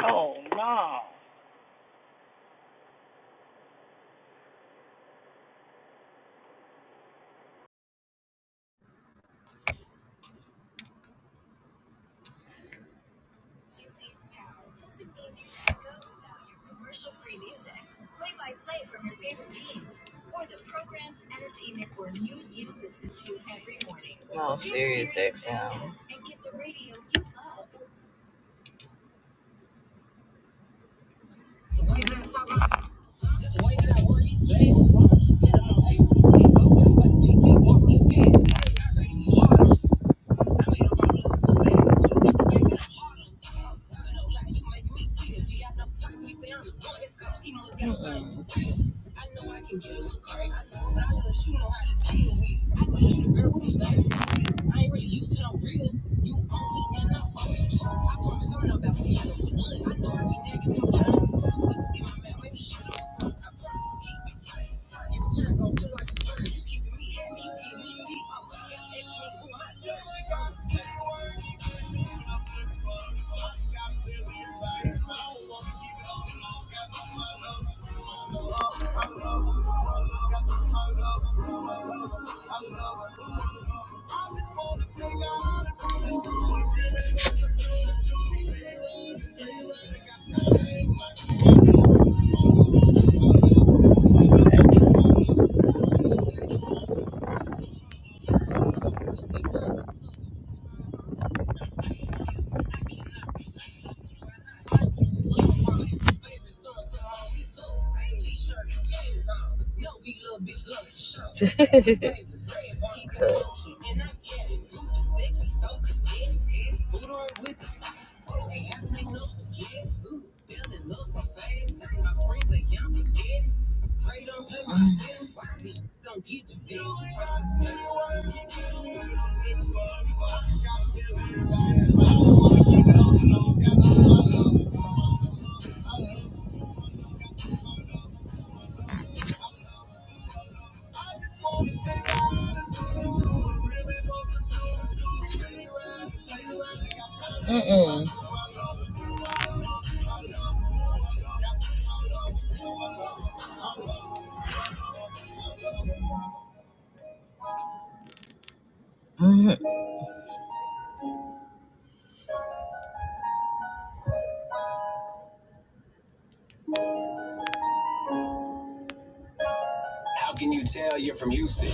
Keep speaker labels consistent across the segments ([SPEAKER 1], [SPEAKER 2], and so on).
[SPEAKER 1] Oh no. No, serious XM. Cut. How can you tell you're from Houston?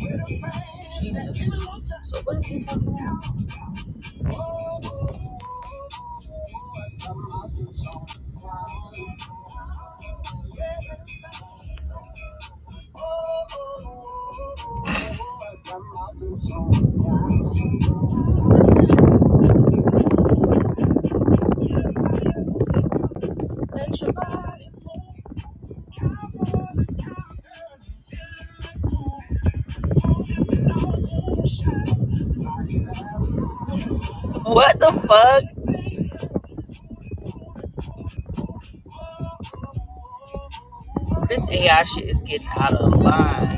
[SPEAKER 1] Mm. What the fuck? This AI shit is getting out of line.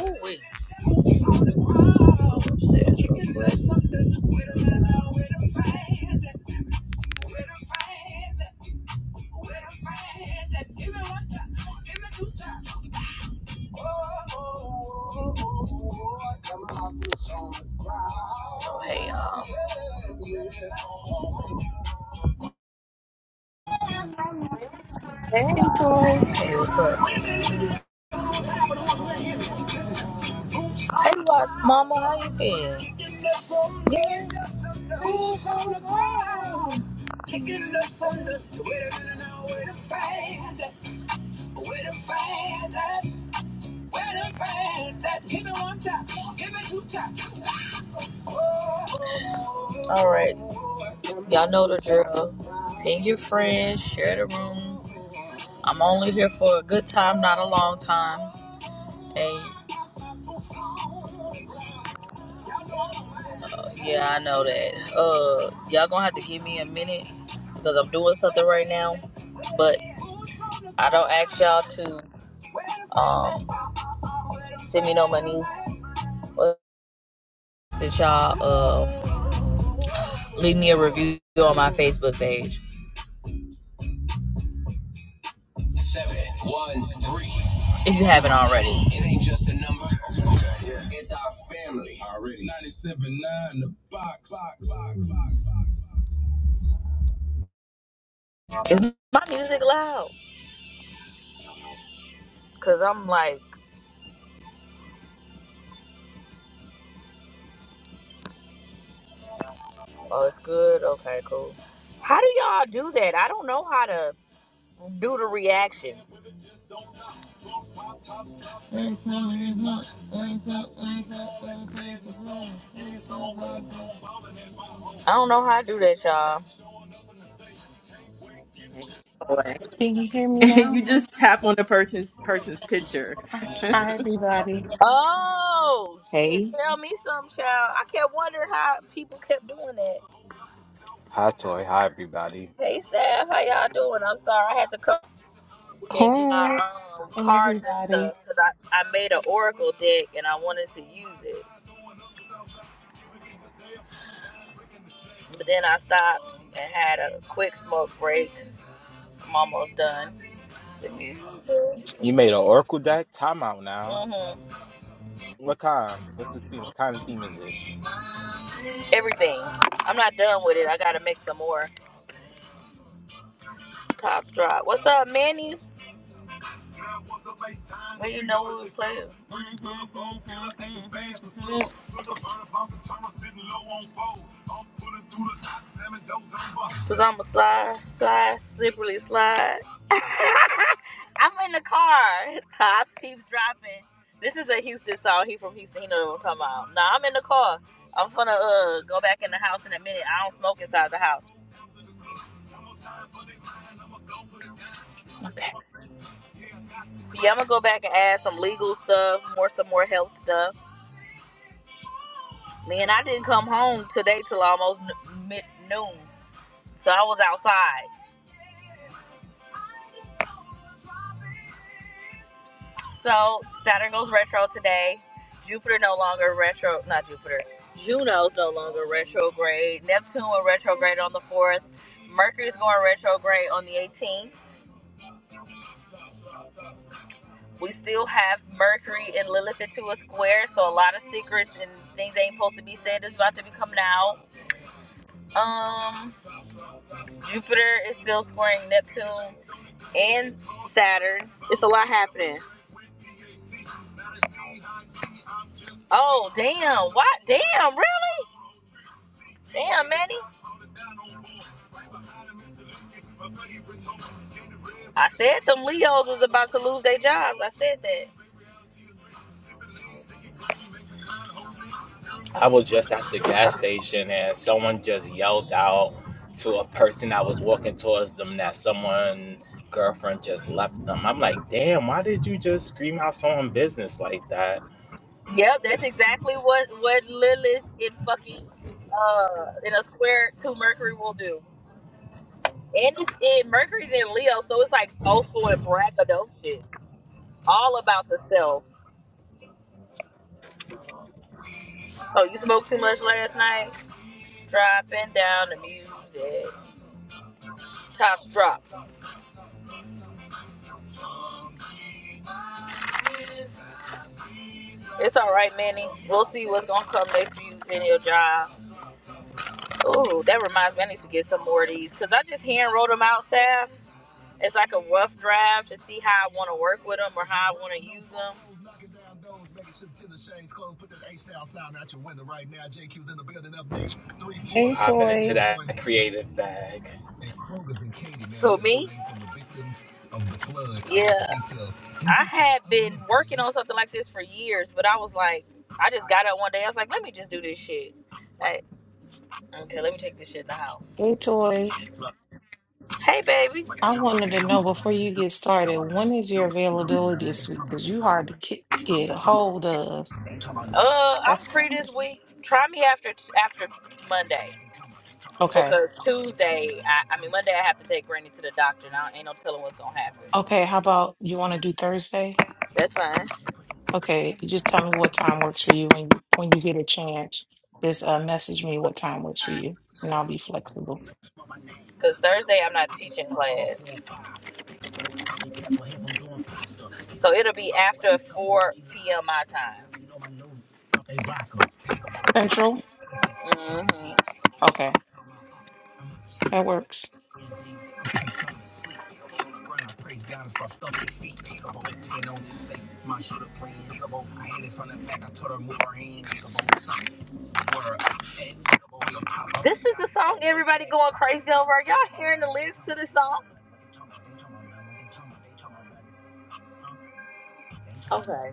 [SPEAKER 1] Ooh, wait. Upstairs, real quick. Well, Oh, oh, oh, oh, oh, oh, Hey, y'all.
[SPEAKER 2] Hey, Tori.
[SPEAKER 1] Hey, what's up? Hey, what's mama? How you been? Kicking up on the ground. Kicking up some dust. Wait a minute now, wait a find that, wait a find that, wait a find that. Give me one time, give me two time. All right. Y'all know the drill. Ping your friends, share the room. I'm only here for a good time, not a long time. And yeah, I know that. Uh, y'all gonna have to give me a minute because I'm doing something right now. But I don't ask y'all to um send me no money. But since y'all uh leave me a review on my Facebook page seven one three. If you haven't already, it ain't just a number. Okay, yeah. It's our family. Already. 99 Is my music loud? Cause I'm like, oh, it's good. Okay, cool. How do y'all do that? I don't know how to do the reactions. I don't know how to do that, y'all.
[SPEAKER 3] Hey, boy.
[SPEAKER 2] Can you hear me now?
[SPEAKER 3] you just tap on the person's person's picture.
[SPEAKER 2] Hi, everybody.
[SPEAKER 1] Oh shit!
[SPEAKER 3] Hey,
[SPEAKER 1] Tell me some, child. I kept wondering how people kept doing that.
[SPEAKER 4] Hi, Toy. Hi, everybody.
[SPEAKER 1] Hey, Saf, how y'all doing? I'm sorry, I had to come and get my
[SPEAKER 5] Hey.
[SPEAKER 1] um,
[SPEAKER 2] Hey,
[SPEAKER 1] cards and
[SPEAKER 2] everybody.
[SPEAKER 1] stuff because I, I made an Oracle deck and I wanted to use it, but then I stopped and had a quick smoke break. I'm almost done The music.
[SPEAKER 4] You made an Oracle deck? Time out now.
[SPEAKER 1] hmm
[SPEAKER 4] What kind? What's the theme? What kind of theme is it?
[SPEAKER 1] Everything. I'm not done with it. I gotta make some more top drop. What's up, Manny? Well, you know who we playing. Cause I'm a slide, slide, slippery slide. I'm in the car. Top keeps dropping. This is a Houston song. He from Houston. He know what I'm talking about. Nah, I'm in the car. I'm gonna uh go back in the house in a minute. I don't smoke inside the house. Yeah, I'm gonna go back and add some legal stuff, more some more health stuff. Man, I didn't come home today till almost mid- noon, so I was outside. So Saturn goes retro today. Jupiter no longer retro, not Jupiter. Juno's no longer retrograde. Neptune will retrograde on the fourth. Mercury's going retrograde on the 18th. We still have Mercury and Lilith into a square, so a lot of secrets and things that ain't supposed to be said is about to be coming out. Um, Jupiter is still squaring Neptune and Saturn. It's a lot happening. Oh, damn. What? Damn, really? Damn, Manny. I said them Leos was about to lose their jobs. I said that.
[SPEAKER 4] I was just at the gas station and someone just yelled out to a person that was walking towards them that someone girlfriend just left them. I'm like, damn, why did you just scream out someone business like that?
[SPEAKER 1] Yep, that's exactly what, what Lilith in fucking, uh, in a square to Mercury will do. And it's in, Mercury's in Leo, so it's like boastful and braggadocious. All about the self. Oh, you smoked too much last night? Dropping down the music. tops drops. It's all right, Manny. We'll see what's gonna come next for you in your job. Ooh, that reminds me, I need to get some more of these because I just hand wrote them out, Saf. It's like a rough draft to see how I want to work with them or how I want to use them.
[SPEAKER 4] She
[SPEAKER 2] Hey,
[SPEAKER 4] hopping into
[SPEAKER 2] Toy.
[SPEAKER 4] that creative bag.
[SPEAKER 1] Who me? Of the flood. Yeah, I had been working on something like this for years, but I was like, I just got up one day. I was like, let me just do this shit. Like, okay, let me take this shit in the house.
[SPEAKER 2] Hey, Toy.
[SPEAKER 1] Hey, baby.
[SPEAKER 2] I wanted to know before you get started, when is your availability this week? Because you hard to get, get a hold of.
[SPEAKER 1] Uh, I'm
[SPEAKER 2] That's
[SPEAKER 1] free this
[SPEAKER 2] hard.
[SPEAKER 1] week. Try me after after Monday
[SPEAKER 2] Okay.
[SPEAKER 1] because Tuesday, I, I mean Monday, I have to take Granny to the doctor. Now ain't no telling what's gonna happen.
[SPEAKER 2] Okay. How about you want to do Thursday?
[SPEAKER 1] That's fine.
[SPEAKER 2] Okay. You just tell me what time works for you when when you get a chance. Just uh, message me what time works for you, and I'll be flexible.
[SPEAKER 1] Because Thursday I'm not teaching class, so it'll be after 4 p.m. my time.
[SPEAKER 2] Central.
[SPEAKER 1] hmm
[SPEAKER 2] Okay, that works.
[SPEAKER 1] This is the song everybody going crazy over. Are y'all hearing the lyrics to this song? Okay.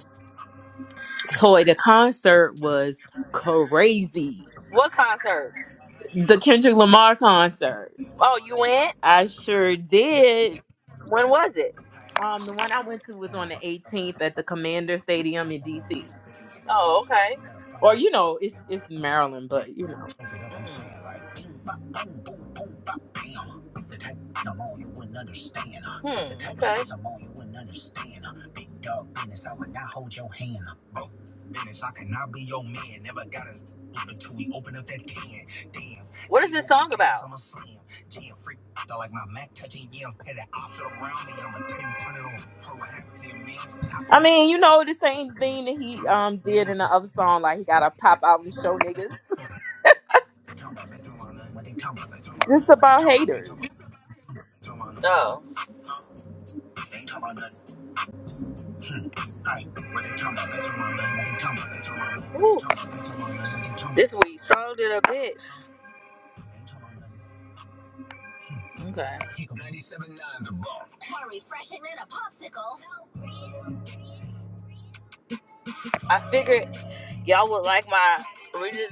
[SPEAKER 3] Toy, the concert was crazy.
[SPEAKER 1] What concert?
[SPEAKER 3] The Kendrick Lamar concert.
[SPEAKER 1] Oh, you went?
[SPEAKER 3] I sure did.
[SPEAKER 1] When was it?
[SPEAKER 3] Um, the one I went to was on the 18th at the Commander Stadium in DC.
[SPEAKER 1] Oh, okay.
[SPEAKER 3] Or you know, it's it's Maryland, but you know,
[SPEAKER 1] Hmm. Okay. What is this song about?
[SPEAKER 3] I mean, you know, the same thing that he um did in the other song. Like he got to pop out and show niggas just about haters.
[SPEAKER 1] Oh. Ooh. This week strolled it a bitch. Okay. I figured y'all would like my original.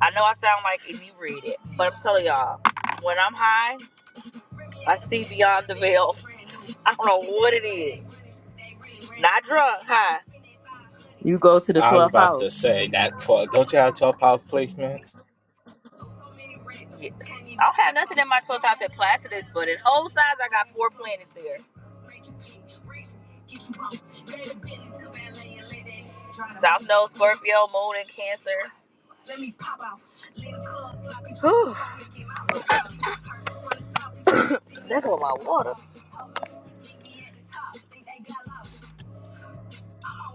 [SPEAKER 1] I know I sound like inebriated, but I'm telling y'all, when I'm high, I see beyond the veil. I don't know what it is. Not drunk, high.
[SPEAKER 3] You go to the
[SPEAKER 4] I was
[SPEAKER 3] 12th
[SPEAKER 4] about
[SPEAKER 3] house.
[SPEAKER 4] to say that twelve. Don't you have twelve power placements?
[SPEAKER 1] Yeah. I don't have nothing in my 12 top that placidus, but in whole size, I got four planets there. South Node, Scorpio, Moon, and Cancer. That go my water.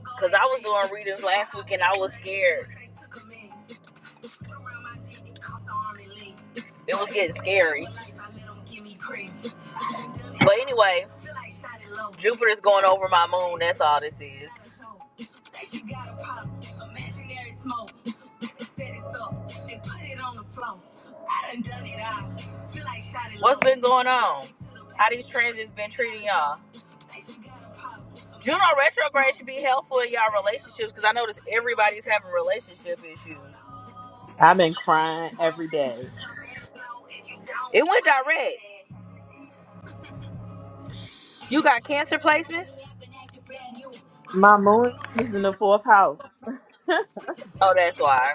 [SPEAKER 1] Because I was doing readings last week and I was scared. It was getting scary. But anyway, Jupiter's going over my moon. That's all this is. What's been going on? How these transits been treating y'all? Juno retrograde should be helpful in y'all relationships because I notice everybody's having relationship issues.
[SPEAKER 3] I've been crying every day.
[SPEAKER 1] It went direct. You got cancer placements?
[SPEAKER 3] My moon is in the fourth house.
[SPEAKER 1] Oh, that's why.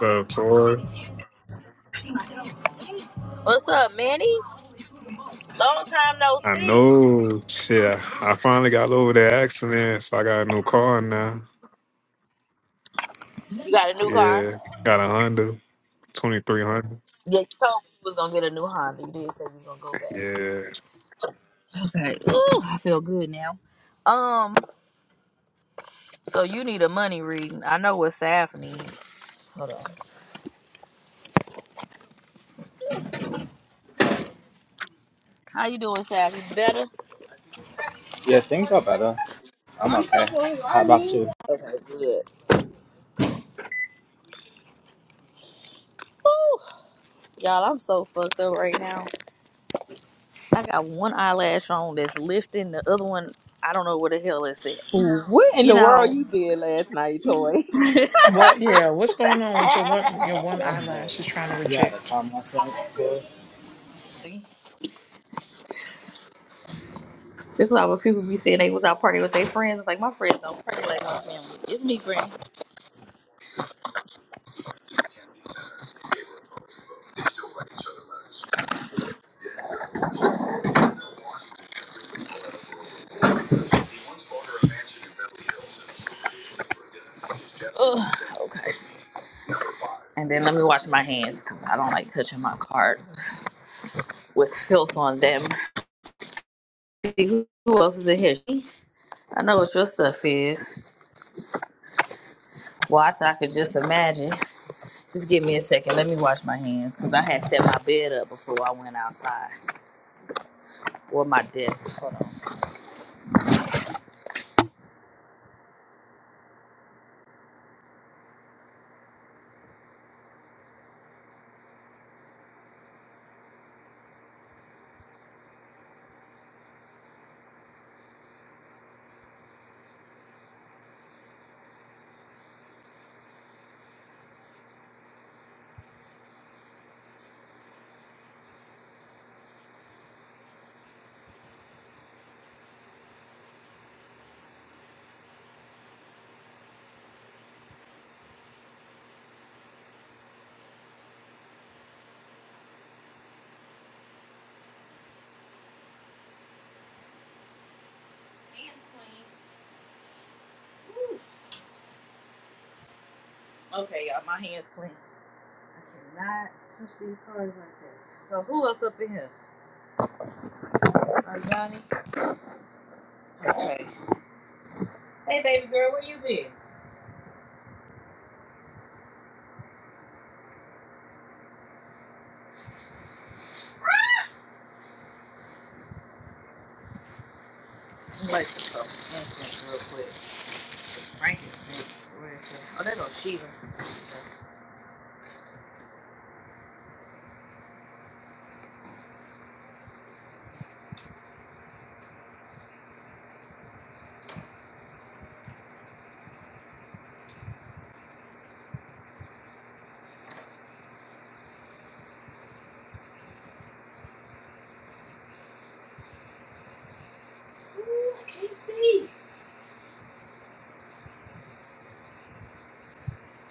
[SPEAKER 6] up, Tori?
[SPEAKER 1] What's up, Manny? Long time no
[SPEAKER 6] I
[SPEAKER 1] see.
[SPEAKER 6] know. Shit, I finally got over that accident, so I got a new car now.
[SPEAKER 1] You got a new car?
[SPEAKER 6] Yeah, got a Honda, twenty three hundred.
[SPEAKER 1] Yeah, you told me you was gonna get a new Honda. You did say you was gonna go back.
[SPEAKER 6] Yeah,
[SPEAKER 1] Okay. Ooh, I feel good now. Um, so you need a money reading. I know what Saf needs. How you doing, Saf? You better?
[SPEAKER 4] Yeah, things are better. I'm okay. How about you?
[SPEAKER 1] Ooh, y'all, I'm so fucked up right now. I got one eyelash on that's lifting, the other one I don't know where the hell it's at.
[SPEAKER 3] what in
[SPEAKER 1] You
[SPEAKER 3] the world
[SPEAKER 1] know.
[SPEAKER 3] you did last night, Toy?
[SPEAKER 2] What, yeah, what's going on with your one your one
[SPEAKER 4] I'm rolling.
[SPEAKER 2] eyelash is trying to
[SPEAKER 4] You had a
[SPEAKER 2] reject?
[SPEAKER 4] time myself to it.
[SPEAKER 1] This is why when people be saying they was out partying with their friends, it's like my friends don't party like my family. It's me, Granny. Ugh, okay. And then let me wash my hands because I don't like touching my cards with filth on them. See who, who else is in here? I know what your stuff is. Well, I, I could just imagine. Just give me a second. Let me wash my hands because I had set my bed up before I went outside or my desk. Hold on. Okay, y'all, my hands clean. I cannot touch these cards like that. So who else up in here? Uh, Johnny. Okay. Hey, baby girl, where you been? I'm like to talk incense real quick. Frankincense. Where is it? Oh, that on Shiva.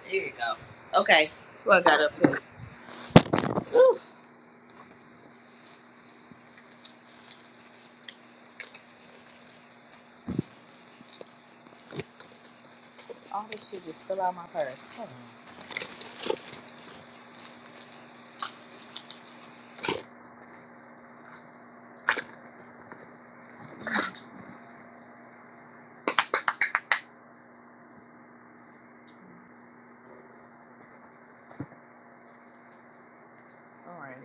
[SPEAKER 1] There you go. Okay. Who I got up here? Ooh, all this shit just fell out my purse. Hold on. Alright,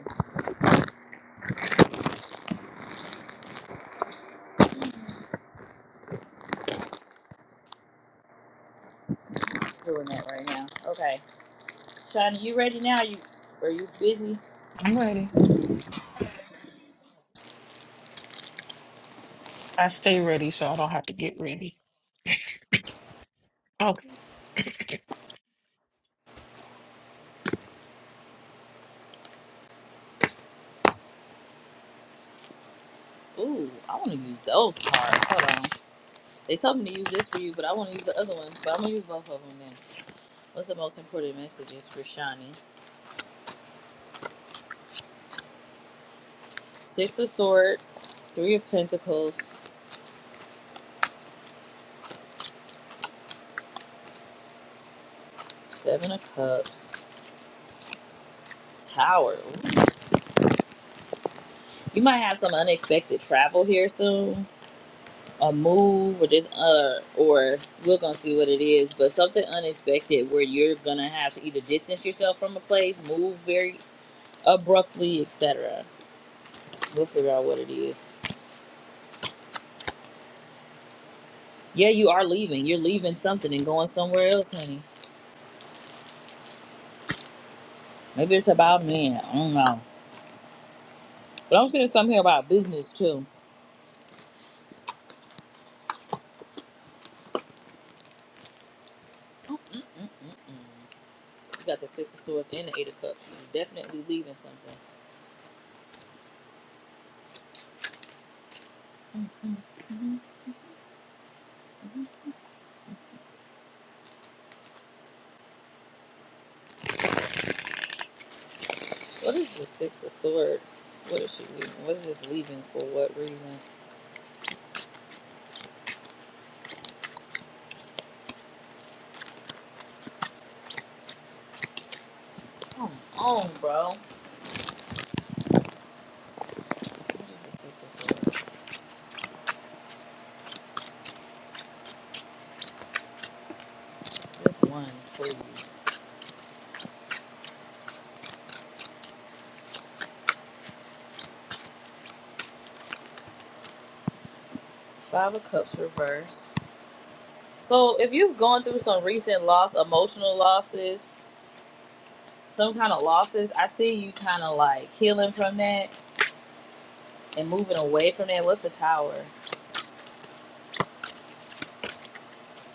[SPEAKER 1] doing that right now. Okay, Johnny, you ready now? You are you busy?
[SPEAKER 2] I'm ready. I stay ready so I don't have to get ready. Okay.
[SPEAKER 1] Ooh, I want to use those cards. Hold on. They told me to use this for you, but I want to use the other one. But I'm gonna use both of them then. What's the most important messages for Shani? Six of Swords, Three of Pentacles, Seven of Cups, Tower. You might have some unexpected travel here soon, a move, or just uh, or we're gonna see what it is. But something unexpected where you're gonna have to either distance yourself from a place, move very abruptly, etc. We'll figure out what it is. Yeah, you are leaving. You're leaving something and going somewhere else, honey. Maybe it's about men. I don't know. But I'm seeing something here about business too. Mm-mm-mm-mm. You got the Six of Swords and the Eight of Cups. You're definitely leaving something. Mm-mm. What is the Six of Swords? What is she leaving? What is this leaving for? What reason? Come on, bro. What is the Six of Swords? Just one, please. Five of Cups reverse. So if you've gone through some recent loss, emotional losses, some kind of losses, I see you kind of like healing from that and moving away from that. What's the tower?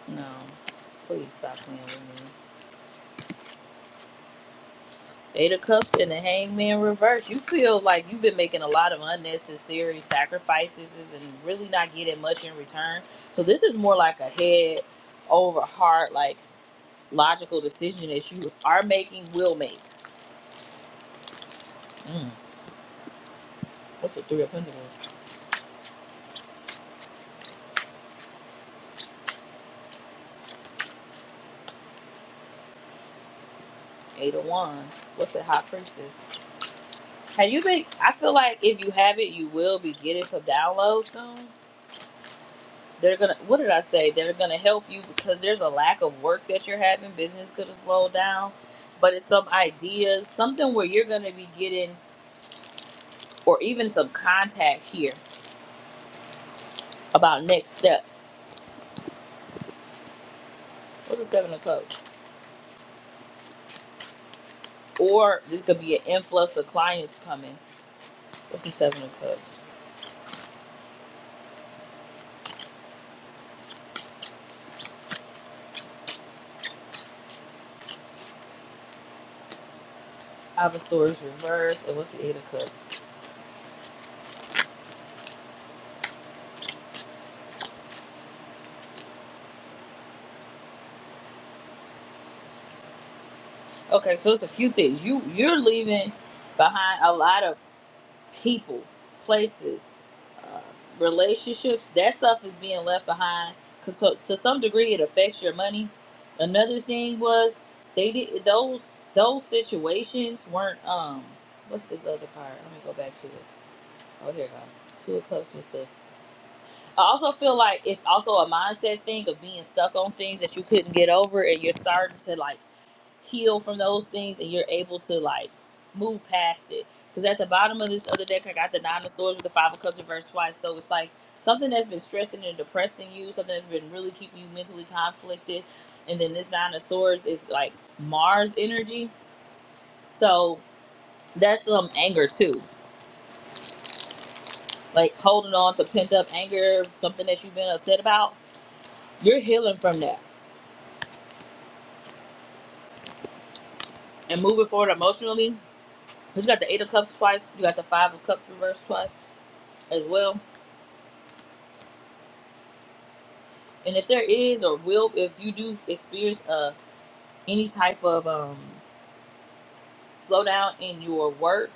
[SPEAKER 1] No, please stop playing with me. Eight of Cups and the Hangman reverse. You feel like you've been making a lot of unnecessary sacrifices and really not getting much in return. So this is more like a head over heart, like logical decision that you are making, will make. Mm. What's the Three of Pentacles? Eight of Wands. What's the High Priestess? Have you been? I feel like if you have it, you will be getting some downloads soon. they're gonna what did i say they're gonna help you because there's a lack of work that you're having business could have slowed down but it's some ideas something where you're gonna be getting or even some contact here about next step what's the seven of cups or this could be an influx of clients coming what's the seven of cups Five of swords reverse and what's the eight of cups okay so it's a few things you you're leaving behind a lot of people, places, uh, relationships. That stuff is being left behind because so, to some degree it affects your money. Another thing was they did those those situations weren't um what's this other card? Let me go back to it. Oh here it goes. Two of cups with the. I also feel like it's also a mindset thing of being stuck on things that you couldn't get over, and you're starting to like heal from those things and you're able to like move past it. Because at the bottom of this other deck, I got the Nine of Swords with the Five of Cups reversed twice. So it's like something that's been stressing and depressing you, something that's been really keeping you mentally conflicted. And then this Nine of Swords is like Mars energy. So that's um anger too. Like holding on to pent up anger, something that you've been upset about. You're healing from that and moving forward emotionally. Because you got the Eight of Cups twice, you got the Five of Cups reversed twice as well And if there is or will, if you do experience uh, any type of um, slowdown in your work,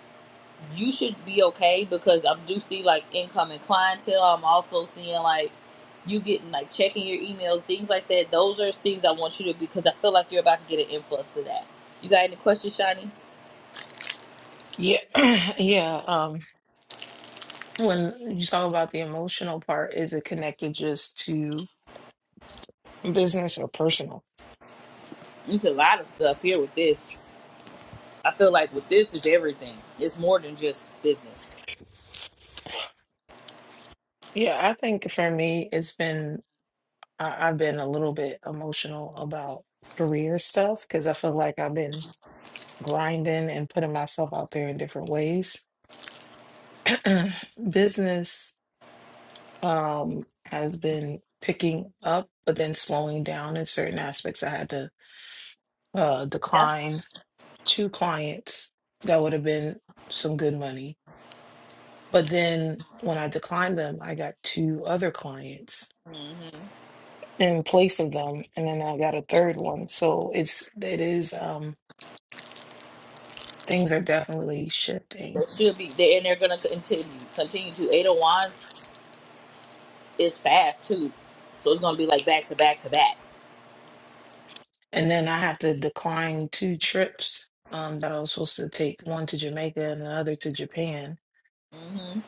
[SPEAKER 1] you should be okay because I do see like incoming clientele. I'm also seeing like you getting like checking your emails, things like that. Those are things I want you to because I feel like you're about to get an influx of that. You got any questions, Shani?
[SPEAKER 2] Yeah. Yeah. Um, when you talk about the emotional part, is it connected just to business or personal?
[SPEAKER 1] There's a lot of stuff here with this. I feel like with this is everything. It's more than just business.
[SPEAKER 2] Yeah, I think for me it's been I, I've been a little bit emotional about career stuff because I feel like I've been grinding and putting myself out there in different ways. Business. um, has been picking up, but then slowing down in certain aspects. I had to uh,
[SPEAKER 1] Yeah.
[SPEAKER 2] decline two clients that would have been some good money. But then when I declined them, I got two other clients
[SPEAKER 1] Mm-hmm.
[SPEAKER 2] in place of them, and then I got a third one. So it's it is um, things are definitely shifting.
[SPEAKER 1] They should be, they, and they're gonna continue continue to eight of wands. it's fast too. So it's gonna be like back to back to back.
[SPEAKER 2] And then I had to decline two trips um, that I was supposed to take, one to Jamaica and another to Japan
[SPEAKER 1] hmm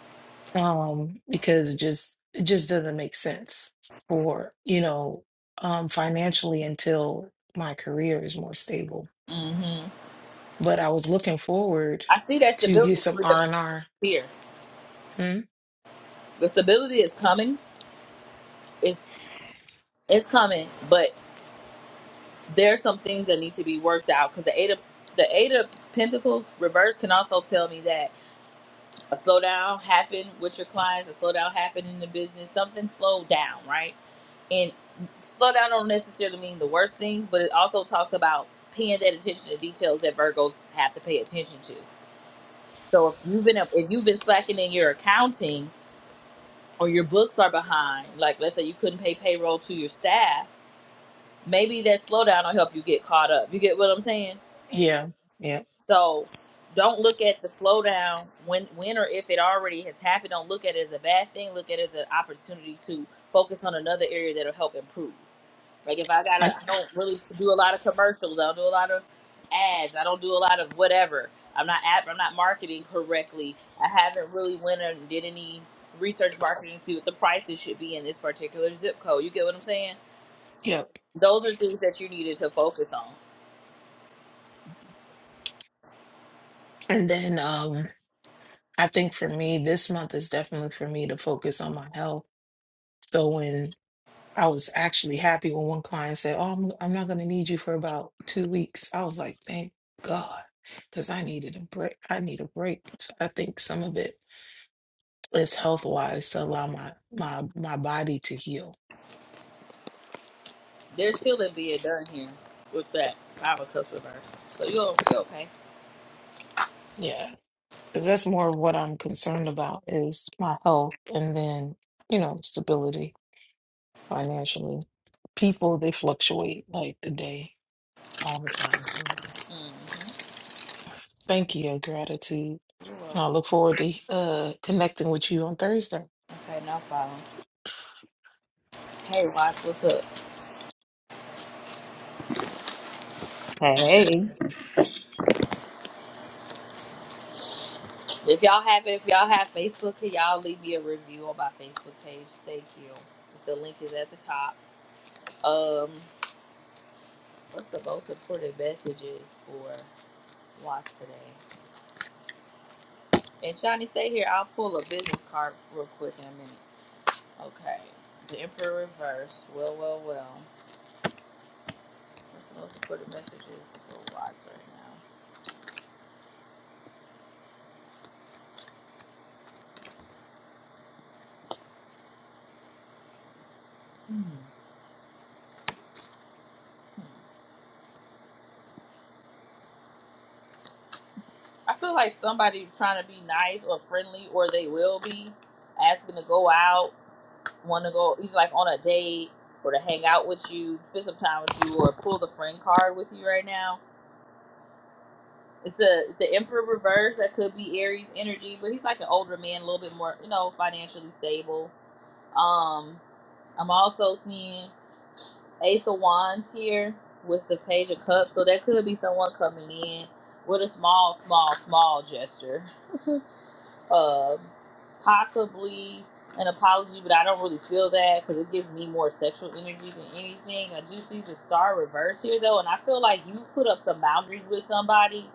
[SPEAKER 2] um, because it just it just doesn't make sense for you know um, financially until my career is more stable.
[SPEAKER 1] hmm
[SPEAKER 2] But I was looking forward
[SPEAKER 1] I see that
[SPEAKER 2] to get
[SPEAKER 1] stability
[SPEAKER 2] some
[SPEAKER 1] for the
[SPEAKER 2] R and R.
[SPEAKER 1] here.
[SPEAKER 2] Hmm?
[SPEAKER 1] The stability is coming. It's it's coming, but there are some things that need to be worked out because the eight of the eight of pentacles reverse can also tell me that a slowdown happened with your clients, a slowdown happened in the business, something slowed down, right? And slowdown don't necessarily mean the worst things, but it also talks about paying that attention to details that Virgos have to pay attention to. So if you've been if you've been slacking in your accounting or your books are behind, like let's say you couldn't pay payroll to your staff, maybe that slowdown will help you get caught up. You get what I'm saying?
[SPEAKER 2] Yeah, yeah,
[SPEAKER 1] So don't look at the slowdown when when or if it already has happened. Don't look at it as a bad thing. Look at it as an opportunity to focus on another area that'll help improve. Like if I gotta,
[SPEAKER 2] I
[SPEAKER 1] I don't really do a lot of commercials. I don't do a lot of ads. I don't do a lot of whatever. I'm not app. I'm not marketing correctly. I haven't really went and did any research marketing to see what the prices should be in this particular zip code. You get what I'm saying?
[SPEAKER 2] yep.
[SPEAKER 1] Those are things that you needed to focus on.
[SPEAKER 2] And then um, I think for me, this month is definitely for me to focus on my health. So when I was actually happy when one client said, "Oh, I'm I'm not going to need you for about two weeks." I was like, "Thank God," because I needed a break. I need a break. So I think some of it is health wise to allow my my my body to heal.
[SPEAKER 1] They're still in being done here with that. I'm a customer verse. So you're, you're okay.
[SPEAKER 2] Yeah, because that's more of what I'm concerned about is my health, and then you know stability financially. People they fluctuate like the day all the time. So
[SPEAKER 1] hmm
[SPEAKER 2] thank you, gratitude.
[SPEAKER 1] You're welcome.
[SPEAKER 2] I look forward to uh, connecting with you on Thursday.
[SPEAKER 1] Okay, now follow. Hey, Watts, what's up?
[SPEAKER 3] Hey.
[SPEAKER 1] If y'all have it, if y'all have Facebook, can y'all leave me a review on my Facebook page? Thank you. The link is at the top. Um, what's the most important messages for watch today? And Shawnee, stay here. I'll pull a business card real quick in a minute. Okay. The Emperor Reverse. Well, well, well. What's the most important messages for watch right now? Hmm. I feel like somebody trying to be nice or friendly, or they will be asking to go out want to go either like on a date or to hang out with you, spend some time with you, or pull the friend card with you right now. It's a it's the Emperor reverse that could be Aries energy, but he's like an older man, a little bit more you know financially stable. Um, I'm also seeing Ace of Wands here with the Page of Cups, so that could be someone coming in with a small, small, small gesture uh, possibly an apology, but I don't really feel that because it gives me more sexual energy than anything. I do see the star reverse here though, and I feel like you put up some boundaries with somebody,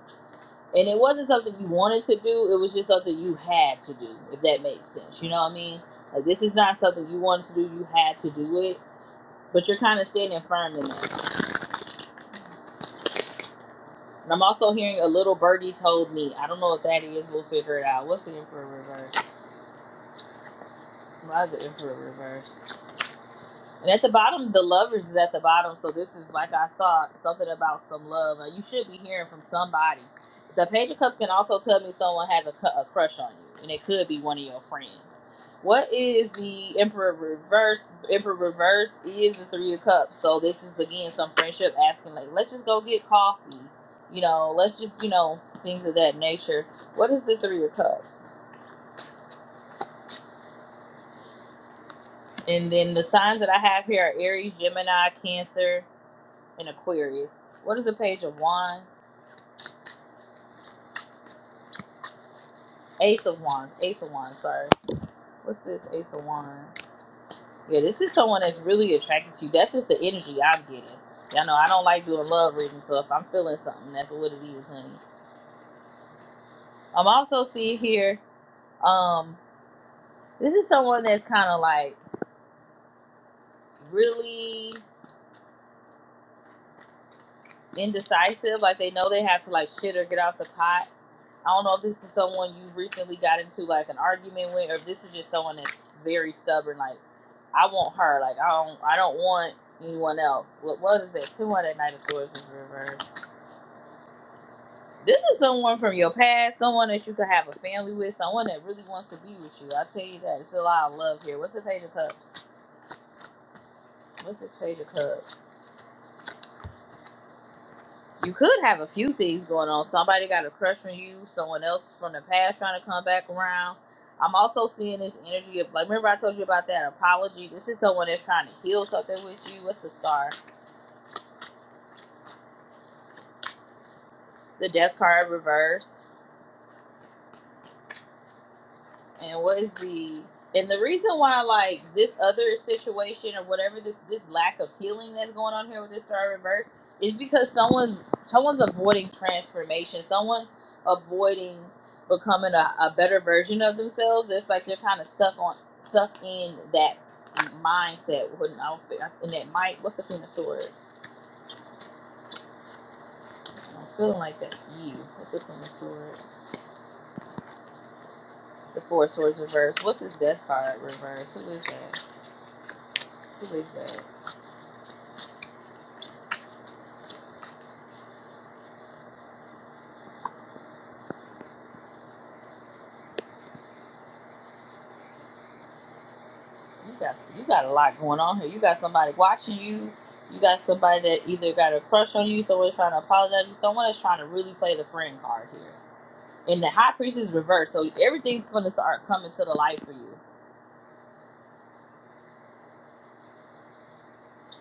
[SPEAKER 1] and it wasn't something you wanted to do. It was just something you had to do, if that makes sense. You know what I mean? Like this is not something you wanted to do. You had to do it, but you're kind of standing firm in it. And I'm also hearing a little birdie told me. I don't know what that is. We'll figure it out. What's the emperor reverse? Why is the emperor reverse? And at the bottom, the lovers is at the bottom. So this is like I saw something about some love. Now, you should be hearing from somebody. The page of cups can also tell me someone has a, cu- a crush on you, and it could be one of your friends. What is the emperor reverse? Emperor reverse is the three of cups. So this is again some friendship asking like, let's just go get coffee. You know, let's just you know things of that nature. What is the three of cups? And then the signs that I have here are Aries, Gemini, Cancer, in Aquarius. What is the page of wands? Ace of wands. Ace of wands, sorry. What's this? Ace of wands. Yeah, this is someone that's really attracted to you. That's just the energy I'm getting. Y'all know I don't like doing love readings, so if I'm feeling something, that's what it is, honey. I'm also seeing here, um, this is someone that's kind of like really indecisive, like they know they have to like shit or get off the pot. I don't know if this is someone you recently got into like an argument with, or if this is just someone that's very stubborn. Like, I want her. Like, I don't, I don't want anyone else. What, what is that? Two hundred Knight of swords in reverse. This is someone from your past, someone that you could have a family with, someone that really wants to be with you. I tell you that it's a lot of love here. What's the page of cups? What's this page of cups? you could have a few things going on. Somebody got a crush on you, someone else from the past trying to come back around. I'm also seeing this energy of like remember I told you about that apology. This is someone that's trying to heal something with you. What's the star? The death card reverse. and what is the and the reason why like this other situation or whatever this this lack of healing that's going on here with this star reverse is because someone's someone's avoiding transformation someone's avoiding becoming a, a better version of themselves it's like they're kind of stuck on stuck in that mindset when I don't feel- in that might what's the queen of swords i'm feeling like that's you what's the queen of swords the four of swords reverse what's this death card reverse who is that who is that You got you got a lot going on here. You got somebody watching you. You got somebody that either got a crush on you, someone's trying to apologize to you. Someone is trying to really play the friend card here. And the high priestess is reversed, so everything's going to start coming to the light for you.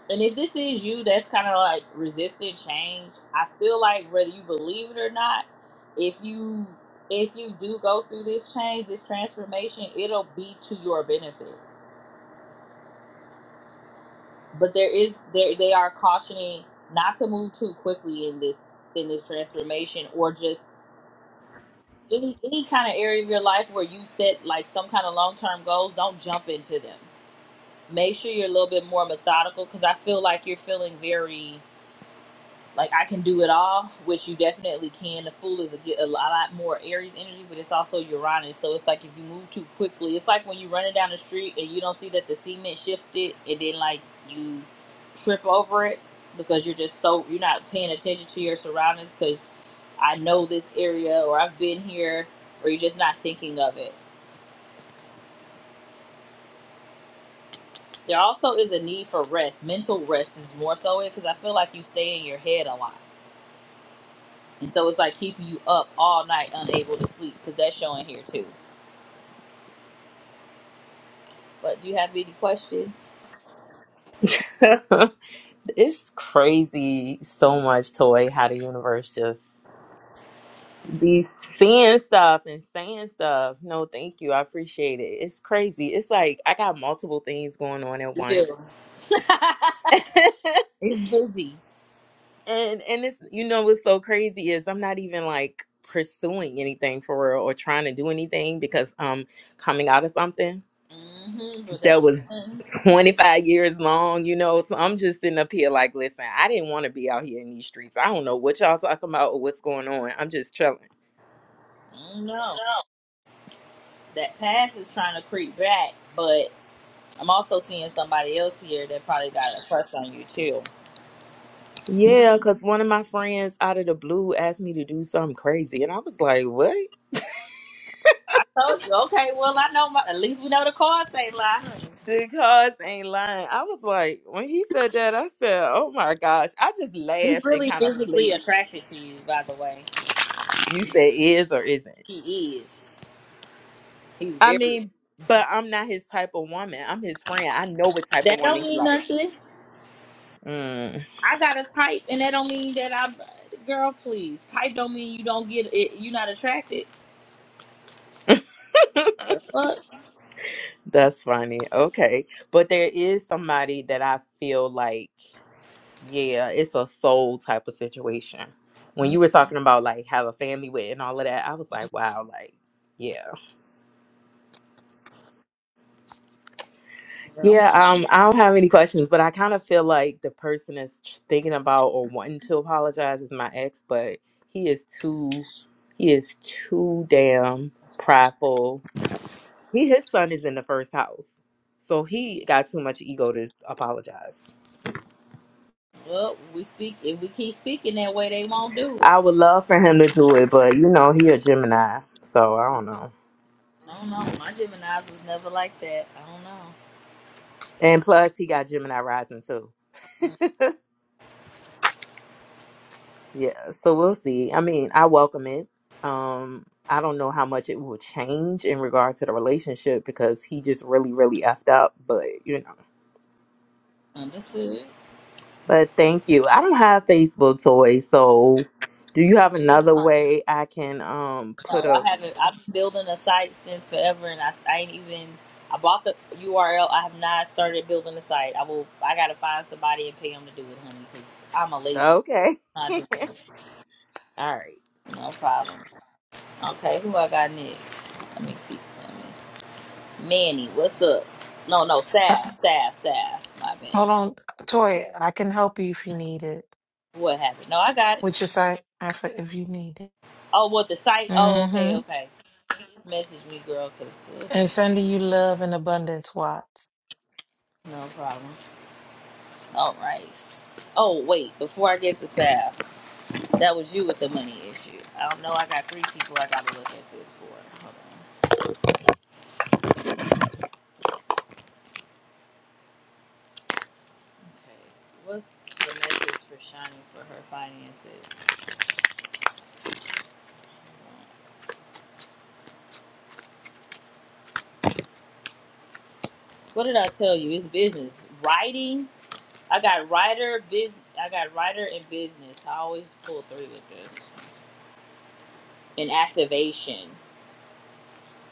[SPEAKER 1] And if this is you, that's kind of like resistant change. I feel like whether you believe it or not, if you if you do go through this change, this transformation, it'll be to your benefit but there is there they are cautioning not to move too quickly in this in this transformation or just any any kind of area of your life where you set like some kind of long-term goals don't jump into them make sure you're a little bit more methodical because i feel like you're feeling very like I can do it all, which you definitely can. The fool is a, a lot more Aries energy, but it's also Uranus. So it's like if you move too quickly, it's like when you're running down the street and you don't see that the cement shifted, and then like you trip over it because you're just so you're not paying attention to your surroundings because I know this area or I've been here or you're just not thinking of it. There also is a need for rest. Mental rest is more so it because I feel like you stay in your head a lot And so it's like keeping you up all night, unable to sleep, because that's showing here too. But do you have any questions?
[SPEAKER 3] it's crazy so much, Toy, how the universe just be seeing stuff and saying stuff. No, thank you. I appreciate it. It's crazy. It's like I got multiple things going on at
[SPEAKER 1] You
[SPEAKER 3] once.
[SPEAKER 1] do. It's busy.
[SPEAKER 3] And and it's you know what's so crazy is I'm not even like pursuing anything for real or trying to do anything because I'm coming out of something
[SPEAKER 1] Mm-hmm. But that
[SPEAKER 3] that was
[SPEAKER 1] mm,
[SPEAKER 3] 25 years long, you know. So I'm just sitting up here like, listen, I didn't want to be out here in these streets. I don't know what y'all talking about or what's going on. I'm just chilling.
[SPEAKER 1] no, that past is trying to creep back. But I'm also seeing somebody else here that probably got a crush on you too.
[SPEAKER 3] Yeah, because one of my friends out of the blue asked me to do something crazy. And I was like, what?
[SPEAKER 1] I told you. Okay. Well, I know. My, at least we know the cards ain't lying.
[SPEAKER 3] The cars ain't lying. I was like, when he said that, I said, oh my gosh. I just
[SPEAKER 1] He's
[SPEAKER 3] laughed and
[SPEAKER 1] really
[SPEAKER 3] kind of
[SPEAKER 1] physically
[SPEAKER 3] played it.
[SPEAKER 1] attracted to you, by the way.
[SPEAKER 3] You say is or isn't.
[SPEAKER 1] He is. He's
[SPEAKER 3] I
[SPEAKER 1] very.
[SPEAKER 3] mean, but I'm not his type of woman. I'm his friend. I know what type of
[SPEAKER 1] That don't
[SPEAKER 3] woman he
[SPEAKER 1] mean
[SPEAKER 3] like.
[SPEAKER 1] nothing.
[SPEAKER 3] Mm,
[SPEAKER 1] I gotta type, and that don't mean that I'm. Girl, please type don't mean you don't get it. You're not attracted. The fuck.
[SPEAKER 3] that's funny. Okay. But there is somebody that I feel like, yeah, it's a soul type of situation. When you were talking about like have a family with and all of that, I was like, wow, like, yeah.
[SPEAKER 1] Well,
[SPEAKER 3] Yeah, um, I don't have any questions, but I kind of feel like the person is thinking about or wanting to apologize is my ex, but he is too. He is too damn prideful. He his son is in the first house. So he got too much ego to apologize.
[SPEAKER 1] well, we speak. If we keep speaking that way, they won't do it.
[SPEAKER 3] I would love for him to do it, but you know, he a Gemini. So I don't know.
[SPEAKER 1] I don't know. My Gemini's was never like that. I don't know.
[SPEAKER 3] And plus he got Gemini rising too. Yeah. So we'll see. I mean, I welcome it. Um, I don't know how much it will change in regard to the relationship because he just really, really effed up, but you know.
[SPEAKER 1] Understood.
[SPEAKER 3] But thank you. I don't have Facebook toys, so do you have
[SPEAKER 1] That's
[SPEAKER 3] another
[SPEAKER 1] fine.
[SPEAKER 3] way I can um
[SPEAKER 1] No,
[SPEAKER 3] put a
[SPEAKER 1] I haven't. I've been building a site since forever, and I, I ain't even. I bought the URL. I have not started building the site. I will. I gotta find somebody and pay them to do it, honey, because I'm a lazy.
[SPEAKER 3] okay.
[SPEAKER 1] I'm not doing it.
[SPEAKER 3] All right.
[SPEAKER 1] No problem. Okay, who I got next? Let me keep. Let me. Manny, what's up? No, no,
[SPEAKER 2] Uh,
[SPEAKER 1] Sav, Sav, Sav. My bad.
[SPEAKER 2] hold on, Toy. I can help you if you need it.
[SPEAKER 1] What happened? No, I got it.
[SPEAKER 2] Which is I, I for if you need it.
[SPEAKER 1] Oh, what the site? Oh, okay,
[SPEAKER 2] Mm-hmm.
[SPEAKER 1] okay. Message me, girl, cause uh,
[SPEAKER 2] And sending you love and abundance, Watts.
[SPEAKER 1] no problem. All right. Oh wait, before I get to Sav, that was you with the money issue. I don't know. I got three people. I got to look at this for. Hold on. Okay. What's the message for Shani for her finances? What did I tell you? It's business. Writing I got writer biz. I got writer and business. I always pull through with this. And activation.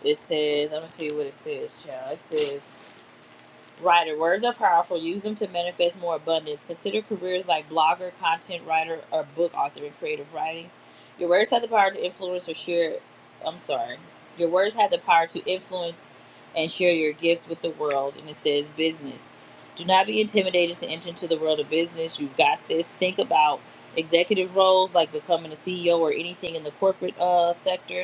[SPEAKER 1] It says, I'm gonna see what it says, child. It says Writer. Words are powerful. Use them to manifest more abundance. Consider careers like blogger, content writer, or book author in creative writing. Your words have the power to influence or share. I'm sorry. Your words have the power to influence and share your gifts with the world. And it says business. Do not be intimidated to enter into the world of business. You've got this. Think about executive roles like becoming a CEO or anything in the corporate uh, sector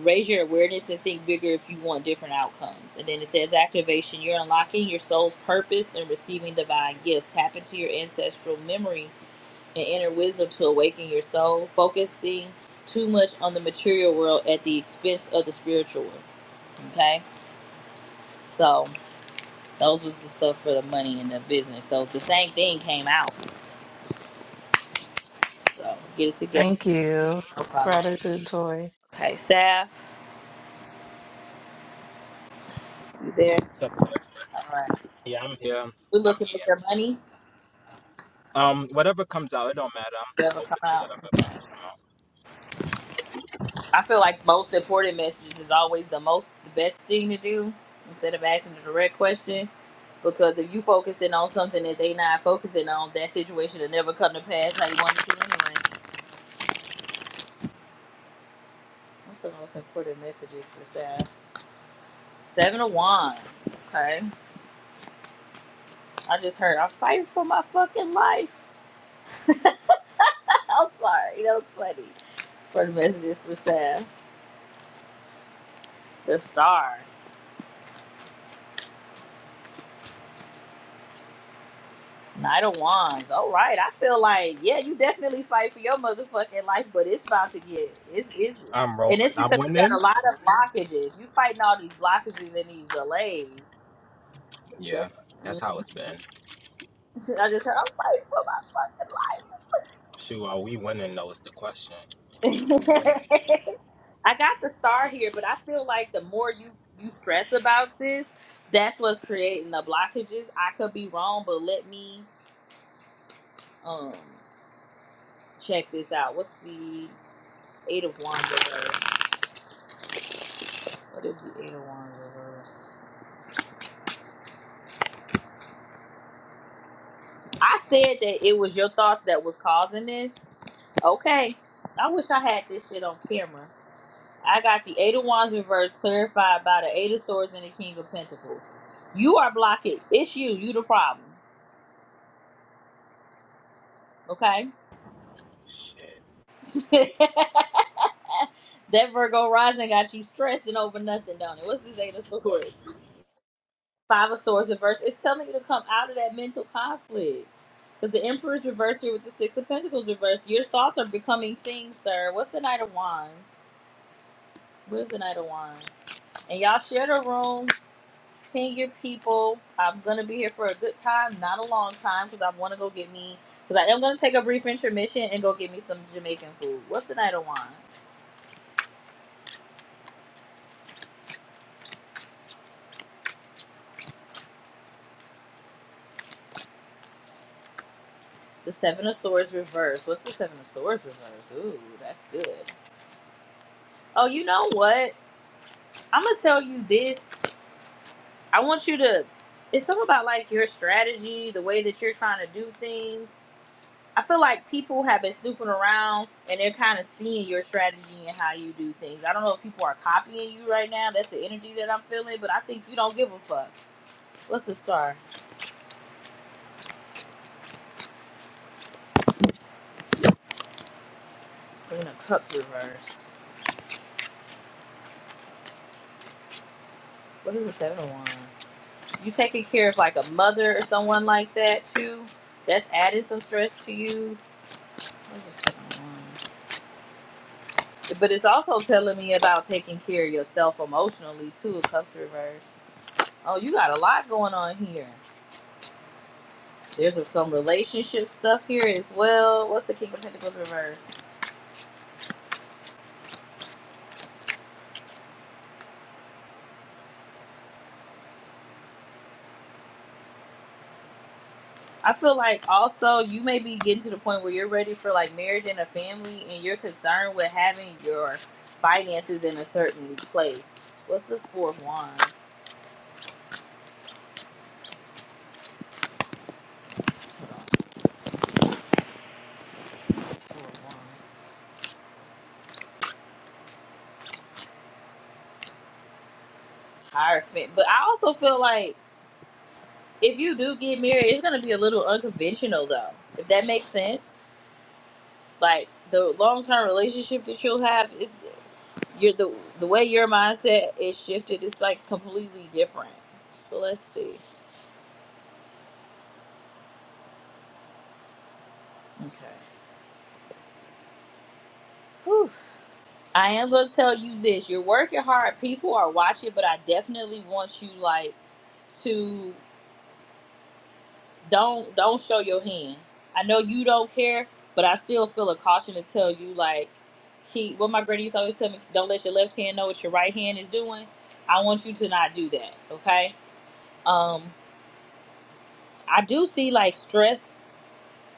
[SPEAKER 1] Raise your awareness and think bigger if you want different outcomes. And then it says activation. You're unlocking your soul's purpose and receiving divine gifts. Tap into your ancestral memory and inner wisdom to awaken your soul, focusing too much on the material world at the expense of the spiritual world. Okay? So those was the stuff for the money and the business. So the same thing came out. So get it together.
[SPEAKER 2] Thank you.
[SPEAKER 1] No problem.
[SPEAKER 2] Gratitude, Toy.
[SPEAKER 1] Okay, Saf, you there?
[SPEAKER 4] Except for it.
[SPEAKER 1] All right.
[SPEAKER 4] Yeah, I'm here. I'm
[SPEAKER 1] We're looking at
[SPEAKER 4] eating.
[SPEAKER 1] your money.
[SPEAKER 4] Um, whatever comes out, it don't matter. I'm
[SPEAKER 1] Whatever come
[SPEAKER 4] open to
[SPEAKER 1] out.
[SPEAKER 4] whatever message come out.
[SPEAKER 1] I feel like most important messages is always the most the best thing to do instead of asking the direct question. Because if you focusing on something that they not focusing on, that situation will never come to pass how you want it to anyway. What's the most important messages for Sam? Seven of Wands. Okay. I just heard I'm fighting for my fucking life. I'm sorry, that was funny. For the messages for Sam, The star. Knight of Wands. All right. I feel like, yeah, you definitely fight for your motherfucking life, but it's about to get it's it's
[SPEAKER 4] I'm rolling.
[SPEAKER 1] and it's
[SPEAKER 4] I'm
[SPEAKER 1] because you got a
[SPEAKER 4] winning.
[SPEAKER 1] lot of blockages. You fighting all these blockages and these delays. That-
[SPEAKER 4] Yeah, that's how it's been.
[SPEAKER 1] I just said I'm fighting
[SPEAKER 4] Shoot, are we winning though? Is the question.
[SPEAKER 1] for my
[SPEAKER 4] We
[SPEAKER 1] fucking life.
[SPEAKER 4] winning?
[SPEAKER 1] I got the star here, but I feel like the more you you stress about this, that's what's creating the blockages. I could be wrong, but let me um check this out. What's the eight of wands? What if you ate a reverse? I said that it was your thoughts that was causing this. Okay. I wish I had this shit on camera. I got the Eight of Wands reversed clarified by the Eight of Swords and the King of Pentacles. You are blocking. It's you. You the problem. Okay?
[SPEAKER 4] Shit.
[SPEAKER 1] that Virgo rising got you stressing over nothing, don't it? What's this Eight of Swords? Five of Swords reversed. It's telling you to come out of that mental conflict. Because the Emperor's reversed here with the Six of Pentacles reversed. Your thoughts are becoming things, sir. What's the Knight of Wands? What is the Knight of Wands? And y'all share the room. Ping your people. I'm going to be here for a good time, not a long time, because I want to go get me. Because I am going to take a brief intermission and go get me some Jamaican food. What's the Knight of Wands? The Seven of Swords reversed. What's the Seven of Swords reversed? Ooh, that's good. Oh, you know what? I'm gonna tell you this. I want you to. It's something about like your strategy, the way that you're trying to do things. I feel like people have been snooping around and they're kind of seeing your strategy and how you do things. I don't know if people are copying you right now. That's the energy that I'm feeling, but I think you don't give a fuck. What's the star? Queen of cups reverse. What is the seven of wands? You taking care of like a mother or someone like that too? That's adding some stress to you. What is the seven of wands? But it's also telling me about taking care of yourself emotionally too. A couple of Oh, you got a lot going on here. There's some relationship stuff here as well. What's the King of Pentacles reverse? I feel like also you may be getting to the point where you're ready for like marriage and a family, and you're concerned with having your finances in a certain place. What's the Four of Wands? Higher fit. But I also feel like if you do get married, it's gonna be a little unconventional though. If that makes sense like the long term relationship that you'll have is you're the the way your mindset is shifted is like completely different. So let's see. Okay. Whew. I am gonna tell you this. You're working hard. People are watching, but I definitely want you like to don't don't show your hand. I know you don't care, but I still feel a caution to tell you like keep what my grannies always tell me, don't let your left hand know what your right hand is doing. I want you to not do that, okay? Um. I do see like stress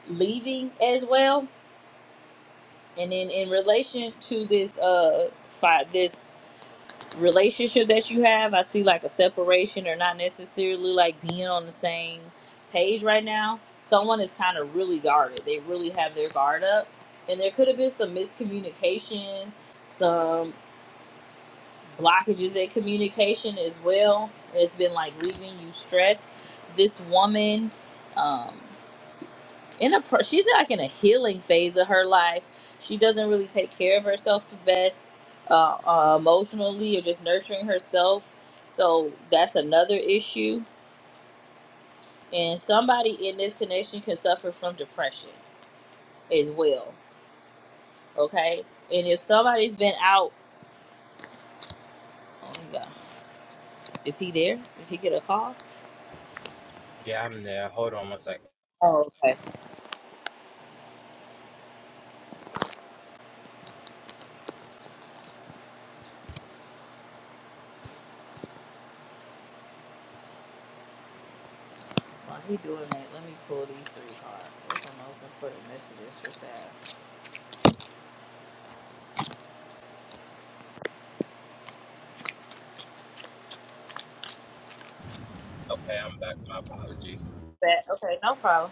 [SPEAKER 1] leaving as well, and then in relation to this uh fi- this relationship that you have, I see like a separation or not necessarily like being on the same page right now. Someone is kind of really guarded. They really have their guard up, and there could have been some miscommunication, some blockages in communication as well. It's been like leaving you stressed. This woman. Um, in a pro- she's like in a healing phase of her life. She doesn't really take care of herself the best uh, uh, emotionally or just nurturing herself. So that's another issue. And somebody in this connection can suffer from depression as well. Okay. And if somebody's been out, oh my God, is he there? Did he get a call?
[SPEAKER 4] Yeah, I'm there. Hold on one second.
[SPEAKER 1] Oh, okay. While he doing that, let me pull these three cards. Those are the most important messages for Sal.
[SPEAKER 4] Okay, I'm back. My apologies.
[SPEAKER 1] Bet. Okay, no problem.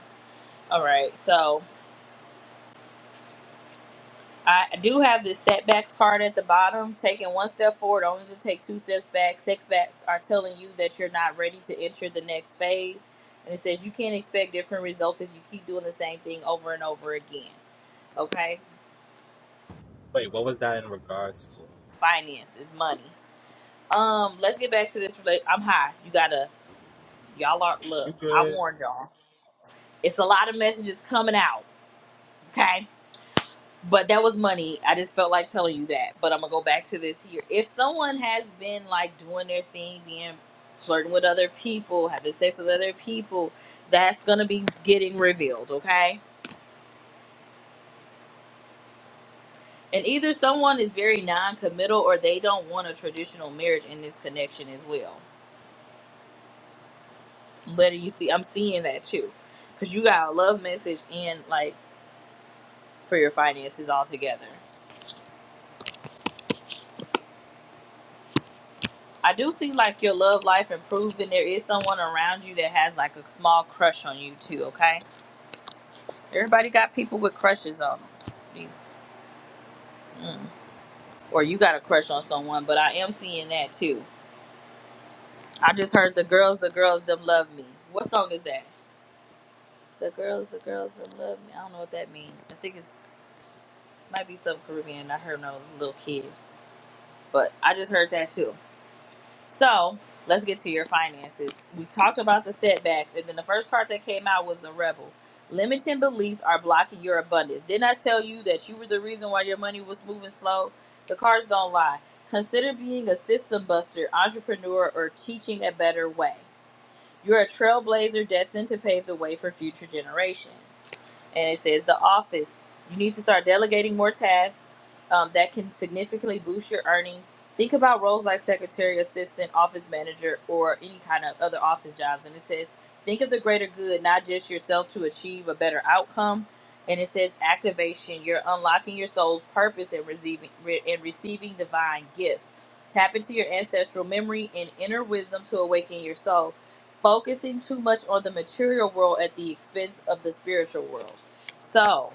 [SPEAKER 1] All right, so I do have this setbacks card at the bottom. Taking one step forward, only to take two steps back. Setbacks are telling you that you're not ready to enter the next phase. And it says you can't expect different results if you keep doing the same thing over and over again. Okay?
[SPEAKER 4] Wait, what was that in regards to?
[SPEAKER 1] Finances, money. Um, let's get back to this. rela- I'm high. You gotta, y'all are,
[SPEAKER 4] You
[SPEAKER 1] look, I
[SPEAKER 4] good?
[SPEAKER 1] warned y'all. It's a lot of messages coming out. Okay. but that was money. I just felt like telling you that. But I'm gonna go back to this here. If someone has been like doing their thing, being flirting with other people, having sex with other people, that's gonna be getting revealed, okay? And either someone is very non-committal or they don't want a traditional marriage in this connection as well. Letter you see, I'm seeing that too, because you got a love message and like for your finances all together. I do see like your love life improved, and there is someone around you that has like a small crush on you too. Okay, everybody got people with crushes on them. Jeez. Mm. Or you got a crush on someone, but I am seeing that too. I just heard the girls, the girls, them love me. What song is that? The girls, the girls, them love me. I don't know what that means. I think it's might be some Caribbean. I heard when I was a little kid, but I just heard that too. So let's get to your finances. We talked about the setbacks, and then the first part that came out was the rebel. Limiting beliefs are blocking your abundance. Didn't I tell you that you were the reason why your money was moving slow? The cards don't lie. Consider being a system buster, entrepreneur, or teaching a better way. You're a trailblazer destined to pave the way for future generations. And it says the office. You need to start delegating more tasks um, that can significantly boost your earnings. Think about roles like secretary, assistant, office manager, or any kind of other office jobs. And it says think of the greater good, not just yourself, to achieve a better outcome. And it says activation. You're unlocking your soul's purpose and receiving re- and receiving divine gifts. Tap into your ancestral memory and inner wisdom to awaken your soul focusing too much on the material world at the expense of the spiritual world. So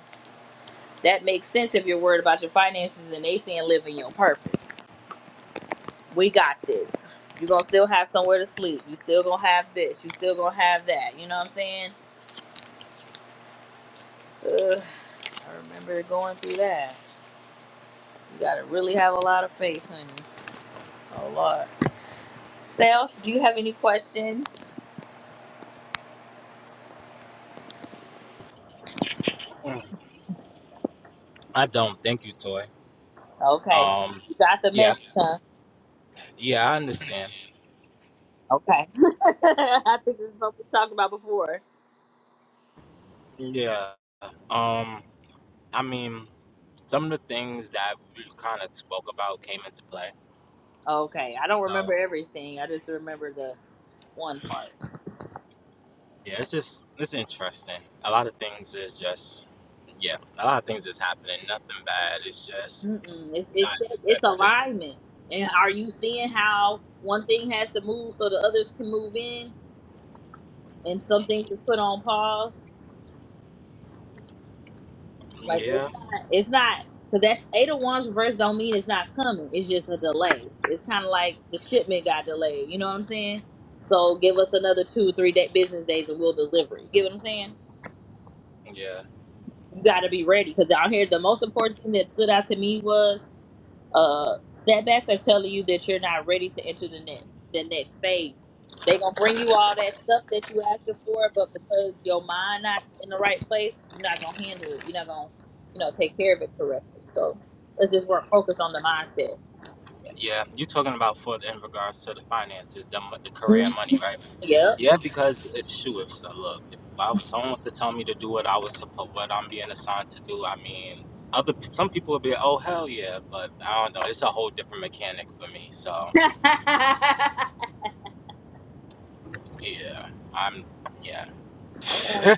[SPEAKER 1] that makes sense if you're worried about your finances and they saying live in your purpose. We got this. You're gonna still have somewhere to sleep. You still gonna have this. You still gonna have that. You know what I'm saying? Ugh, I remember going through that. You gotta really have a lot of faith, honey. A lot. Self, do you have any questions?
[SPEAKER 4] Mm, I don't. Thank you, Toy.
[SPEAKER 1] Okay.
[SPEAKER 4] Um,
[SPEAKER 1] You got the
[SPEAKER 4] yeah,
[SPEAKER 1] message, huh?
[SPEAKER 4] yeah, I understand.
[SPEAKER 1] Okay. I think this is something we talked about before.
[SPEAKER 4] Yeah. Um, I mean. some of the things that we kind of spoke about came into play.
[SPEAKER 1] Okay, I don't remember
[SPEAKER 4] So
[SPEAKER 1] everything. I just remember the one part.
[SPEAKER 4] yeah, it's just it's interesting. A lot of things is just yeah, a lot of things is happening. Nothing bad. It's just
[SPEAKER 1] Mm-mm. It's
[SPEAKER 4] not
[SPEAKER 1] it's it's
[SPEAKER 4] expected.
[SPEAKER 1] alignment. And are you seeing how one thing has to move so the others can move in, and something is put on pause? Like
[SPEAKER 4] Yeah,
[SPEAKER 1] it's not. It's not because that's eight of ones. reverse. Don't mean it's not coming. It's just a delay. It's kind of like the shipment got delayed. You know what I'm saying? So give us another two, three day, business days, and we'll deliver it. You get what I'm saying?
[SPEAKER 4] yeah,
[SPEAKER 1] You got to be ready because down here, the most important thing that stood out to me was uh setbacks are telling you that you're not ready to enter the next the next phase. They gonna bring you all that stuff that you asking for, but because your mind not in the right place, you're not gonna handle it. You're not gonna, you know, take care of it correctly. So let's just work focus on the mindset.
[SPEAKER 4] yeah. you are talking about for in regards to the finances, the mo- the career and
[SPEAKER 1] Mhm.
[SPEAKER 4] money, right?
[SPEAKER 1] Yep.
[SPEAKER 4] Yeah, because if shoot, if so, look, if I, someone was to tell me to do what I was supposed, what I'm being assigned to do, I mean, other some people would be, oh hell yeah, but I don't know. It's a whole different mechanic for me. So
[SPEAKER 1] I'm
[SPEAKER 4] Yeah, I'm. Yeah, but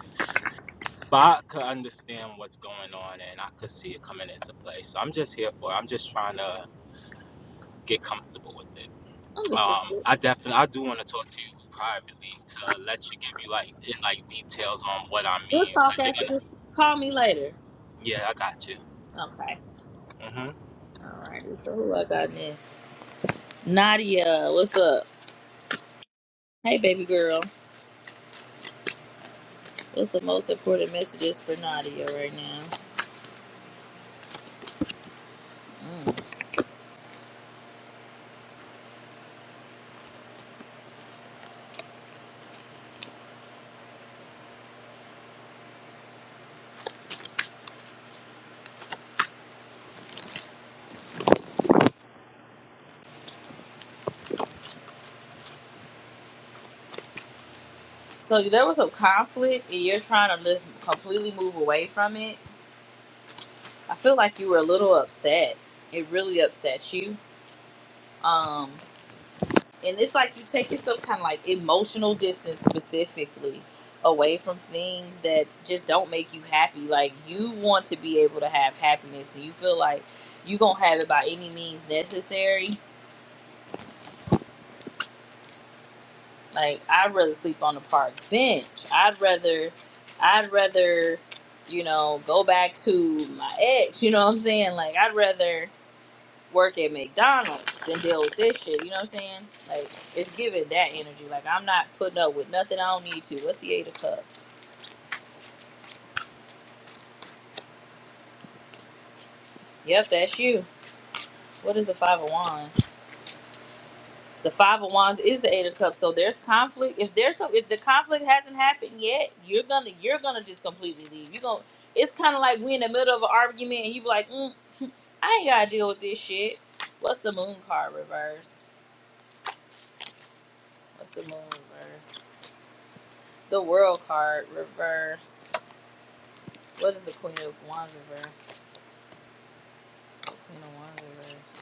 [SPEAKER 4] I could understand what's going on, and I could see it coming into play. So I'm just here for. It. I'm just trying to get comfortable with it.
[SPEAKER 1] just
[SPEAKER 4] Um,
[SPEAKER 1] kidding.
[SPEAKER 4] I definitely, I do want to talk to you privately to let you give you like in, like details on what I
[SPEAKER 1] we'll
[SPEAKER 4] mean,
[SPEAKER 1] talk
[SPEAKER 4] cause you're
[SPEAKER 1] after
[SPEAKER 4] gonna.
[SPEAKER 1] this. Call me later.
[SPEAKER 4] Yeah, I got you.
[SPEAKER 1] Okay.
[SPEAKER 4] Mm-hmm.
[SPEAKER 1] All righty. So who I got next? Nadia, what's up? Hey baby girl. What's the most important messages for Nadia right now? So there was a conflict, and you're trying to just completely move away from it. I feel like you were a little upset. It really upset you. Um, and it's like you taking some kind of like emotional distance specifically away from things that just don't make you happy. Like you want to be able to have happiness, and you feel like you gonna have it by any means necessary. Like I'd rather sleep on the park bench. I'd rather I'd rather, you know, go back to my ex, you know what I'm saying? Like I'd rather work at McDonald's than deal with this shit, you know what I'm saying? Like it's giving that energy. Like I'm not putting up with nothing I don't need to. What's the eight of cups? Yep, that's you. What is the five of wands? The Five of Wands is the Eight of Cups, so there's conflict. If there's a, if the conflict hasn't happened yet, you're gonna you're gonna just completely leave. You're gonna. It's kind of like we in the middle of an argument and you be like, mm, I ain't gotta deal with this shit. What's the Moon card reverse? What's the Moon reverse? The World card reverse. What is the Queen of Wands reverse? The Queen of Wands reverse.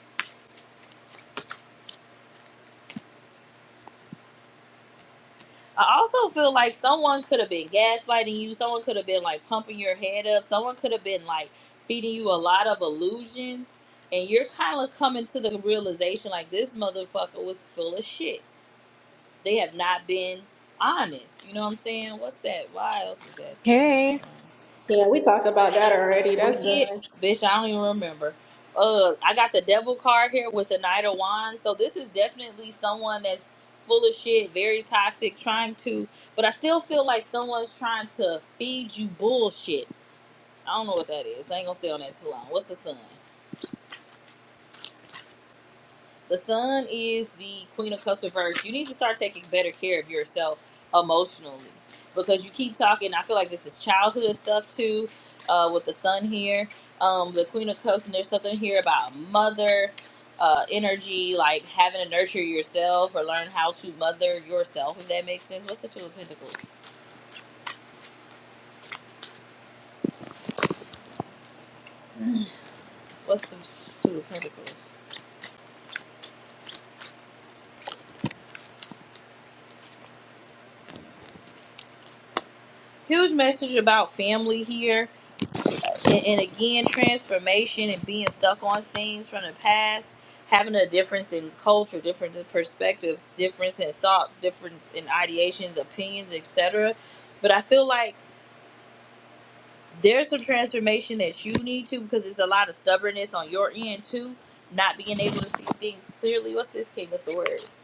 [SPEAKER 1] I also feel like someone could have been gaslighting you. Someone could have been like pumping your head up. Someone could have been like feeding you a lot of illusions. And you're kind of coming to the realization like this motherfucker was full of shit. They have not been honest. You know what I'm saying? What's that? Why else is that there? Hold
[SPEAKER 5] Hey.
[SPEAKER 1] on.
[SPEAKER 5] Yeah, we talked about that already.
[SPEAKER 1] We
[SPEAKER 5] That's
[SPEAKER 1] did,
[SPEAKER 5] done.
[SPEAKER 1] bitch. I don't even remember. Uh, I got the devil card here with the knight of wands. So this is definitely someone that's full of shit, very toxic, trying to. But I still feel like someone's trying to feed you bullshit. I don't know what that is. I ain't gonna stay on that too long. What's the sun? The sun is the queen of cups reverse. You need to start taking better care of yourself emotionally because you keep talking. I feel like this is childhood stuff too, uh, with the sun here, um, the queen of cups, and there's something here about mother uh, energy, like having to nurture yourself or learn how to mother yourself. If that makes sense. What's the two of pentacles? What's the two of pentacles? Huge message about family here and, and again transformation and being stuck on things from the past having a difference in culture difference in perspective difference in thoughts difference in ideations opinions etc but i feel like there's some transformation that you need to because it's a lot of stubbornness on your end too not being able to see things clearly what's this king of swords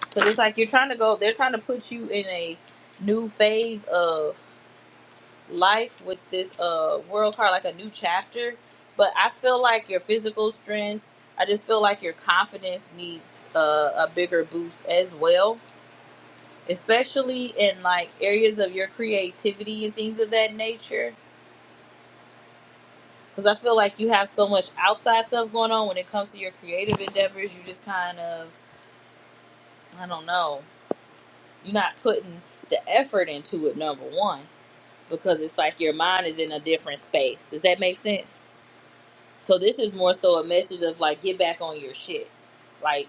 [SPEAKER 1] because it's like you're trying to go they're trying to put you in a new phase of life with this uh world card like a new chapter but i feel like your physical strength i just feel like your confidence needs uh, a bigger boost as well especially in like areas of your creativity and things of that nature because i feel like you have so much outside stuff going on when it comes to your creative endeavors you just kind of i don't know you're not putting the effort into it number one because it's like your mind is in a different space does that make sense So this is more so a message of like get back on your shit. Like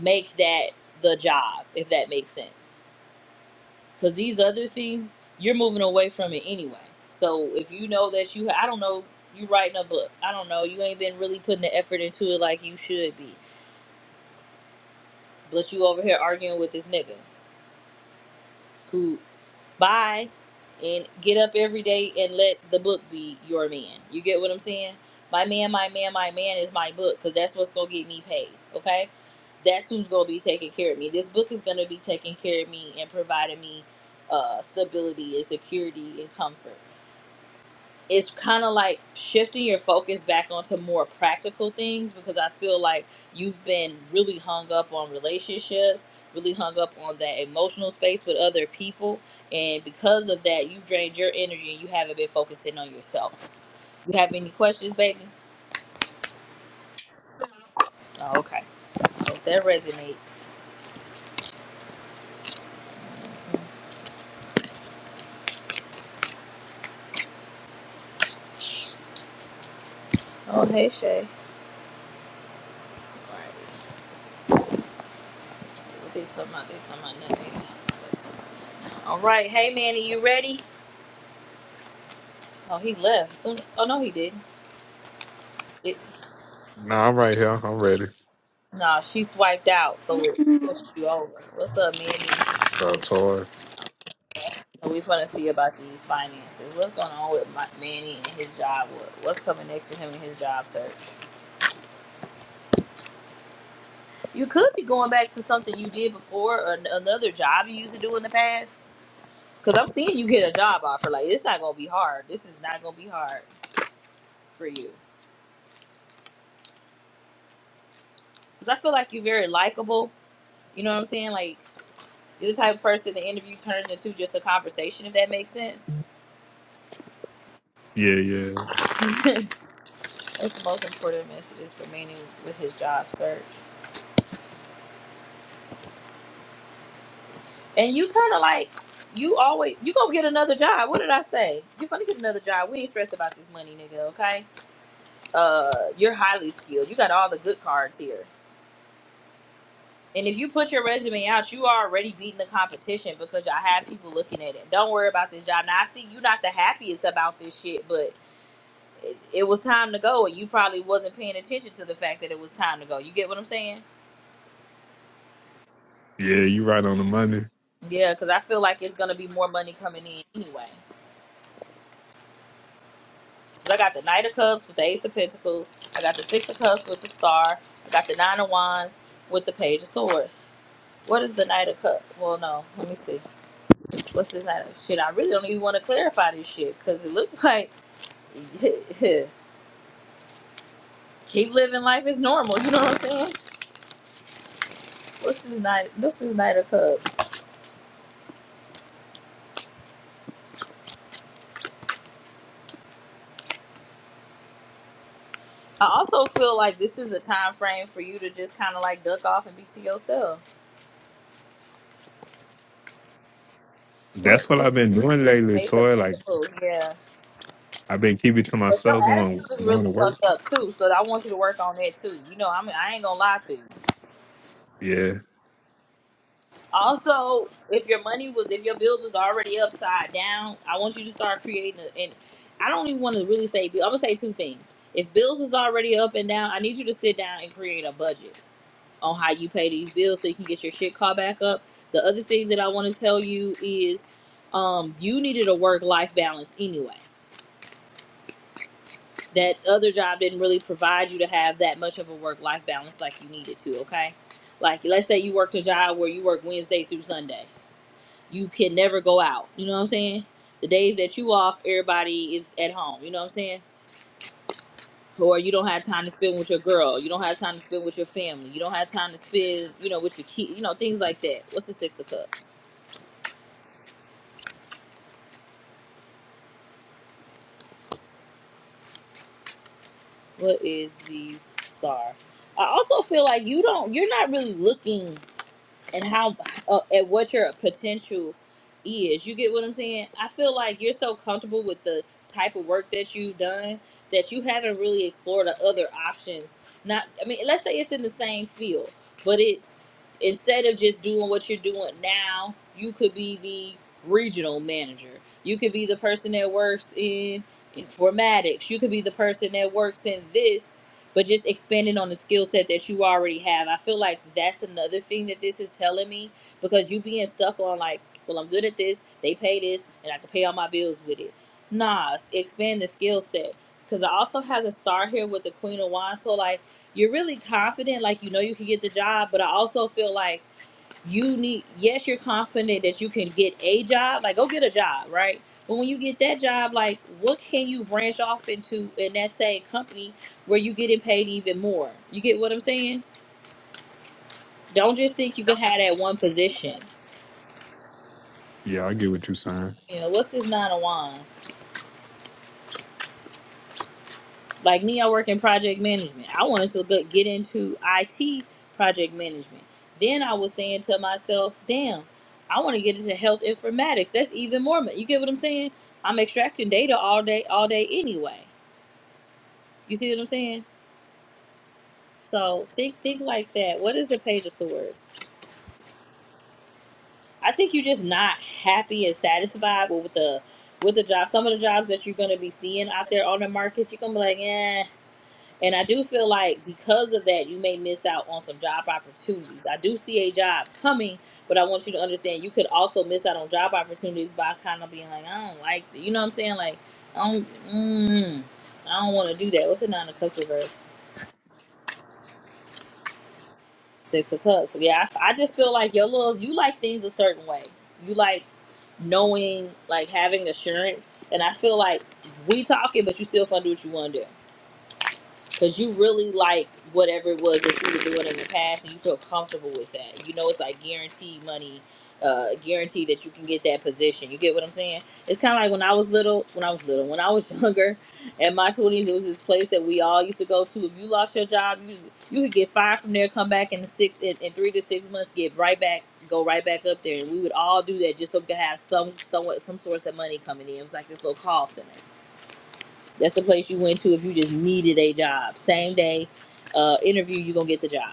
[SPEAKER 1] make that the job if that makes sense. Cuz these other things you're moving away from it anyway. So if you know that you I don't know you writing a book. I don't know. You ain't been really putting the effort into it like you should be. But you over here arguing with this nigga. who buy and get up every day and let the book be your man. You get what I'm saying? My man, my man, my man is my book because that's what's gonna get me paid. Okay, that's who's gonna be taking care of me. This book is gonna be taking care of me and providing me uh, stability and security and comfort it's kind of like shifting your focus back onto more practical things because I feel like you've been really hung up on relationships, really hung up on that emotional space with other people. And because of that, you've drained your energy and you haven't been focusing on yourself. You have any questions, baby? Oh, okay. So if that resonates. Oh, hey, Shay. All right. What they talking about? They talking about nothing. They talking about- they talking about- All right. Hey, Manny, you ready? Oh, he left. Soon- Oh, no, he didn't. It,
[SPEAKER 6] nah, I'm right here. I'm ready.
[SPEAKER 1] Nah, she's swiped out, so
[SPEAKER 7] Thank
[SPEAKER 1] it
[SPEAKER 7] you.
[SPEAKER 1] pushed you over. What's up, Manny?
[SPEAKER 6] So, Tori.
[SPEAKER 1] So we finna see about these finances. What's going on with my, Manny and his job? What, what's coming next for him and his job search? You could be going back to something you did before or an- another job you used to do in the past. Cause I'm seeing you get a job offer. Like it's not gonna be hard. This is not gonna be hard for you. Cause I feel like you're very likable. You know what I'm saying? Like you're the type of person the interview turns into just a conversation, if that makes sense.
[SPEAKER 6] Yeah, yeah,
[SPEAKER 1] It's most important message is remaining with his job search. And you kind of like, you always, you gonna get another job. What did I say? You're gonna get another job. We ain't stressed about this money, nigga, okay? Uh, you're highly skilled. You got all the good cards here. And if you put your resume out, you are already beating the competition because y'all have people looking at it. Don't worry about this job. Now, I see you not the happiest about this shit, but it, it was time to go, and you probably wasn't paying attention to the fact that it was time to go. You get what I'm saying?
[SPEAKER 6] yeah. You right on the money.
[SPEAKER 1] Yeah, because I feel like it's gonna be more money coming in anyway. 'Cause I got the Knight of Cups with the Ace of Pentacles. I got the Six of Cups with the Star. I got the Nine of Wands with the Page of Swords. What is the Knight of Cups? Well, no, let me see. What's this Knight of shit? I really don't even want to clarify this shit because it looks like keep living life as normal. You know what I'm saying? What's this Knight? What's this Knight of Cups? I also feel like this is a time frame for you to just kind of like duck off and be to yourself. What
[SPEAKER 6] That's what
[SPEAKER 1] is
[SPEAKER 6] I've been doing lately,
[SPEAKER 1] Ace of
[SPEAKER 6] Tori. Like
[SPEAKER 1] Pentacles? Yeah.
[SPEAKER 6] I've been keeping to
[SPEAKER 1] But your
[SPEAKER 6] myself, going
[SPEAKER 1] attitude is
[SPEAKER 6] going
[SPEAKER 1] really
[SPEAKER 6] to work.
[SPEAKER 1] fucked up too. So I want you to work on that too. You know, I mean, I ain't gonna lie to you.
[SPEAKER 6] Yeah,
[SPEAKER 1] Also, if your money was, if your bills was already upside down, I want you to start creating. A, and I don't even want to really say. I'm gonna say two things. If bills was already up and down, I need you to sit down and create a budget on how you pay these bills so you can get your shit caught back up. The other thing that I want to tell you is, um, you needed a work life balance anyway. that other job didn't really provide you to have that much of a work life balance like you needed to, okay? Like let's say you worked a job where you work Wednesday through Sunday. You can never go out. You know what I'm saying? The days that you off, everybody is at home, you know what I'm saying? Or you don't have time to spend with your girl. You don't have time to spend with your family. You don't have time to spend, you know, with your kid, you know, things like that. What's the six of cups? What is the star? I also feel like you don't you're not really looking and how uh, and what your potential is. You get what I'm saying? I feel like you're so comfortable with the type of work that you've done that you haven't really explored the other options. Not, I mean, let's say it's in the same field, but it's instead of just doing what you're doing now, you could be the regional manager. You could be the person that works in informatics. You could be the person that works in this but just expanding on the skill set that you already have. I feel like that's another thing that this is telling me because you being stuck on like, well, I'm good at this, they pay this, and I can pay all my bills with it. Nah, expand the skill set. Because I also have the star here with the Queen of Wands. So, like, you're really confident, like, you know you can get the job, but I also feel like you need yes you're confident that you can get a job like go get a job right but when you get that job like what can you branch off into in that same company where you getting paid even more you get what i'm saying don't just think you can have that one position
[SPEAKER 6] yeah. I get what you saying.
[SPEAKER 1] you know what's this nine of wands Like me, I work in project management. I wanted to go- get into IT project management. Then I was saying to myself, damn, I want to get into health informatics. That's even more. ma- You get what I'm saying? I'm extracting data all day, all day anyway. You see what I'm saying? So think, think like that. What is the page of swords? I think you're just not happy and satisfied with the, with the job. Some of the jobs that you're gonna be seeing out there on the market, you're gonna be like, eh. And I do feel like because of that, you may miss out on some job opportunities. I do see a job coming, but I want you to understand you could also miss out on job opportunities by kind of being like, I don't like, th- you know what I'm saying? Like, I don't, mm, I don't want to do that. What's the nine of cups reverse? Six of cups. So yeah, I, I just feel like your little, you like things a certain way. You like knowing, like having assurance. And I feel like we talking, but you still fun to do what you want to do. because you really like whatever it was that you were doing in the past and you feel comfortable with that you know it's like guaranteed money uh guaranteed that you can get that position you get what i'm saying it's kind of like when i was little when i was little when i was younger in my 20s it was this place that we all used to go to if you lost your job you you could get fired from there come back in the six in, in three to six months get right back go right back up there and we would all do that just so we could have some somewhat some source of money coming in it was like this little call center that's the place you went to if you just needed a job. Same day uh, interview, you're going to get the job.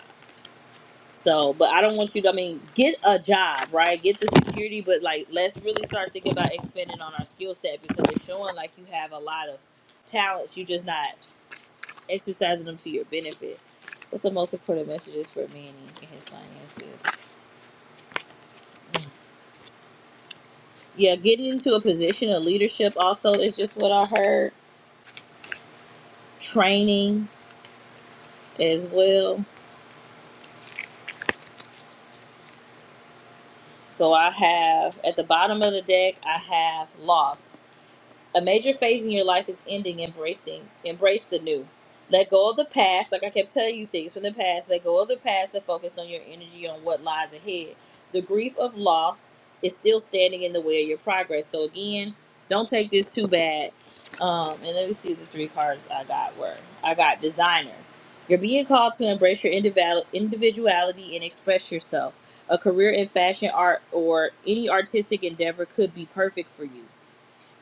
[SPEAKER 1] So, but I don't want you to, I mean, get a job, right? Get the security, but like, let's really start thinking about expanding on our skill set because it's showing like you have a lot of talents. You're just not exercising them to your benefit. What's the most important messages for Manny and his finances? Yeah, getting into a position of leadership also is just what I heard. Training as well So I have at the bottom of the deck, I have loss. A major phase in your life is ending, embracing, embrace the new. Let go of the past. Like I kept telling you things from the past. Let go of the past and focus on your energy on what lies ahead. The grief of loss is still standing in the way of your progress. So again, don't take this too bad. Um, and let me see the three cards I got were. I got designer. You're being called to embrace your individual individuality and express yourself. A career in fashion art or any artistic endeavor could be perfect for you.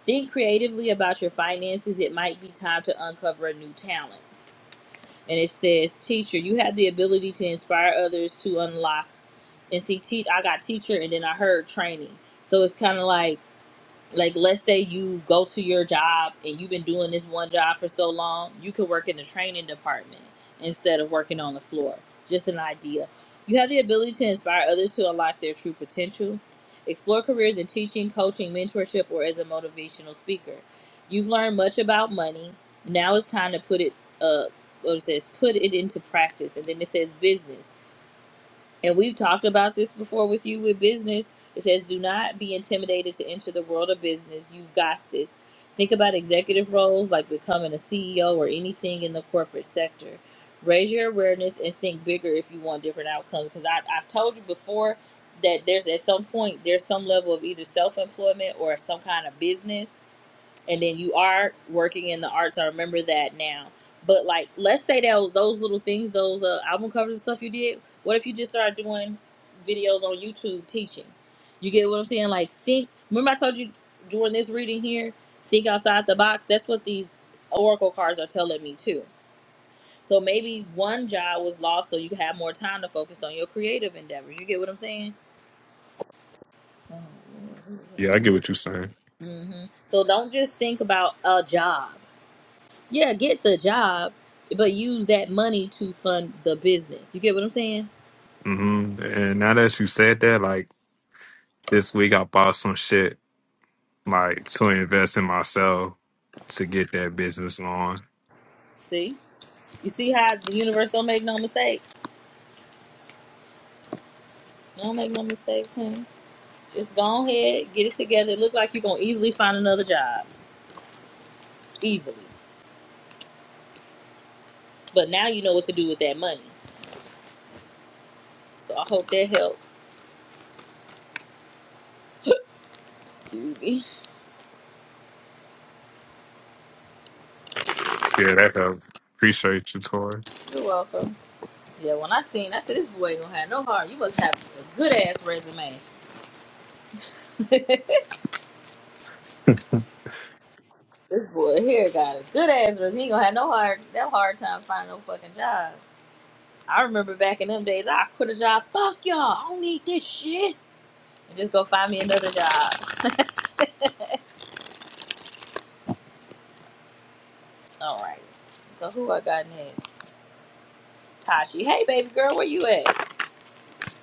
[SPEAKER 1] Think creatively about your finances. It might be time to uncover a new talent. And it says, Teacher, you have the ability to inspire others to unlock. And see, te- I got teacher and then I heard training. So it's kind of like, like let's say you go to your job and you've been doing this one job for so long you could work in the training department instead of working on the floor just an idea you have the ability to inspire others to unlock their true potential explore careers in teaching coaching mentorship or as a motivational speaker you've learned much about money now it's time to put it uh what it says put it into practice and then it says business and we've talked about this before with you with business. It says, do not be intimidated to enter the world of business. You've got this. Think about executive roles like becoming a CEO or anything in the corporate sector. Raise your awareness and think bigger if you want different outcomes. Because I, I've told you before that there's at some point, there's some level of either self employment or some kind of business and then you are working in the arts. I remember that now. But like, let's say that those little things, those uh, album covers and stuff you did. What if you just started doing videos on YouTube teaching? You get what I'm saying? Like, think. Remember, I told you during this reading here, think outside the box. That's what these oracle cards are telling me too. So maybe one job was lost, so you have more time to focus on your creative endeavors. You get what I'm saying?
[SPEAKER 6] Yeah, I get what you saying.
[SPEAKER 1] hmm So don't just think about a job. Yeah, get the job, but use that money to fund the business. You get what I'm saying?
[SPEAKER 6] hmm And now that you said that, like this week I bought some shit like to invest in myself to get that business on.
[SPEAKER 1] See? You see how the universe don't make no mistakes? Don't make no mistakes, honey. Just go ahead, get it together. It look like you're gonna easily find another job. Easily. But now you know what to do with that money. So I hope that helps. Excuse me.
[SPEAKER 6] Yeah, that helped. Appreciate you, Tori.
[SPEAKER 1] You're welcome. Yeah, when I seen, I said this boy ain't gonna have no heart. You must have a good ass resume. this boy here got a good ass resume. He ain't gonna have no hard, That hard time finding no fucking job. I remember back in them days, I quit a job. Fuck y'all. I don't need this shit. And just go find me another job. All right. So who I got next? Tashi. Hey, baby girl, where you at?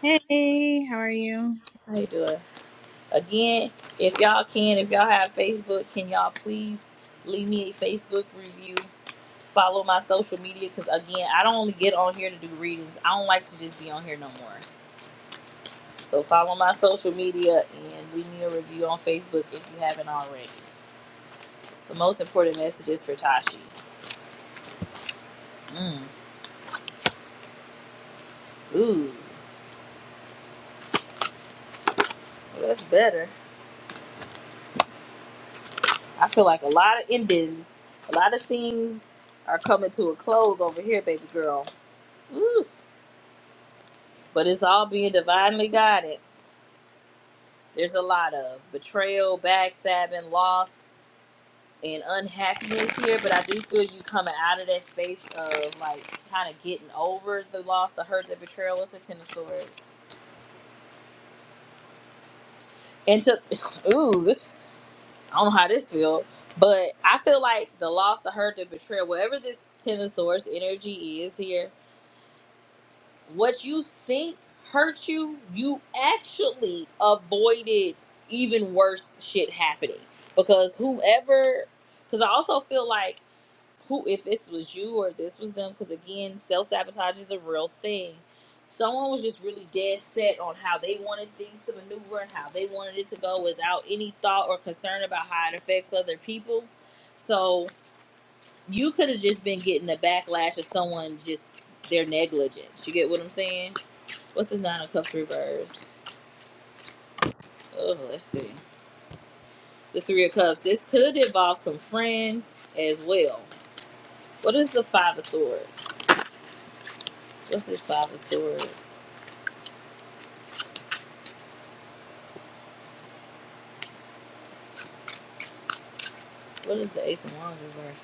[SPEAKER 8] Hey, how are you?
[SPEAKER 1] How you doing? Again, if y'all can, if y'all have Facebook, can y'all please leave me a Facebook review? Follow my social media because again, I don't only get on here to do readings. I don't like to just be on here no more. So follow my social media and leave me a review on Facebook if you haven't already. So most important messages for Tashi. Mm. Ooh, well, that's better. I feel like a lot of endings, a lot of things are coming to a close over here, baby girl. Ooh. But it's all being divinely guided. There's a lot of betrayal, backstabbing, loss, and unhappiness here. But I do feel you coming out of that space of like kind of getting over the loss, the hurt, the betrayal. It's a ten of swords. And to ooh, this I don't know how this feel, but I feel like the loss, the hurt, the betrayal, whatever this ten of swords energy is here, what you think hurt you, you actually avoided even worse shit happening. Because whoever, because I also feel like who if this was you or if this was them because again self-sabotage is a real thing someone was just really dead set on how they wanted things to maneuver and how they wanted it to go without any thought or concern about how it affects other people so you could have just been getting the backlash of someone just their negligence you get what i'm saying what's this nine of cups reverse oh let's see the three of cups this could involve some friends as well what is the five of swords what's this five of swords What is the Ace of Wands reverse?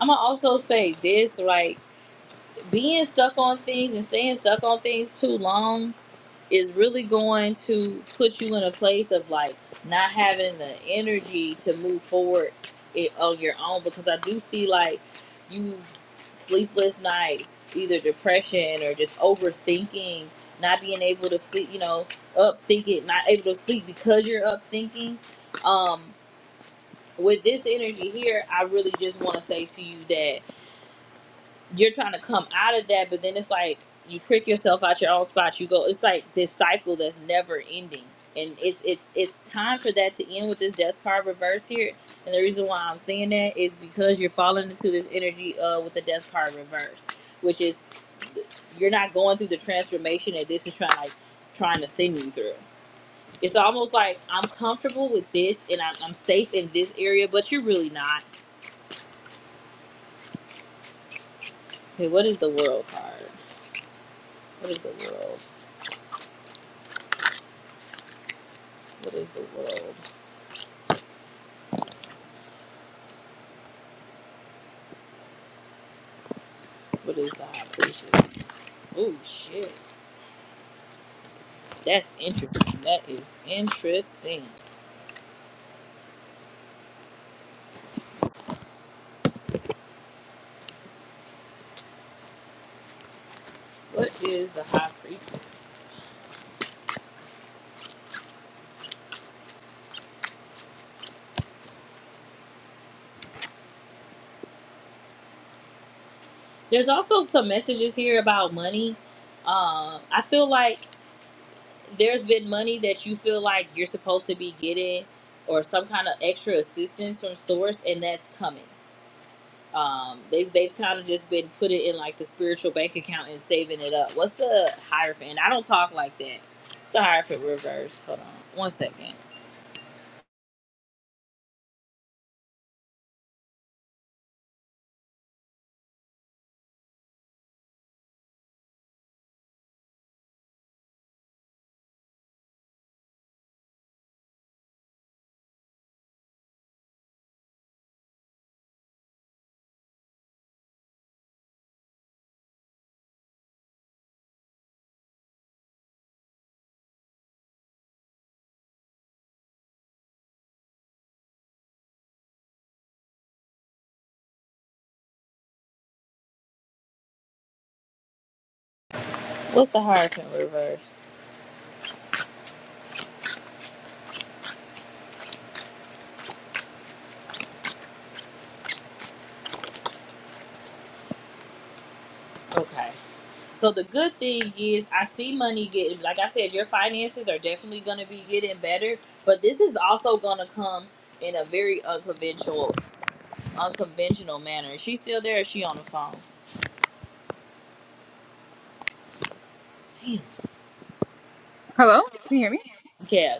[SPEAKER 1] I'm gonna also say this: like being stuck on things and staying stuck on things too long is really going to put you in a place of like not having the energy to move forward it on your own. Because I do see like you sleepless nights, either depression or just overthinking, not being able to sleep. You know, up thinking, not able to sleep because you're up thinking. Um, with this energy here, I really just want to say to you that you're trying to come out of that, but then it's like you trick yourself out your own spot. You go, it's like this cycle that's never ending, and it's it's it's time for that to end with this death card reverse here. And the reason why I'm saying that is because you're falling into this energy uh with the death card reverse, which is you're not going through the transformation that this is trying like trying to send you through. It's almost like I'm comfortable with this and I'm, I'm safe in this area, but you're really not Okay, what is the world card? What is the world? What is the world? What is the high priestess? Oh shit. That's interesting. That is interesting. What is the high priestess? There's also some messages here about money. Um, I feel like there's been money that you feel like you're supposed to be getting or some kind of extra assistance from source and that's coming. Um, they they've kind of just been putting in like the spiritual bank account and saving it up. What's the hierophant? I don't talk like that. What's the hierophant reverse? Hold on one second. What's the hierophant reverse? Okay. So the good thing is I see money getting like I said, your finances are definitely gonna be getting better, but this is also gonna come in a very unconventional unconventional manner. Is she still there or is she on the phone?
[SPEAKER 8] Hello? Can you hear me?
[SPEAKER 1] Yeah.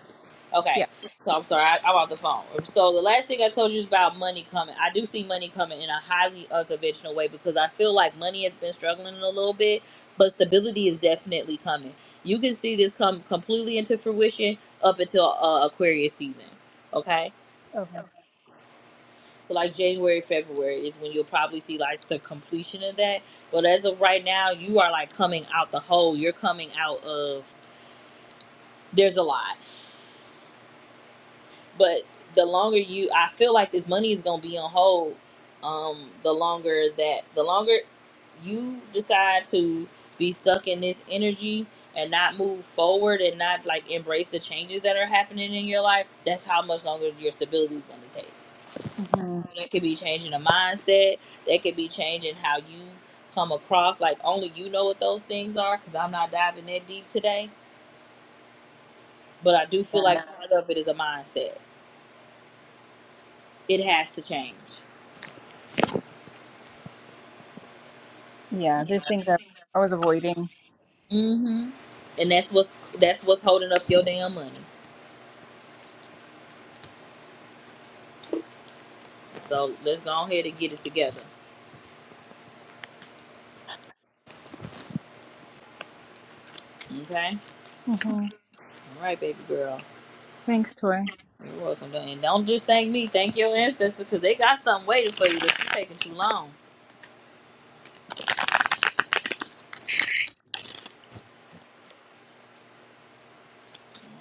[SPEAKER 1] Okay.
[SPEAKER 8] Yeah.
[SPEAKER 1] So I'm sorry. I, I'm off the phone. So the last thing I told you is about money coming. I do see money coming in a highly unconventional way because I feel like money has been struggling a little bit, but stability is definitely coming. You can see this come completely into fruition up until uh, Aquarius season. Okay. So like January, February is when you'll probably see like the completion of that. But as of right now, you are like coming out the hole. You're coming out of there's a lot. but the longer you i feel like this money is going to be on hold um the longer that the longer you decide to be stuck in this energy and not move forward and not like embrace the changes that are happening in your life that's how much longer your stability is going to take
[SPEAKER 8] Mhm.
[SPEAKER 1] so that could be changing a mindset that could be changing how you come across like only you know what those things are because i'm not diving that deep today but i do feel like part of it is a mindset it has to change
[SPEAKER 8] Yeah, there's things I I was avoiding.
[SPEAKER 1] hmm And that's what's that's what's holding up your damn money. So let's go ahead and get it together. Okay.
[SPEAKER 8] hmm
[SPEAKER 1] All right, baby girl.
[SPEAKER 8] Thanks, Toy.
[SPEAKER 1] You're welcome. And don't just thank me. Thank your ancestors because they got something waiting for you. But you're taking too long.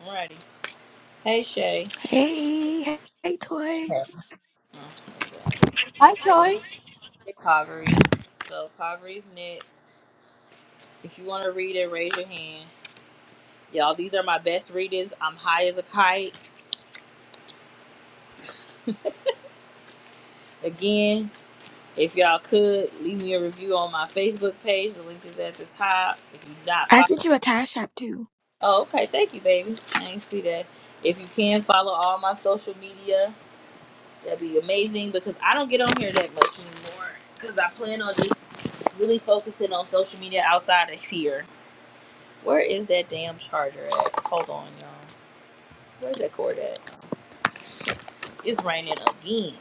[SPEAKER 1] Alrighty. Hey Shay.
[SPEAKER 7] Hey, hey, Toy.
[SPEAKER 1] Oh, that's right.
[SPEAKER 9] Hi, Toy.
[SPEAKER 1] Hey, Calvary. So Calvary's next. If you want to read it, raise your hand. Y'all, these are my best readings. I'm high as a kite. Again, If y'all could leave me a review on my Facebook page, the link is at the top. If you not
[SPEAKER 7] I
[SPEAKER 1] follow,
[SPEAKER 7] sent you a cash app too.
[SPEAKER 1] oh okay, thank you, baby. I ain't see that. If you can follow all my social media, that'd be amazing because I don't get on here that much anymore. Because I plan on just really focusing on social media outside of here. Where is that damn charger at? Hold on, y'all. Where's that cord at? It's raining again.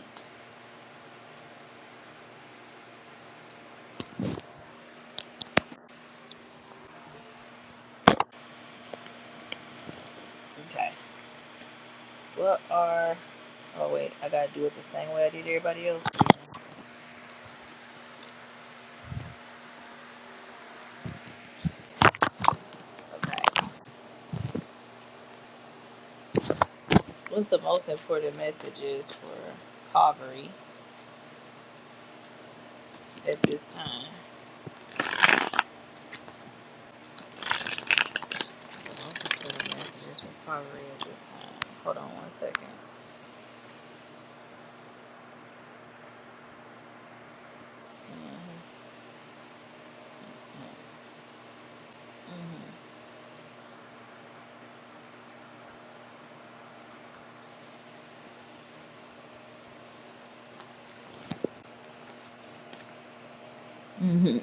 [SPEAKER 1] Okay. What are? Oh wait, I gotta do it the same way I did everybody else. Okay. What's the most important messages for Calvary at this time? What's the most important messages for Calvary at this time? Hold on one second. Mm-hmm.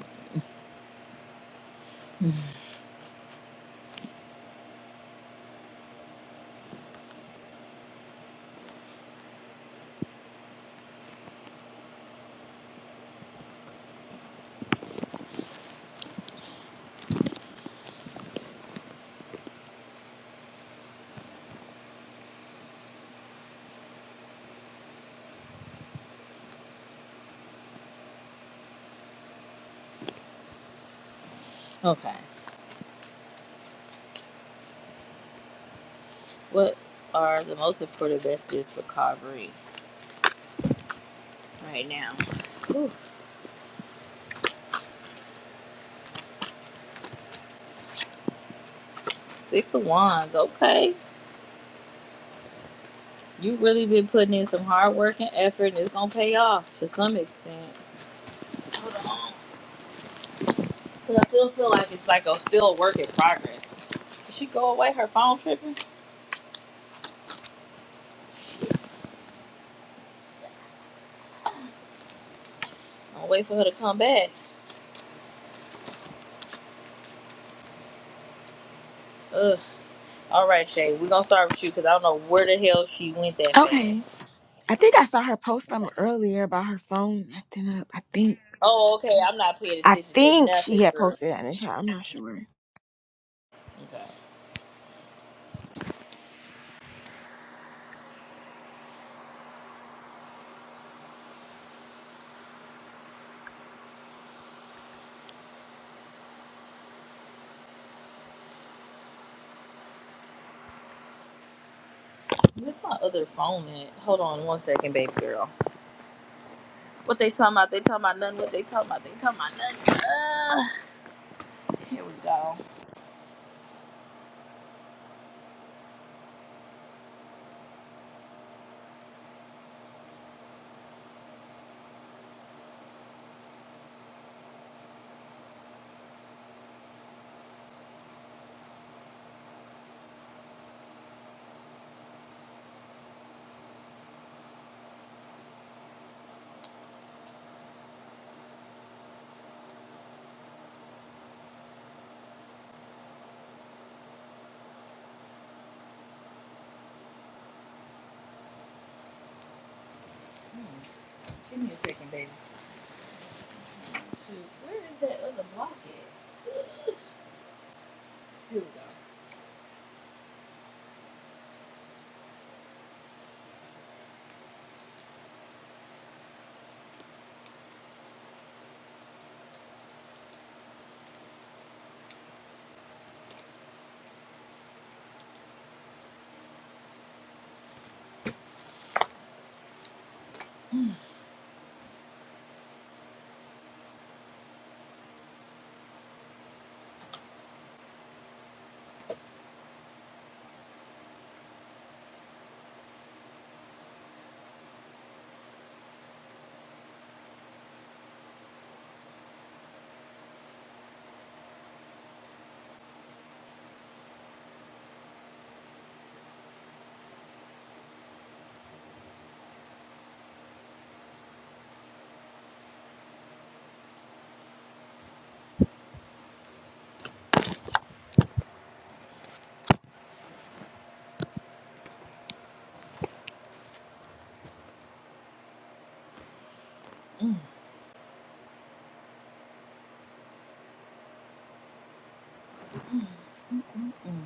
[SPEAKER 1] Okay. What are the most important messages for Calvary right now? Ooh, six of Wands. Okay. you really been putting in some hard work and effort, and it's going to pay off to some extent. But I still feel like it's like a still a work in progress. Did she go away? Her phone tripping? I'll wait for her to come back. Ugh. All right, Shay, we're gonna start with you because I don't know where the hell she went that
[SPEAKER 7] Okay.
[SPEAKER 1] fast.
[SPEAKER 7] I think I saw her post something earlier about her phone acting up. I think.
[SPEAKER 1] Oh, okay. I'm not paying
[SPEAKER 7] I
[SPEAKER 1] attention to
[SPEAKER 7] think
[SPEAKER 1] nothing,
[SPEAKER 7] she had
[SPEAKER 1] girl.
[SPEAKER 7] posted that in the chat. I'm not sure.
[SPEAKER 1] Where's my other phone at? Hold on one second, baby girl. What they talking about? They talking about nothing. What they talking about? They talking about nothing. Uh, here we go. Hmm, Give me a second, baby. Shoot, Where is that other block at? Here we go. Mm,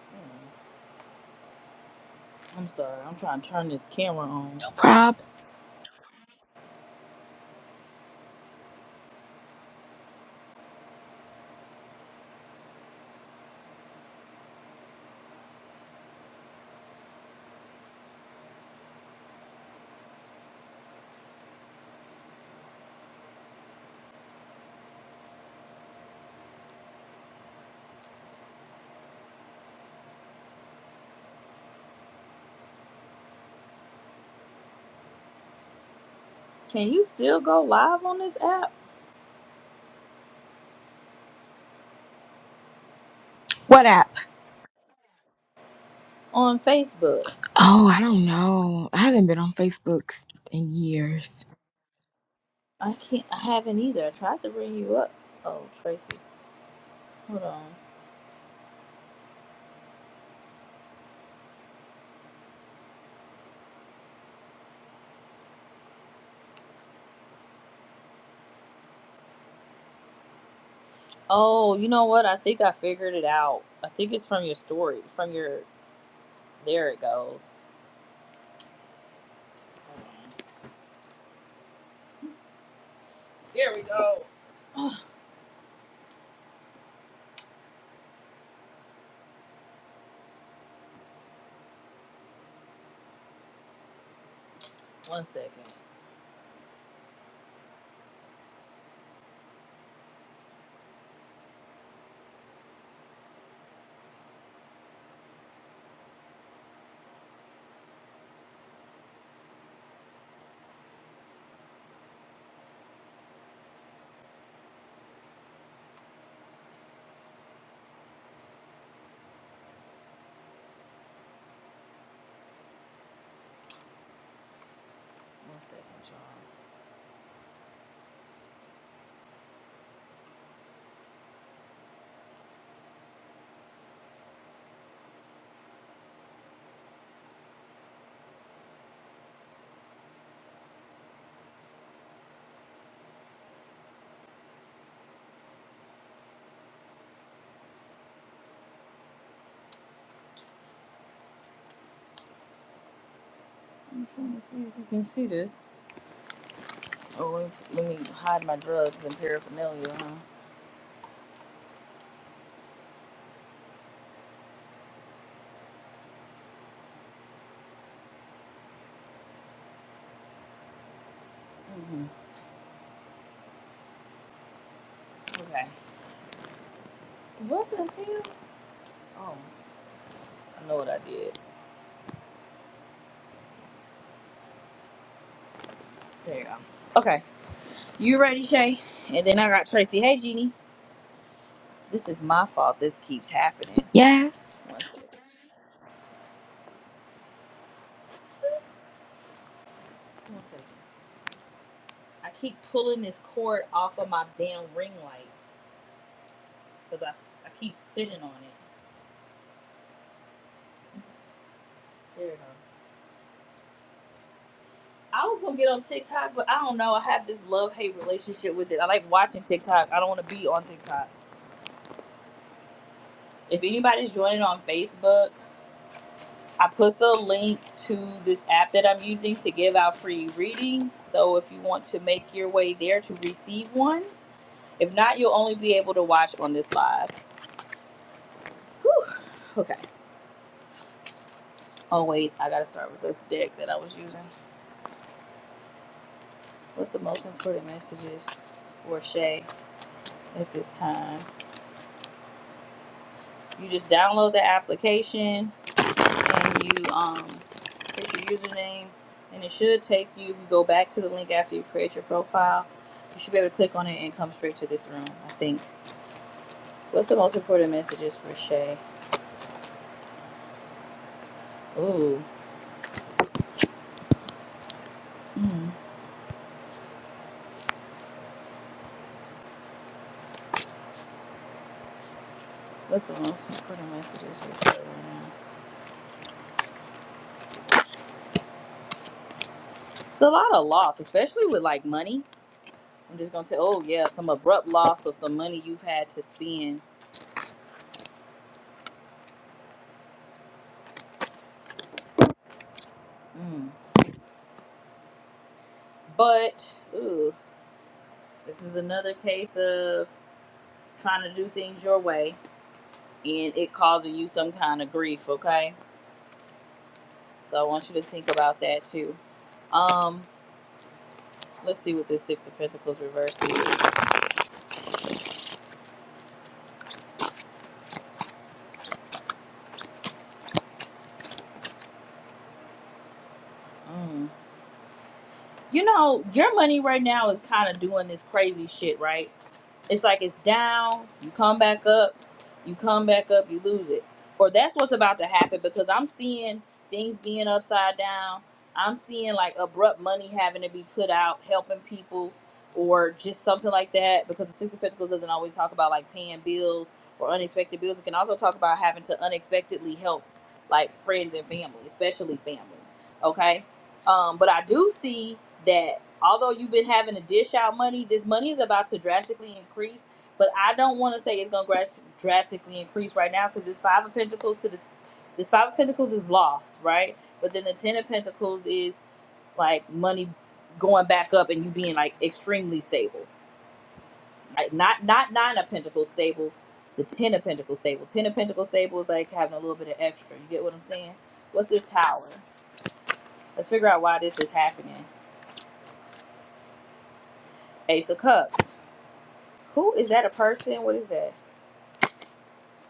[SPEAKER 1] mm. I'm sorry. I'm trying to turn this camera on.
[SPEAKER 7] No Prob.
[SPEAKER 1] Can you still go live on this app
[SPEAKER 7] What app?
[SPEAKER 1] on Facebook?
[SPEAKER 7] Oh, I don't know. I haven't been on Facebook s- in years.
[SPEAKER 1] I can't. I haven't either. I tried to bring you up. Oh, Tracy, hold on. Oh, you know what? I think I figured it out. I think it's from your story. From your. There it goes. Hold on. There we go. One second. One second, y'all. I'm trying to see if you can see this. Oh, wait, let me hide my drugs and paraphernalia, huh? hmm Okay. What the hell? Oh, I know what I did. There you go. Okay. You ready, Shay? And then I got Tracy. Hey, Jeannie. This is my fault. This keeps happening.
[SPEAKER 7] Yes.
[SPEAKER 1] One second. One second. I keep pulling this cord off of my damn ring light because I I keep sitting on it. There you go. I was gonna get on TikTok, but I don't know. I have this love hate relationship with it. I like watching TikTok. I don't want to be on TikTok. If anybody's joining on Facebook, I put the link to this app that I'm using to give out free readings. So if you want to make your way there to receive one, if not, you'll only be able to watch on this live. Whew. Okay. Oh wait, I gotta start with this deck that I was using. What's the most important messages for Shay at this time? You just download the application and you um create your username and it should take you if you go back to the link after you create your profile, you should be able to click on it and come straight to this room, I think. What's the most important messages for Shay? Ooh. Mm. What's the most important messages for Shay right now? It's a lot of loss, especially with like money. I'm just gonna tell oh yeah, some abrupt loss of some money you've had to spend. Mm. But ooh, this is another case of trying to do things your way and it causing you some kind of grief, okay? So I want you to think about that too. Um, let's see what this Six of Pentacles reversed is. Mm. You know, your money right now is kind of doing this crazy shit, right? It's like it's down, you come back up, you come back up, you lose it. Or that's what's about to happen because I'm seeing things being upside down. I'm seeing like abrupt money having to be put out, helping people, or just something like that. Because the Six of Pentacles doesn't always talk about like paying bills or unexpected bills. It can also talk about having to unexpectedly help like friends and family, especially family. Okay. Um, but I do see that although you've been having to dish out money, this money is about to drastically increase. But I don't want to say it's going to drastically increase right now because this five of pentacles to this this five of pentacles is lost, right? But then the ten of pentacles is like money going back up and you being like extremely stable, Like, not not nine of pentacles stable, the ten of pentacles stable. Ten of pentacles stable is like having a little bit of extra. You get what I'm saying? What's this tower? Let's figure out why this is happening. Ace of cups. Who is that? A person? What is that?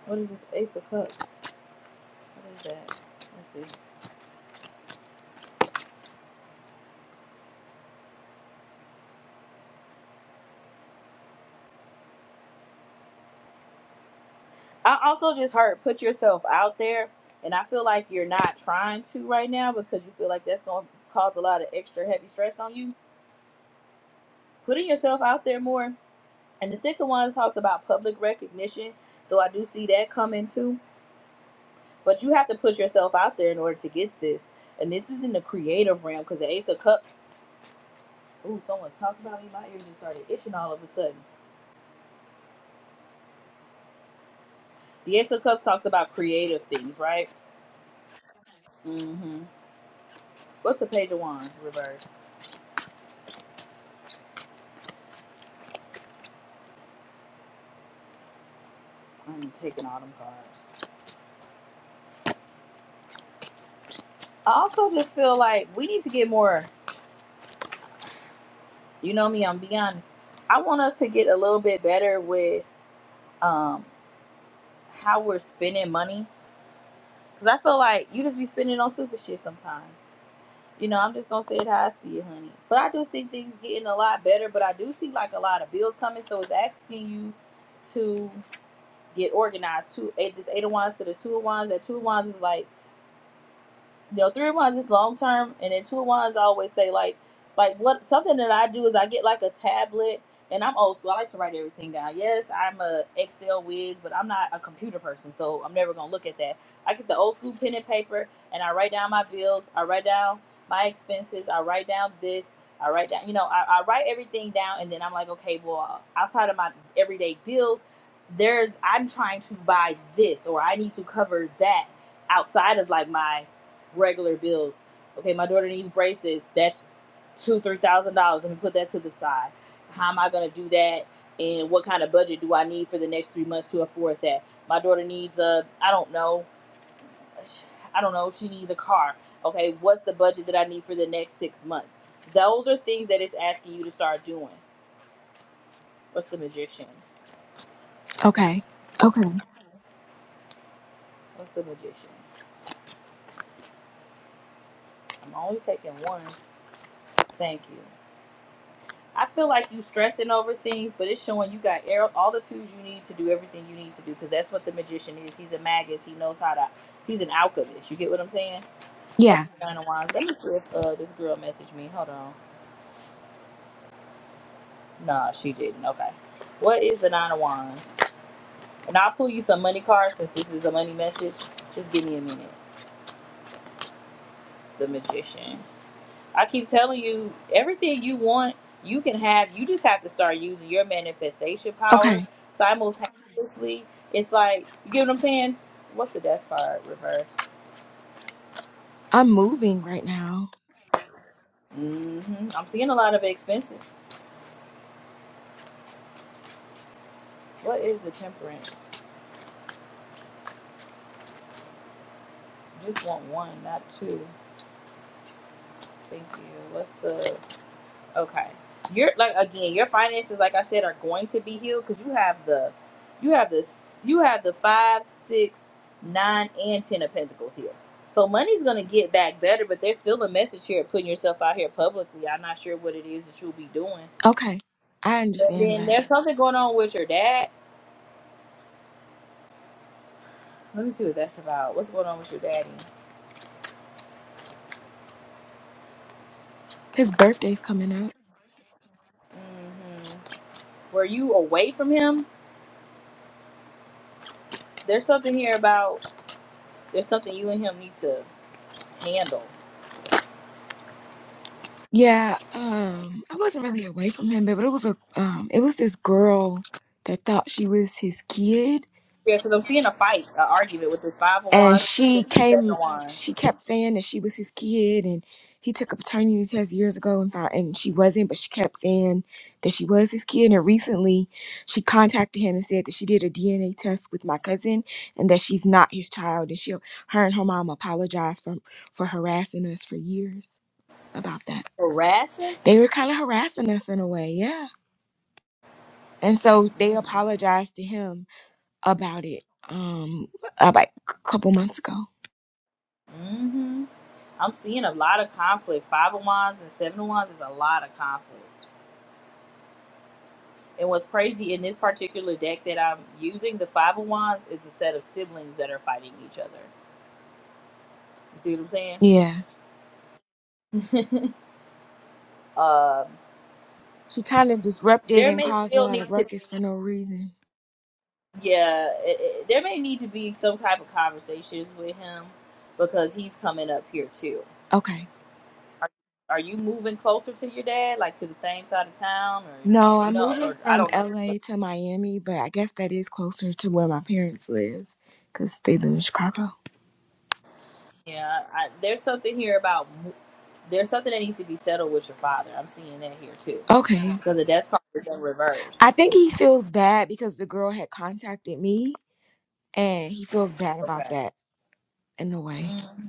[SPEAKER 1] What is this? Ace of Cups. What is that? Let's see. I also just heard put yourself out there, and I feel like you're not trying to right now because you feel like that's going to cause a lot of extra heavy stress on you. Putting yourself out there more. And the Six of Wands talks about public recognition, so I do see that coming too. But you have to put yourself out there in order to get this. And this is in the creative realm because the Ace of Cups. Ooh, someone's talking about me. My ears just started itching all of a sudden. The Ace of Cups talks about creative things, right? Mm-hmm. What's the page of wands reverse? I'm taking all them cards. I also just feel like we need to get more. You know me. I'm be honest. I want us to get a little bit better with um, how we're spending money because I feel like you just be spending on stupid shit sometimes. You know, I'm just gonna say it how I see it, honey. But I do see things getting a lot better. But I do see like a lot of bills coming, so it's asking you to get organized. Two, eight, this eight of wands to the two of wands. That two of wands is like you know, three of mine is just long term, and then two of mine I always say like, like what something that I do is I get like a tablet, and I'm old school. I like to write everything down. Yes, I'm a Excel whiz, but I'm not a computer person, so I'm never gonna look at that. I get the old school pen and paper, and I write down my bills. I write down my expenses. I write down this. I write down, you know, I, I write everything down, and then I'm like, okay, well, outside of my everyday bills, there's I'm trying to buy this, or I need to cover that outside of like my regular bills. Okay, my daughter needs braces. That's two, three thousand dollars. Let me put that to the side. How am I gonna do that? And what kind of budget do I need for the next three months to afford that? My daughter needs a, I don't know, I don't know. She needs a car. Okay, what's the budget that I need for the next six months? Those are things that it's asking you to start doing. What's the magician?
[SPEAKER 7] Okay. Okay.
[SPEAKER 1] What's the magician? I'm only taking one. Thank you. I feel like you stressing over things, but it's showing you got air- all the tools you need to do everything you need to do because that's what the magician is. He's a magus. He knows how to. He's an alchemist. You get what I'm saying? What is
[SPEAKER 7] Yeah.
[SPEAKER 1] the nine of wands? Let me see if uh, this girl messaged me. Hold on. Nah, she didn't. Okay. What is the nine of wands? And I'll pull you some money cards since this is a money message. Just give me a minute. The magician. I keep telling you, everything you want, you can have. You just have to start using your manifestation power
[SPEAKER 7] Okay.
[SPEAKER 1] simultaneously. It's like, you get what I'm saying? What's the death card reverse?
[SPEAKER 7] I'm moving right now.
[SPEAKER 1] hmm I'm seeing a lot of expenses. What is the temperance? Just want one, not two. Thank you. What's the Okay. You're like again, your finances, like I said, are going to be healed because you have the you have this you have the five, six, nine, and ten of pentacles here. So money's gonna get back better, but there's still a message here of putting yourself out here publicly. I'm not sure what it is that you'll be doing.
[SPEAKER 7] Okay. I
[SPEAKER 1] And
[SPEAKER 7] understand
[SPEAKER 1] then
[SPEAKER 7] that.
[SPEAKER 1] there's something going on with your dad. Let me see what that's about. What's going on with your daddy?
[SPEAKER 7] His birthday's coming up.
[SPEAKER 1] hmm Were you away from him? There's something here about there's something you and him need to handle
[SPEAKER 7] Yeah, um, I wasn't really away from him, but it was a um, it was this girl that thought she was his kid,
[SPEAKER 1] Yeah, because I'm seeing a fight, an argument with this five of
[SPEAKER 7] and
[SPEAKER 1] wands,
[SPEAKER 7] she
[SPEAKER 1] and this seven
[SPEAKER 7] came,
[SPEAKER 1] of
[SPEAKER 7] she
[SPEAKER 1] wands.
[SPEAKER 7] kept saying that she was his kid, and he took a paternity test years ago and found, and she wasn't, but she kept saying that she was his kid, and recently she contacted him and said that she did a DNA test with my cousin and that she's not his child, and she, her and her mom apologized for for harassing us for years about that.
[SPEAKER 1] Harassing?
[SPEAKER 7] They were kind of harassing us in a way, yeah. And so they apologized to him about it um about a couple months ago.
[SPEAKER 1] Mm-hmm. I'm seeing a lot of conflict. Five of wands and seven of wands is a lot of conflict. And what's crazy in this particular deck that I'm using, the five of wands is a set of siblings that are fighting each other. You see what I'm saying?
[SPEAKER 7] Yeah.
[SPEAKER 1] Um,
[SPEAKER 7] She kind of disrupted
[SPEAKER 1] there
[SPEAKER 7] and
[SPEAKER 1] may
[SPEAKER 7] caused a
[SPEAKER 1] still
[SPEAKER 7] lot
[SPEAKER 1] need
[SPEAKER 7] of
[SPEAKER 1] to
[SPEAKER 7] ruckus for
[SPEAKER 1] be,
[SPEAKER 7] no reason.
[SPEAKER 1] yeah, it, it- there may need to be some type of conversations with him because he's coming up here too.
[SPEAKER 7] Okay.
[SPEAKER 1] Are, are you moving closer to your dad, like to the same side of town,
[SPEAKER 7] No,
[SPEAKER 1] or you
[SPEAKER 7] I'm
[SPEAKER 1] know,
[SPEAKER 7] moving
[SPEAKER 1] or I
[SPEAKER 7] from
[SPEAKER 1] don't know. But,
[SPEAKER 7] LA to Miami, but I guess that is closer to where my parents live cuz they live in Chicago.
[SPEAKER 1] yeah, I, there's something here about mo- there's something that needs to be settled with your father. I'm seeing that here too,
[SPEAKER 7] Okay.
[SPEAKER 1] because the death card is in reverse.
[SPEAKER 7] I think he feels bad because the girl had contacted me and he feels bad about
[SPEAKER 1] Okay.
[SPEAKER 7] that in a way.
[SPEAKER 1] Mm.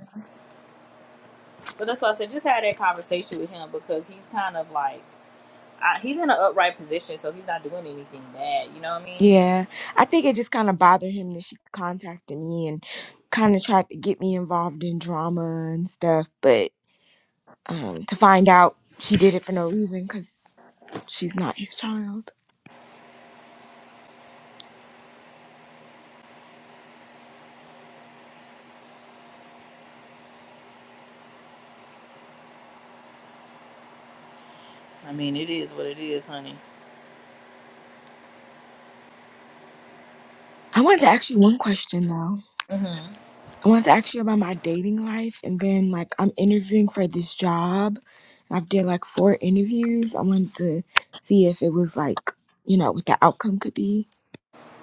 [SPEAKER 1] But that's why I said just had that conversation with him because he's kind of like I, he's in an upright position, so he's not doing anything bad. You know what I mean?
[SPEAKER 7] Yeah, I think it just kind of bothered him that she contacted me and kind of tried to get me involved in drama and stuff, but um, to find out she did it for no reason because she's not his child.
[SPEAKER 1] I mean, it is what it is, honey.
[SPEAKER 7] I wanted to ask you one question though.
[SPEAKER 1] hmm
[SPEAKER 7] I wanted to ask you about my dating life, and then like I'm interviewing for this job. I've did like four interviews. I wanted to see if it was like you know what the outcome could be,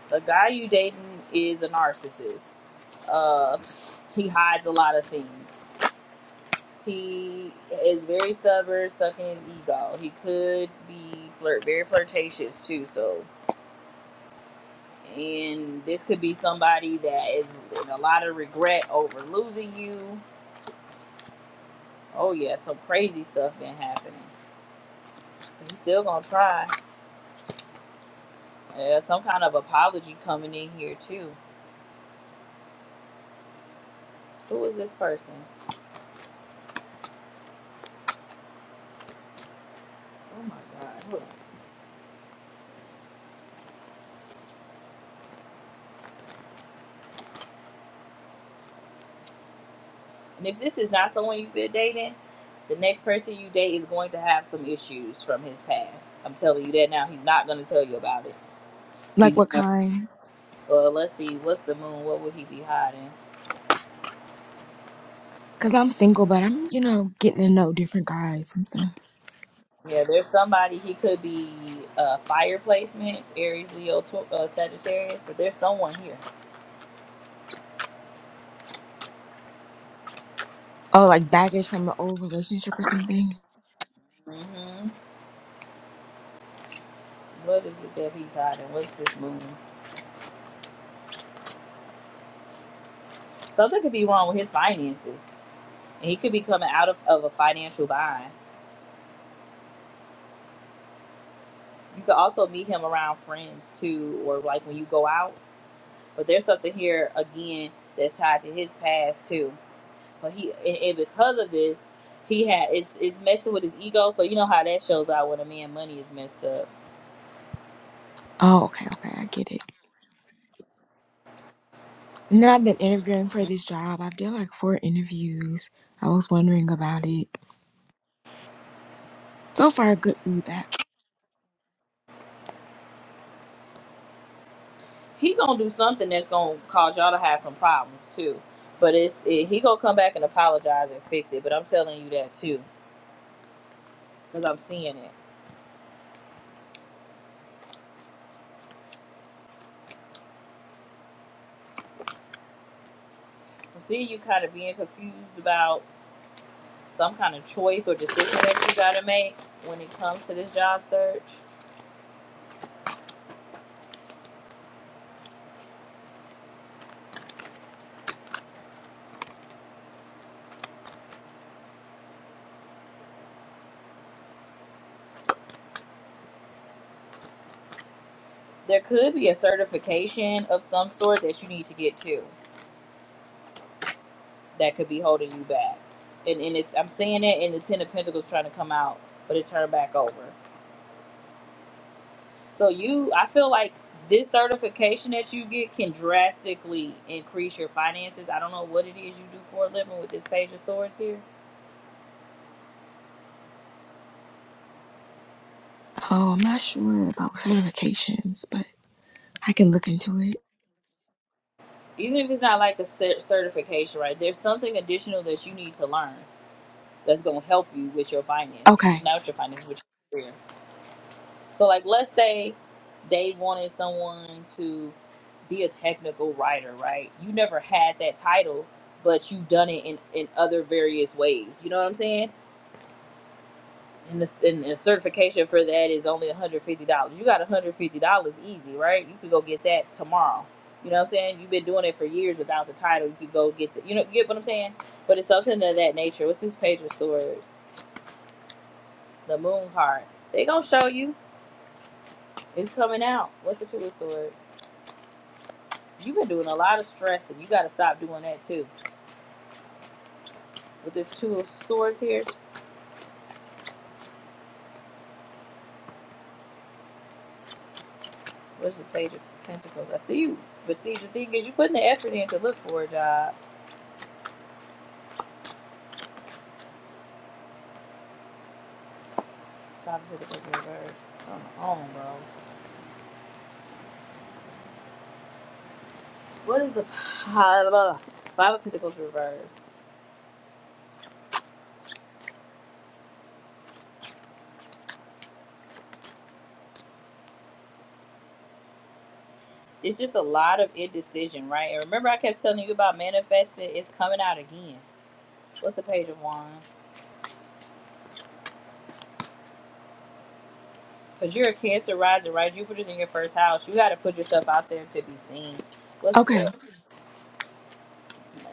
[SPEAKER 1] The guy you dating is a narcissist. Uh, he hides a lot of things. He is very stubborn, stuck in his ego. He could be flirt, very flirtatious too. So, and this could be somebody that is in a lot of regret over losing you. Oh yeah, some crazy stuff been happening. He's still gonna try. Yeah, some kind of apology coming in here too. Who is this person? Oh my god. who am And if this is not someone you've been dating, the next person you date is going to have some issues from his past. I'm telling you that now. He's not going to tell you about it.
[SPEAKER 7] like
[SPEAKER 1] He's
[SPEAKER 7] what
[SPEAKER 1] gonna,
[SPEAKER 7] kind.
[SPEAKER 1] well, let's see, what's the moon? What would he be hiding?
[SPEAKER 7] Cause I'm single, but I'm you know getting to know different guys and stuff.
[SPEAKER 1] Yeah, there's somebody he could be uh, fire placement, Aries, Leo, Tau- uh, Sagittarius, but there's someone here.
[SPEAKER 7] Oh, like baggage from an old relationship or something?
[SPEAKER 1] hmm What is it that he's hiding? What's this moon? Something could be wrong with his finances, and he could be coming out of, of a financial bind You could also meet him around friends too, or like when you go out. But there's something here again that's tied to his past too. But he and, and because of this, he had it's it's messing with his ego. So you know how that shows out when a man money is messed up.
[SPEAKER 7] Oh, okay, okay, I get it. And then I've been interviewing for this job. I've done like four interviews. I was wondering about it. So far, good feedback.
[SPEAKER 1] He gonna do something that's gonna cause y'all to have some problems too. But it's it, he gonna come back and apologize and fix it. But I'm telling you that too, cause I'm seeing it. I'm seeing you kind of being confused about. some kind of choice or decision that you got to make when it comes to this job search. There could be a certification of some sort that you need to get to that could be holding you back. And, and it's I'm saying it in the Ten of Pentacles trying to come out, but it turned back over. So you, I feel like this certification that you get can drastically increase your finances. I don't know what it is you do for a living with this Page of Swords here.
[SPEAKER 7] Oh, I'm not sure about certifications, but I can look into it.
[SPEAKER 1] Even if it's not like a cer- certification, right? There's something additional that you need to learn that's going to help you with your finances,
[SPEAKER 7] Okay,
[SPEAKER 1] not with your finances, with your career. So, like, let's say they wanted someone to be a technical writer, right? You never had that title, but you've done it in, in other various ways. You know what I'm saying? And the, and the certification for that is only $150. You got $150 easy, right? You could go get that tomorrow. You know what I'm saying? You've been doing it for years without the title. You could go get the, you know, you get what I'm saying? But it's something of that nature. What's this page of swords? the moon card. They gonna show you. It's coming out. What's the two of swords? You've been doing a lot of stressing. You gotta stop doing that too. With this two of swords here, what's the page of pentacles? I see you. But see the thing is you putting the effort in to look for a job. Five of Pentacles reverse. Come on, bro. What is the Five of Pentacles reverse? It's just a lot of indecision, right? And remember I kept telling you about manifesting, it's coming out again. What's the page of wands? Cause you're a Cancer rising, right? Jupiter's in your first house. You got to put yourself out there to be seen. What's
[SPEAKER 7] okay,
[SPEAKER 1] up?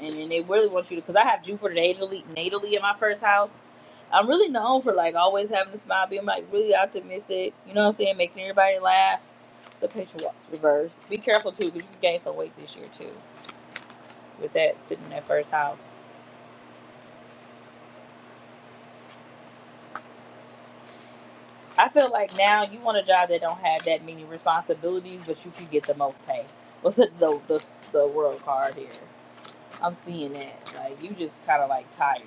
[SPEAKER 1] and, and they really want you to. Cause I have Jupiter natally, natally in my first house. I'm really known for like always having a smile, being like really optimistic. You know what I'm saying? Making everybody laugh. So picture walk reverse. Be careful too, cause you can gain some weight this year too with that sitting in that first house. I feel like now you want a job that don't have that many responsibilities, but you can get the most pay. What's the the the, the world card here? I'm seeing that. Like you just kind of like tired.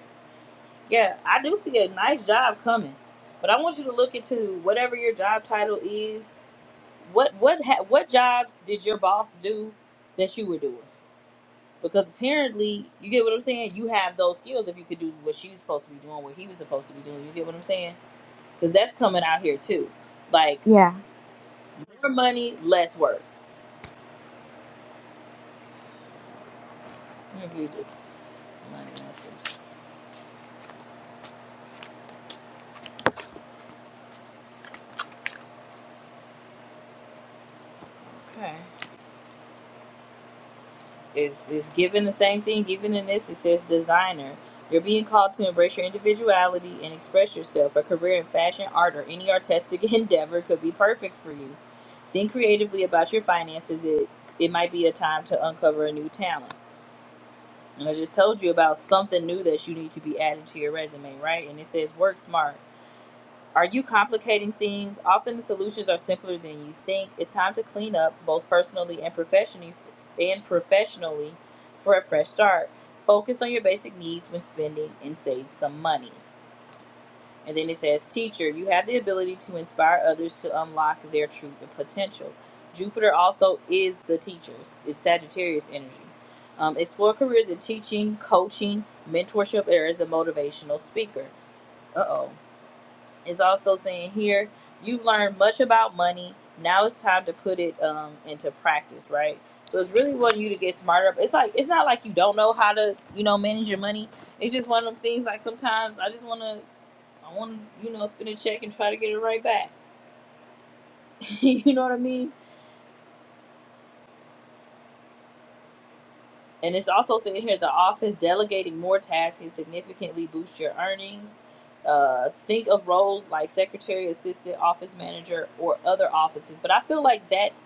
[SPEAKER 1] Yeah, I do see a nice job coming, but I want you to look into whatever your job title is. What what ha- what jobs did your boss do that you were doing? Because apparently, you get what I'm saying. You have those skills if you could do what she was supposed to be doing, what he was supposed to be doing. You get what I'm saying? Because that's coming out here too. Like
[SPEAKER 7] yeah,
[SPEAKER 1] more money, less work. I'm gonna give this money message. Okay. It's, it's given the same thing. Even in this, it says designer. You're being called to embrace your individuality and express yourself. A career in fashion, art, or any artistic endeavor could be perfect for you. Think creatively about your finances. It it might be a time to uncover a new talent. And I just told you about something new that you need to be adding to your resume, right? And it says work smart. Are you complicating things? Often the solutions are simpler than you think. It's time to clean up, both personally and professionally, and professionally, for a fresh start. Focus on your basic needs when spending and save some money. And then it says, Teacher, you have the ability to inspire others to unlock their true potential. Jupiter also is the teacher, it's Sagittarius energy. Um, explore careers in teaching, coaching, mentorship, or as a motivational speaker. Uh oh is also saying here you've learned much about money now it's time to put it um, into practice right so it's really wanting you to get smarter it's like it's not like you don't know how to you know manage your money it's just one of them things like sometimes i just want to i want to you know spend a check and try to get it right back you know what i mean And it's also said here the office delegating more tasks can significantly boost your earnings. Uh, think of roles like secretary, assistant, office manager, or other offices. But I feel like that's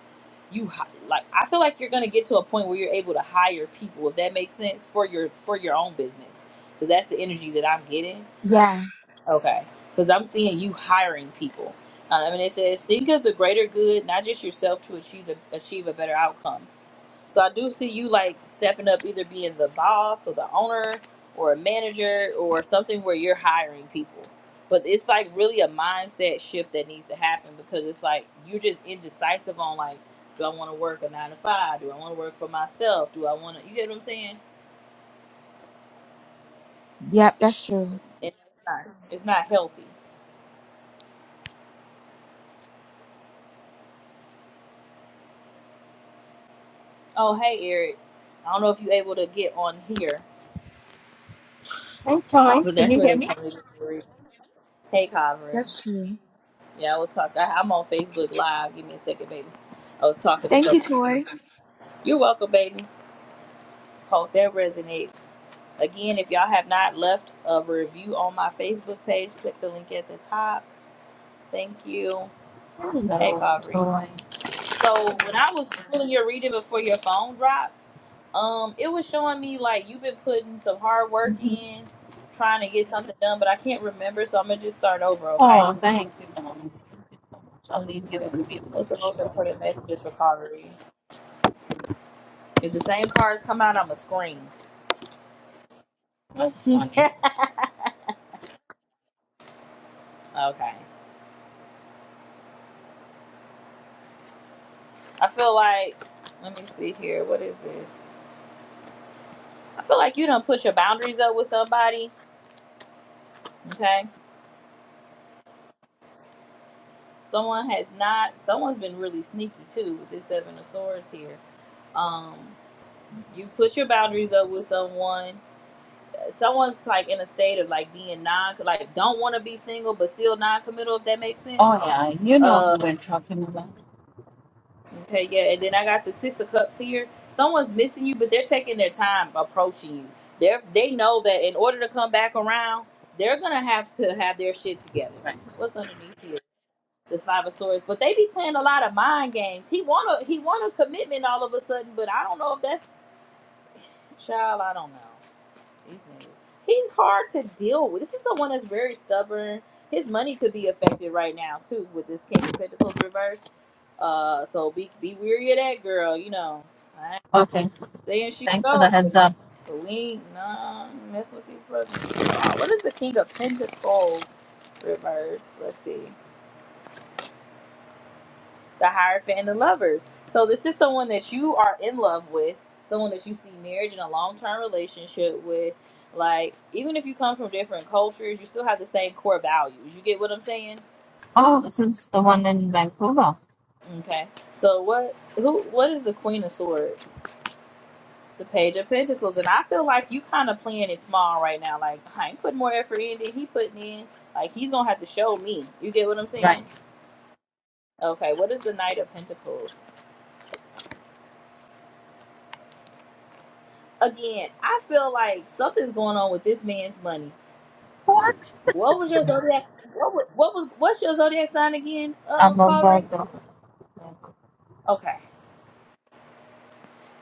[SPEAKER 1] you like. I feel like you're gonna get to a point where you're able to hire people, if that makes sense, for your for your own business. Because that's the energy that I'm getting.
[SPEAKER 7] yeah,
[SPEAKER 1] Okay. Because I'm seeing you hiring people. Uh, I mean, it says think of the greater good, not just yourself, to achieve a, achieve a better outcome. So I do see you like stepping up, either being the boss or the owner or a manager or something where you're hiring people. But it's like really a mindset shift that needs to happen because it's like you're just indecisive on like, do I want to work a nine to five? Do I want to work for myself? Do I want to? You get what I'm saying?
[SPEAKER 7] yep, that's true.
[SPEAKER 1] And it's not, it's not healthy. Oh hey Eric, I don't know if you're able to get on here,
[SPEAKER 9] Hi, Toy.
[SPEAKER 1] but
[SPEAKER 9] Can
[SPEAKER 1] that's
[SPEAKER 9] you
[SPEAKER 1] where
[SPEAKER 9] hear
[SPEAKER 1] they
[SPEAKER 9] me?
[SPEAKER 1] call it. Hey covering.
[SPEAKER 7] That's true.
[SPEAKER 1] Yeah, I was talking. I'm on Facebook Live. Give me a second, baby. I was talking to
[SPEAKER 7] Thank you, Toy.
[SPEAKER 1] You're welcome, baby. Hope that resonates. Again, if y'all have not left a review on my Facebook page, click the link at the top. Thank you. Hey, Calvary. So when I was doing your reading before your phone dropped, um, it was showing me like you've been putting some hard work in, trying to get something done, but I can't remember, so I'm gonna just start over, okay?
[SPEAKER 9] I'll leave you a
[SPEAKER 1] Okay.
[SPEAKER 9] review for
[SPEAKER 1] What's the most
[SPEAKER 9] sure.
[SPEAKER 1] important messages for Calvary? If the same cards come out,
[SPEAKER 9] Okay.
[SPEAKER 1] I'ma scream.
[SPEAKER 9] That's funny.
[SPEAKER 1] okay. I feel like, let me see here. What is this? I feel like you don't put your boundaries up with somebody. Okay. Someone has not. Someone's been really sneaky too with this seven of swords here. Um, you've put your boundaries up with someone. Someone's like in a state of like being non, like don't want to be single but still non-committal. If that makes sense.
[SPEAKER 9] Oh, yeah. You know
[SPEAKER 1] Uh,
[SPEAKER 9] who we're talking about.
[SPEAKER 1] Okay, yeah, and then I got the six of cups here. Someone's missing you, but they're taking their time approaching you. They are they know that in order to come back around, they're gonna have to have their shit together.
[SPEAKER 9] Right.
[SPEAKER 1] What's underneath here? The five of swords, but they be playing a lot of mind games. He want a he want a commitment all of a sudden, but I don't know if that's child. I don't know. These niggas. He's hard to deal with. This is someone that's very stubborn. His money could be affected right now too with this King of Pentacles reverse. Uh, so be be weary of that girl. You know, I ain't
[SPEAKER 9] Okay.
[SPEAKER 1] saying she's
[SPEAKER 9] Thanks for
[SPEAKER 1] so
[SPEAKER 9] the
[SPEAKER 1] good,
[SPEAKER 9] heads up.
[SPEAKER 1] but we ain't nah mess with these brothers. Uh, what is the King of Pentacles reverse? Let's see. the Hierophant and the Lovers. So this is someone that you are in love with, someone that you see marriage in a long term relationship with. Like, even if you come from different cultures, you still have the same core values. You get what I'm saying?
[SPEAKER 9] Oh, this is the one in Vancouver.
[SPEAKER 1] Okay. So what who what is the Queen of Swords? The Page of Pentacles. And I feel like you kinda playing it small right now. Like I ain't putting more effort in than he putting in. Like he's gonna have to show me. You get what I'm
[SPEAKER 9] Right.
[SPEAKER 1] saying? Okay, what is the Knight of Pentacles? Again, I feel like something's going on with this man's money
[SPEAKER 9] What?
[SPEAKER 1] What was your zodiac? What was, what was what's your zodiac sign again, uh,
[SPEAKER 9] I'm a
[SPEAKER 1] Corey?
[SPEAKER 9] Virgo.
[SPEAKER 1] Okay,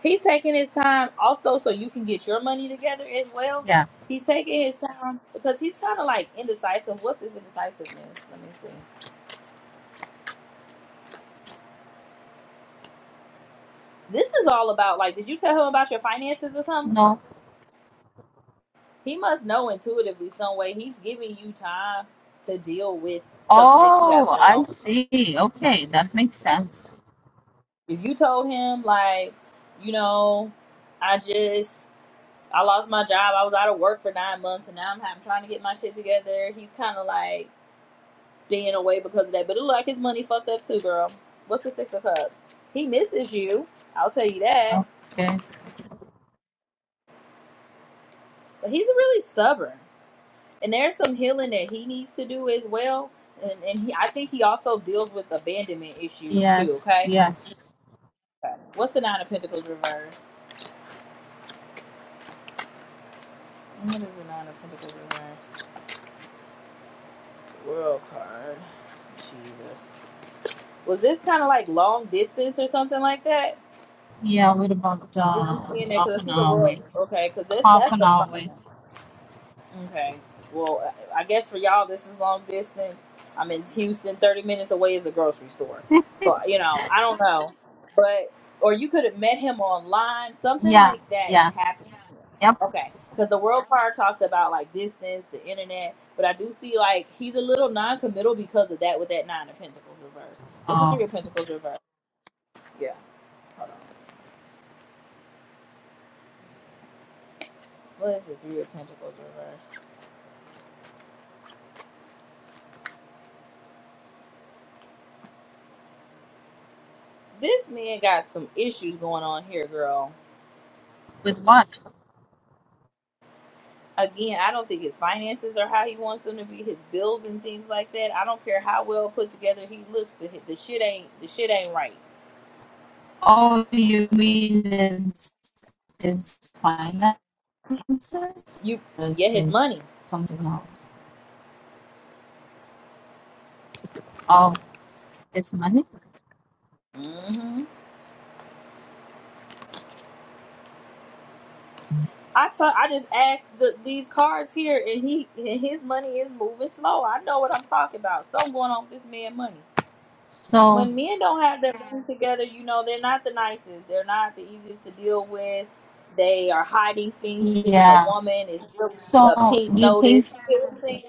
[SPEAKER 1] he's taking his time also, so you can get your money together as well.
[SPEAKER 9] Yeah.
[SPEAKER 1] He's taking his time because he's kind of like indecisive. What's this indecisiveness? Let me see. This is all about like, did you tell him about your finances or something?
[SPEAKER 9] No.
[SPEAKER 1] He must know intuitively some way. He's giving you time to deal with something that you have
[SPEAKER 9] Oh,
[SPEAKER 1] going
[SPEAKER 9] I
[SPEAKER 1] on.
[SPEAKER 9] see. Okay. That makes sense.
[SPEAKER 1] If you told him like, you know, I just I lost my job. I was out of work for nine months, and now I'm, I'm trying to get my shit together. He's kind of like staying away because of that. But it look like his money fucked up too, girl. What's the six of cups? He misses you. I'll tell you that.
[SPEAKER 9] Okay.
[SPEAKER 1] But he's really stubborn, and there's some healing that he needs to do as well. And, and he, I think he also deals with abandonment issues too.
[SPEAKER 9] Yes.
[SPEAKER 1] Okay.
[SPEAKER 9] Yes.
[SPEAKER 1] Okay. What's the nine of pentacles reverse? What is the nine of pentacles reverse? World card. Jesus. Was this kind of like long distance or something like that?
[SPEAKER 9] Yeah. We're about
[SPEAKER 1] Yeah, I'm
[SPEAKER 9] uh,
[SPEAKER 1] seeing that
[SPEAKER 9] half
[SPEAKER 1] because I
[SPEAKER 9] an
[SPEAKER 1] see the
[SPEAKER 9] hour
[SPEAKER 1] world.
[SPEAKER 9] away.
[SPEAKER 1] Okay, because that's
[SPEAKER 9] Half
[SPEAKER 1] that's
[SPEAKER 9] an
[SPEAKER 1] the
[SPEAKER 9] hour away.
[SPEAKER 1] problem. Okay. Well, I I guess for y'all, this is long distance. I'm in Houston. Thirty minutes away is the grocery store. So you know, I don't know, but or you could have met him online. Something
[SPEAKER 9] Yeah.
[SPEAKER 1] like that is
[SPEAKER 9] Yeah.
[SPEAKER 1] happening.
[SPEAKER 9] Yep.
[SPEAKER 1] Okay, because the world power talks about like distance, the internet, but I do see like he's a little non-committal because of that with that nine of Pentacles reverse. What's the
[SPEAKER 9] Oh.
[SPEAKER 1] three of Pentacles reverse? Yeah. Hold on. What is the three of Pentacles reverse? This man got some issues going on here, girl.
[SPEAKER 9] With what?
[SPEAKER 1] Again, I don't think his finances are how he wants them to be, his bills and things like that. I don't care how well put together he looks, but hi- the shit ain't the shit ain't right.
[SPEAKER 9] Oh, you mean it's, it's finances?
[SPEAKER 1] You
[SPEAKER 9] This
[SPEAKER 1] get his
[SPEAKER 9] is
[SPEAKER 1] money.
[SPEAKER 9] something else. Oh, it's money?
[SPEAKER 1] hmm I tell, I just asked the, these cards here, and he and his money is moving slow. I know what I'm talking about. Something going on with this man money.
[SPEAKER 9] So,
[SPEAKER 1] when men don't have their money together, you know, they're not the nicest. They're not the easiest to deal with. They are hiding things you think is a
[SPEAKER 9] yeah.
[SPEAKER 1] woman. It's really a
[SPEAKER 9] So,
[SPEAKER 1] pink
[SPEAKER 9] do you
[SPEAKER 1] notice.
[SPEAKER 9] think,
[SPEAKER 1] You get what I'm saying?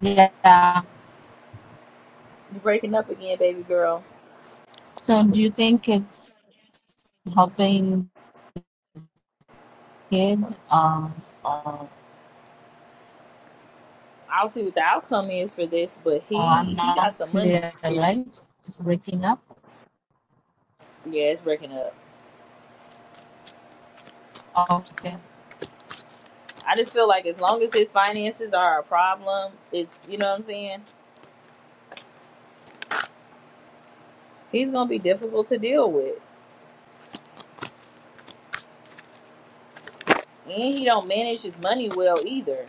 [SPEAKER 9] yeah.
[SPEAKER 1] You're breaking up again, baby girl.
[SPEAKER 9] So, do you think it's helping kid? Um, or,
[SPEAKER 1] I'll see what the outcome is for this, but
[SPEAKER 9] or I'm
[SPEAKER 1] he he got
[SPEAKER 9] not
[SPEAKER 1] some money
[SPEAKER 9] clear,
[SPEAKER 1] issues.
[SPEAKER 9] right? It's breaking up?
[SPEAKER 1] Yeah, it's breaking up.
[SPEAKER 9] Okay.
[SPEAKER 1] I just feel like as long as his finances are a problem, it's you know what I'm saying. He's gonna be difficult to deal with, and he don't manage his money well either.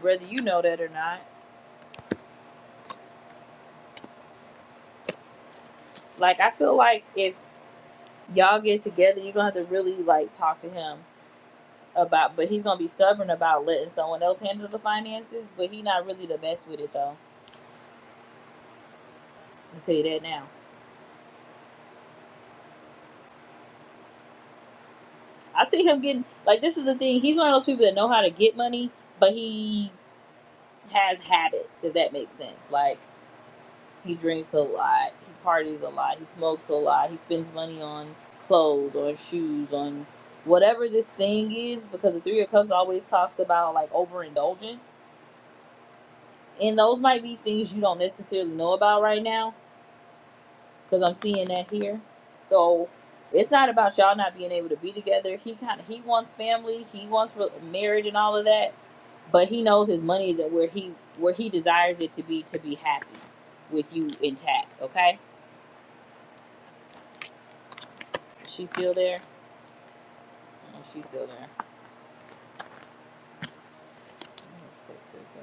[SPEAKER 1] Whether you know that or not, like I feel like if y'all get together, you're gonna have to really like talk to him about. But he's gonna be stubborn about letting someone else handle the finances. But he's not really the best with it though. I'll tell you that now. I see him getting like this is the thing. He's one of those people that know how to get money, but he has habits. If that makes sense, like he drinks a lot, he parties a lot, he smokes a lot, he spends money on clothes, on shoes, on whatever this thing is. Because the Three of Cups always talks about like overindulgence and those might be things you don't necessarily know about right now because i'm seeing that here so it's not about y'all not being able to be together he kind of he wants family he wants re- marriage and all of that but he knows his money is at where he where he desires it to be to be happy with you intact okay is she still there oh, she's still there Let me put this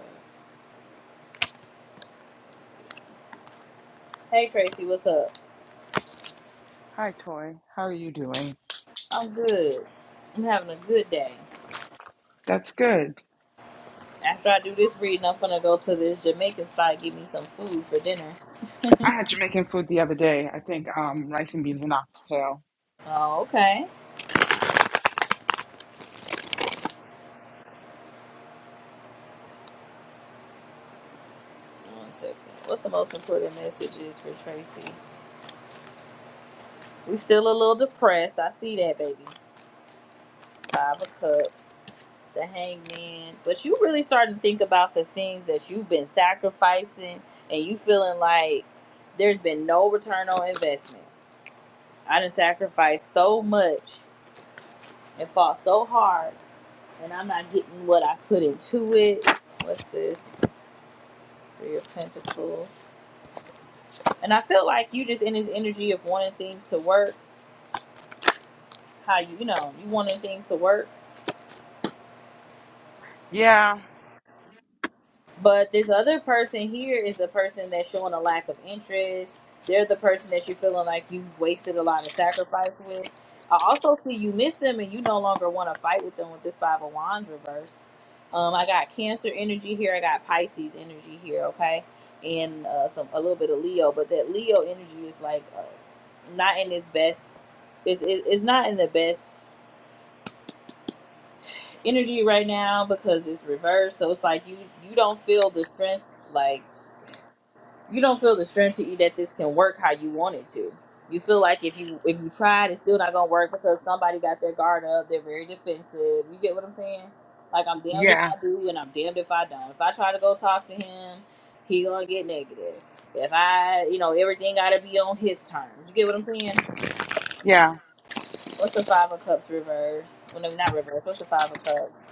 [SPEAKER 1] up. hey tracy what's up
[SPEAKER 10] Hi, Toy. How are you doing?
[SPEAKER 1] i'm good i'm having a good day
[SPEAKER 10] That's good.
[SPEAKER 1] after i do this reading i'm gonna go to this jamaican spot and get me some food for dinner
[SPEAKER 10] I had Jamaican food the other day. I think um, rice and beans and oxtail.
[SPEAKER 1] Oh, okay. One second. What's the most important messages for Tracy? We still a little depressed. I see that, baby. Five of Cups, the Hangman. But you really starting to think about the things that you've been sacrificing, and you feeling like there's been no return on investment. I done sacrificed so much and fought so hard, and I'm not getting what I put into it. What's this? Three of Pentacles. And I feel like you just in this energy of wanting things to work how you you know you wanting things to work
[SPEAKER 10] Yeah,
[SPEAKER 1] but this other person here is the person that's showing a lack of interest they're the person that you're feeling like you've wasted a lot of sacrifice with i also see you miss them and you no longer want to fight with them with this five of wands reverse um i got cancer energy here i got pisces energy here okay and uh some a little bit of leo but that leo energy is like uh, not in its best it's, it's it's not in the best energy right now because it's reversed. So it's like you you don't feel the strength like you don't feel the strength to eat that this can work how you want it to. You feel like if you if you tried, it's still not gonna work because somebody got their guard up. They're very defensive. You get what I'm saying? Like I'm damned if
[SPEAKER 10] yeah,
[SPEAKER 1] I do and I'm damned if I don't. If I try to go talk to him, he gonna get negative. If I, you know, everything gotta be on his terms. You get what I'm saying?
[SPEAKER 10] yeah.
[SPEAKER 1] What's the five of cups reverse? Well, no, not reverse. What's the five of cups?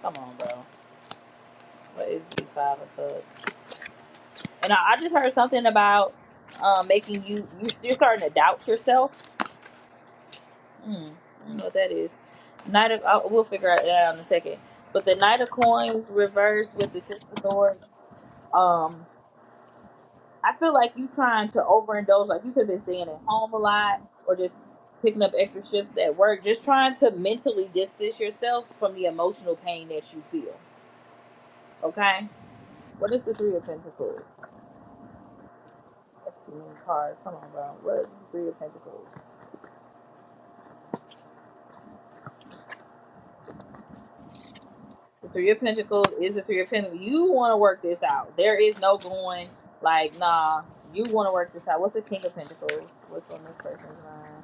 [SPEAKER 1] Come on, bro. What is be five of clubs? And I, I just heard something about um, making you, you you're starting to doubt yourself. Mm, I don't know what that is. Knight of i we'll figure out that out in a second. But the Knight of Coins reversed with the Six of Swords. Um, I feel like you trying to overindulge. Like you could have been staying at home a lot, or just picking up extra shifts at work. Just trying to mentally distance yourself from the emotional pain that you feel. Okay. What is the Three of Pentacles? That's too many cards. Come on, bro. What is Three of Pentacles? The Three of Pentacles is the Three of Pentacles. You want to work this out. There is no going like, nah. You want to work this out. What's the King of Pentacles? What's on this person's mind?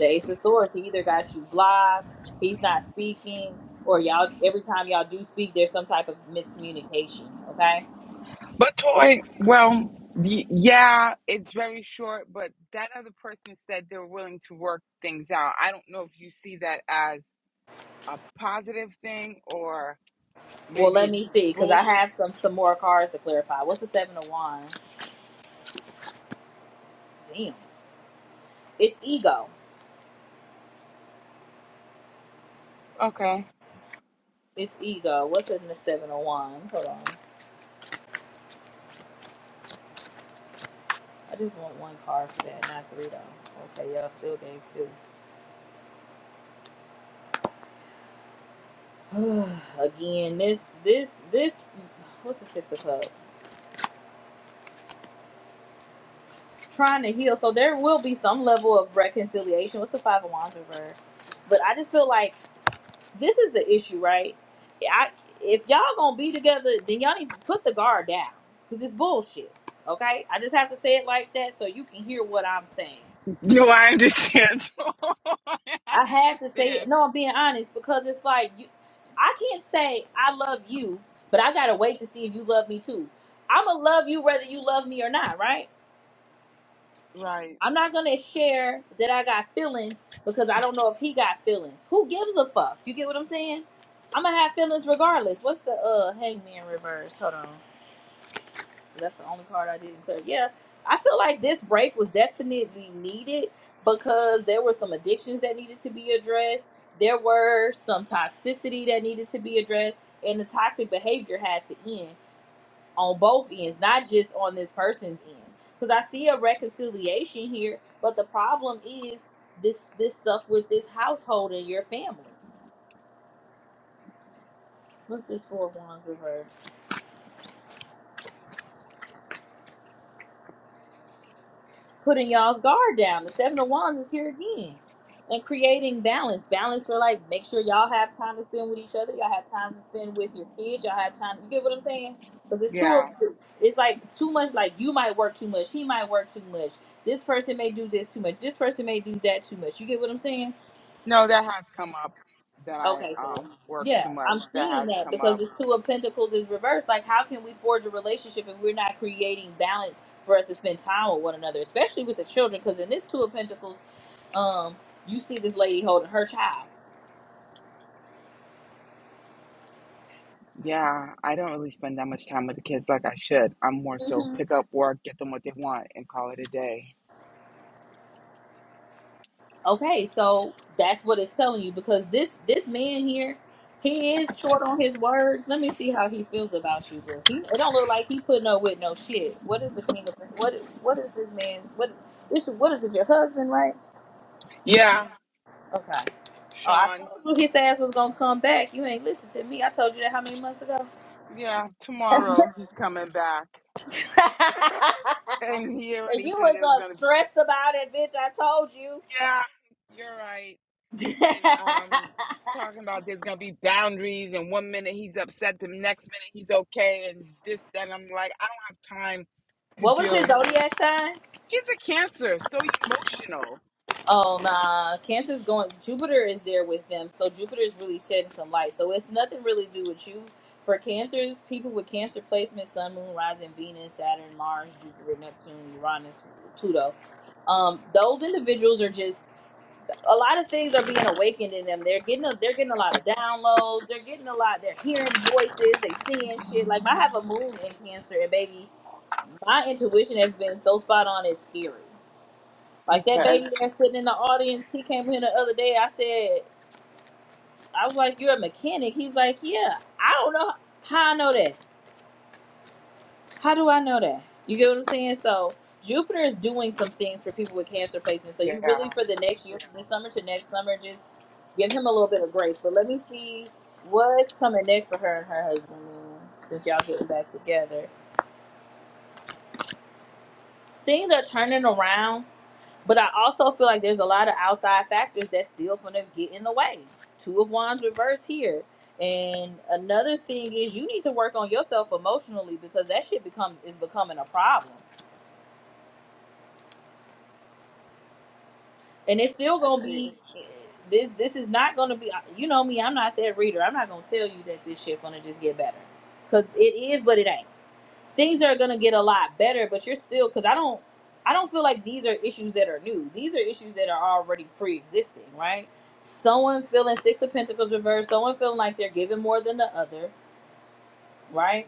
[SPEAKER 1] The Ace of Swords. He either got you blocked, he's not speaking, or y'all. Every time y'all do speak, there's some type of miscommunication. Okay.
[SPEAKER 10] But Toy, well, y- yeah, it's very short. But that other person said they were willing to work things out. I don't know if you see that as a positive thing or
[SPEAKER 1] Well,
[SPEAKER 10] maybe
[SPEAKER 1] let
[SPEAKER 10] it's
[SPEAKER 1] me see, because I
[SPEAKER 10] bullshit.
[SPEAKER 1] have some some more cards to clarify. What's the Seven of Wands? Damn, it's ego.
[SPEAKER 10] Okay.
[SPEAKER 1] It's ego. What's in the seven of wands? Hold on. I just want one card for that, not three though. Okay, y'all still gave two. Again, this this this what's the six of cups? Trying to heal. So there will be some level of reconciliation. What's the five of wands reverse? But I just feel like this is the issue, right? I if y'all gonna be together, then y'all need to put the guard down. Cause it's bullshit. Okay? I just have to say it like that so you can hear what I'm saying.
[SPEAKER 10] No, I understand. I
[SPEAKER 1] I had to say it.
[SPEAKER 10] understand.
[SPEAKER 1] no. I'm being honest because it's like you, I can't say I love you, but I gotta wait to see if you love me too. I'ma love you whether you love me or not, right?
[SPEAKER 10] Right.
[SPEAKER 1] I'm not gonna share that I got feelings because I don't know if he got feelings. Who gives a fuck? You get what I'm saying? I'm gonna have feelings regardless. What's the uh hangman reverse? Hold on. That's the only card I didn't clear. Yeah, I feel like this break was definitely needed because there were some addictions that needed to be addressed. There were some toxicity that needed to be addressed, and the toxic behavior had to end on both ends, not just on this person's end. Because I see a reconciliation here, but the problem is this this stuff with this household and your family. What's this four of wands reverse? putting y'all's guard down. The seven of wands is here again. And creating balance. Balance for like make sure y'all have time to spend with each other. Y'all have time to spend with your kids. Y'all have time. You get what I'm saying? Because it's
[SPEAKER 10] Yeah.
[SPEAKER 1] too it's like too much like you might work too much. He might work too much. This person may do this too much. This person may do that too much. You get what I'm saying?
[SPEAKER 10] No, that has come up that I
[SPEAKER 1] Okay, so
[SPEAKER 10] um work too
[SPEAKER 1] yeah, I'm
[SPEAKER 10] much. That
[SPEAKER 1] seeing
[SPEAKER 10] has
[SPEAKER 1] that
[SPEAKER 10] come
[SPEAKER 1] because
[SPEAKER 10] up.
[SPEAKER 1] this two of pentacles is reversed. Like how can we forge a relationship if we're not creating balance for us to spend time with one another, especially with the children? Because in this two of pentacles um you see this lady holding her child
[SPEAKER 10] Yeah, I don't really spend that much time with the kids like I should. I'm more so
[SPEAKER 1] Mhm.
[SPEAKER 10] pick up work, get them what they want, and call it a day.
[SPEAKER 1] okay so that's what it's telling you because this this man here he is short on his words let me see how he feels about you bro. he it don't look like he putting up with no shit what is the king of what what is this man what this what is it your husband right
[SPEAKER 10] Yeah,
[SPEAKER 1] okay oh i
[SPEAKER 10] Sean.
[SPEAKER 1] told you his ass was gonna come back you ain't listen to me i told you that how many months ago
[SPEAKER 10] Yeah, tomorrow he's coming back. And he
[SPEAKER 1] and
[SPEAKER 10] already
[SPEAKER 1] you
[SPEAKER 10] said
[SPEAKER 1] was
[SPEAKER 10] it was gonna
[SPEAKER 1] uh, stressed about it bitch i told you
[SPEAKER 10] Yeah, you're right. And um talking about there's gonna be boundaries and one minute he's upset, the next minute he's okay and this, that I'm like, I don't have time to
[SPEAKER 1] what was his
[SPEAKER 10] deal
[SPEAKER 1] zodiac sign?
[SPEAKER 10] He's a cancer, so emotional.
[SPEAKER 1] Oh nah, Cancer's going. Jupiter is there with them, so Jupiter's really shedding some light. So it's nothing really to do with you. For Cancers, people with Cancer placements, Sun, Moon, Rising, Venus, Saturn, Mars, Jupiter, Neptune, Uranus, Pluto. Um, those individuals are just a lot of things are being awakened in them. They're getting a, they're getting a lot of downloads. They're getting a lot. They're hearing voices. They seeing shit. Like I have a moon in Cancer, and baby. my intuition has been so spot on it's scary like that
[SPEAKER 10] Okay.
[SPEAKER 1] baby there sitting in the audience he came in the other day i said i was like you're a mechanic he was like yeah i don't know how i know that how do i know that you get what i'm saying so jupiter is doing some things for people with cancer placements. so
[SPEAKER 10] Yeah,
[SPEAKER 1] you really
[SPEAKER 10] I
[SPEAKER 1] for the next year from this summer to next summer just give him a little bit of grace but let me see what's coming next for her and her husband then, since y'all getting back together things are turning around But I also feel like there's a lot of outside factors that still gonna get in the way. Two of Wands reverse here. And another thing is you need to work on yourself emotionally because that shit becomes is becoming a problem. And it's still gonna
[SPEAKER 10] see.
[SPEAKER 1] be this this is not gonna be you know me, I'm not that reader. I'm not gonna tell you that this shit gonna just get better. Cause it is but it ain't. things are gonna get a lot better, but you're still because I don't I don't feel like these are issues that are new. These are issues that are already pre existing, right? Someone feeling six of pentacles reversed, someone feeling like they're giving more than the other, right?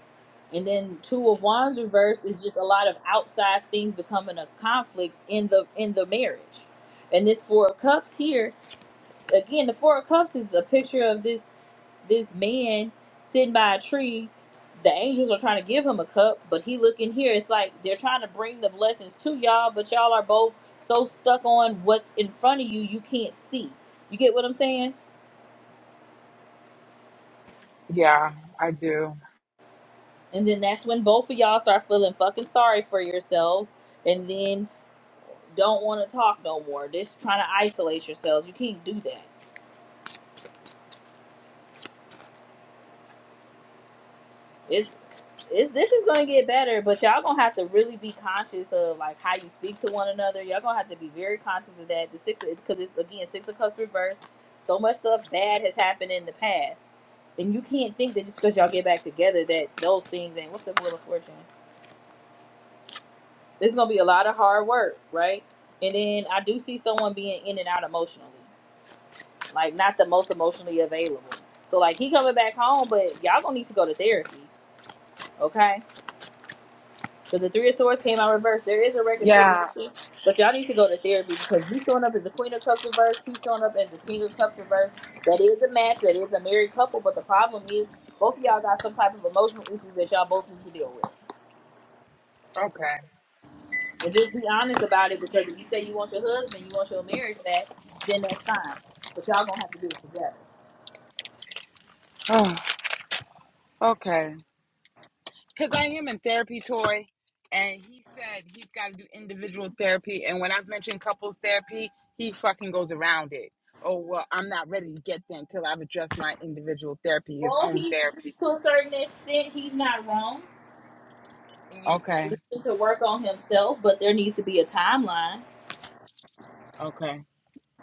[SPEAKER 1] And then two of wands reversed is just a lot of outside things becoming a conflict in the in the marriage. And this four of cups here, again, the four of cups is a picture of this this man sitting by a tree. The angels are trying to give him a cup, but he looking here. It's like they're trying to bring the blessings to y'all, but y'all are both so stuck on what's in front of you, you can't see. You get what I'm saying?
[SPEAKER 10] Yeah, I do.
[SPEAKER 1] And then that's when both of y'all start feeling fucking sorry for yourselves, and then don't want to talk no more. Just trying to isolate yourselves. You can't do that. It's. it's, this is gonna get better, but y'all gonna have to really be conscious of like how you speak to one another. Y'all gonna have to be very conscious of that. The six because it's again six of cups reversed. So much stuff bad has happened in the past, and you can't think that just because y'all get back together that those things ain't. What's the wheel of fortune? There's gonna be a lot of hard work, right? And then I do see someone being in and out emotionally, like not the most emotionally available. So like he coming back home, but y'all gonna need to go to therapy, okay? So the three of swords came out reversed. There is a
[SPEAKER 10] Yeah.
[SPEAKER 1] reconciliation, but y'all need to go to therapy because you showing up as the queen of cups reversed, you showing up as the king of cups reversed. That is a match. That is a married couple. But the problem is, both of y'all got some type of emotional issues that y'all both need to deal with.
[SPEAKER 10] Okay.
[SPEAKER 1] And just be honest about it because if you say you want your husband, you want your marriage back, then that's fine. But y'all gonna have to do it together.
[SPEAKER 10] Oh, okay. Because I am in therapy, Toy, and he said he's got to do individual therapy. And when I've mentioned couples therapy, he fucking goes around it. Oh, well, I'm not ready to get there until I've addressed my individual therapy, his
[SPEAKER 1] Well,
[SPEAKER 10] own
[SPEAKER 1] he
[SPEAKER 10] therapy.
[SPEAKER 1] to a certain extent, he's not wrong, and
[SPEAKER 10] Okay.
[SPEAKER 1] he needs to work on himself. But there needs to be a timeline
[SPEAKER 10] Okay.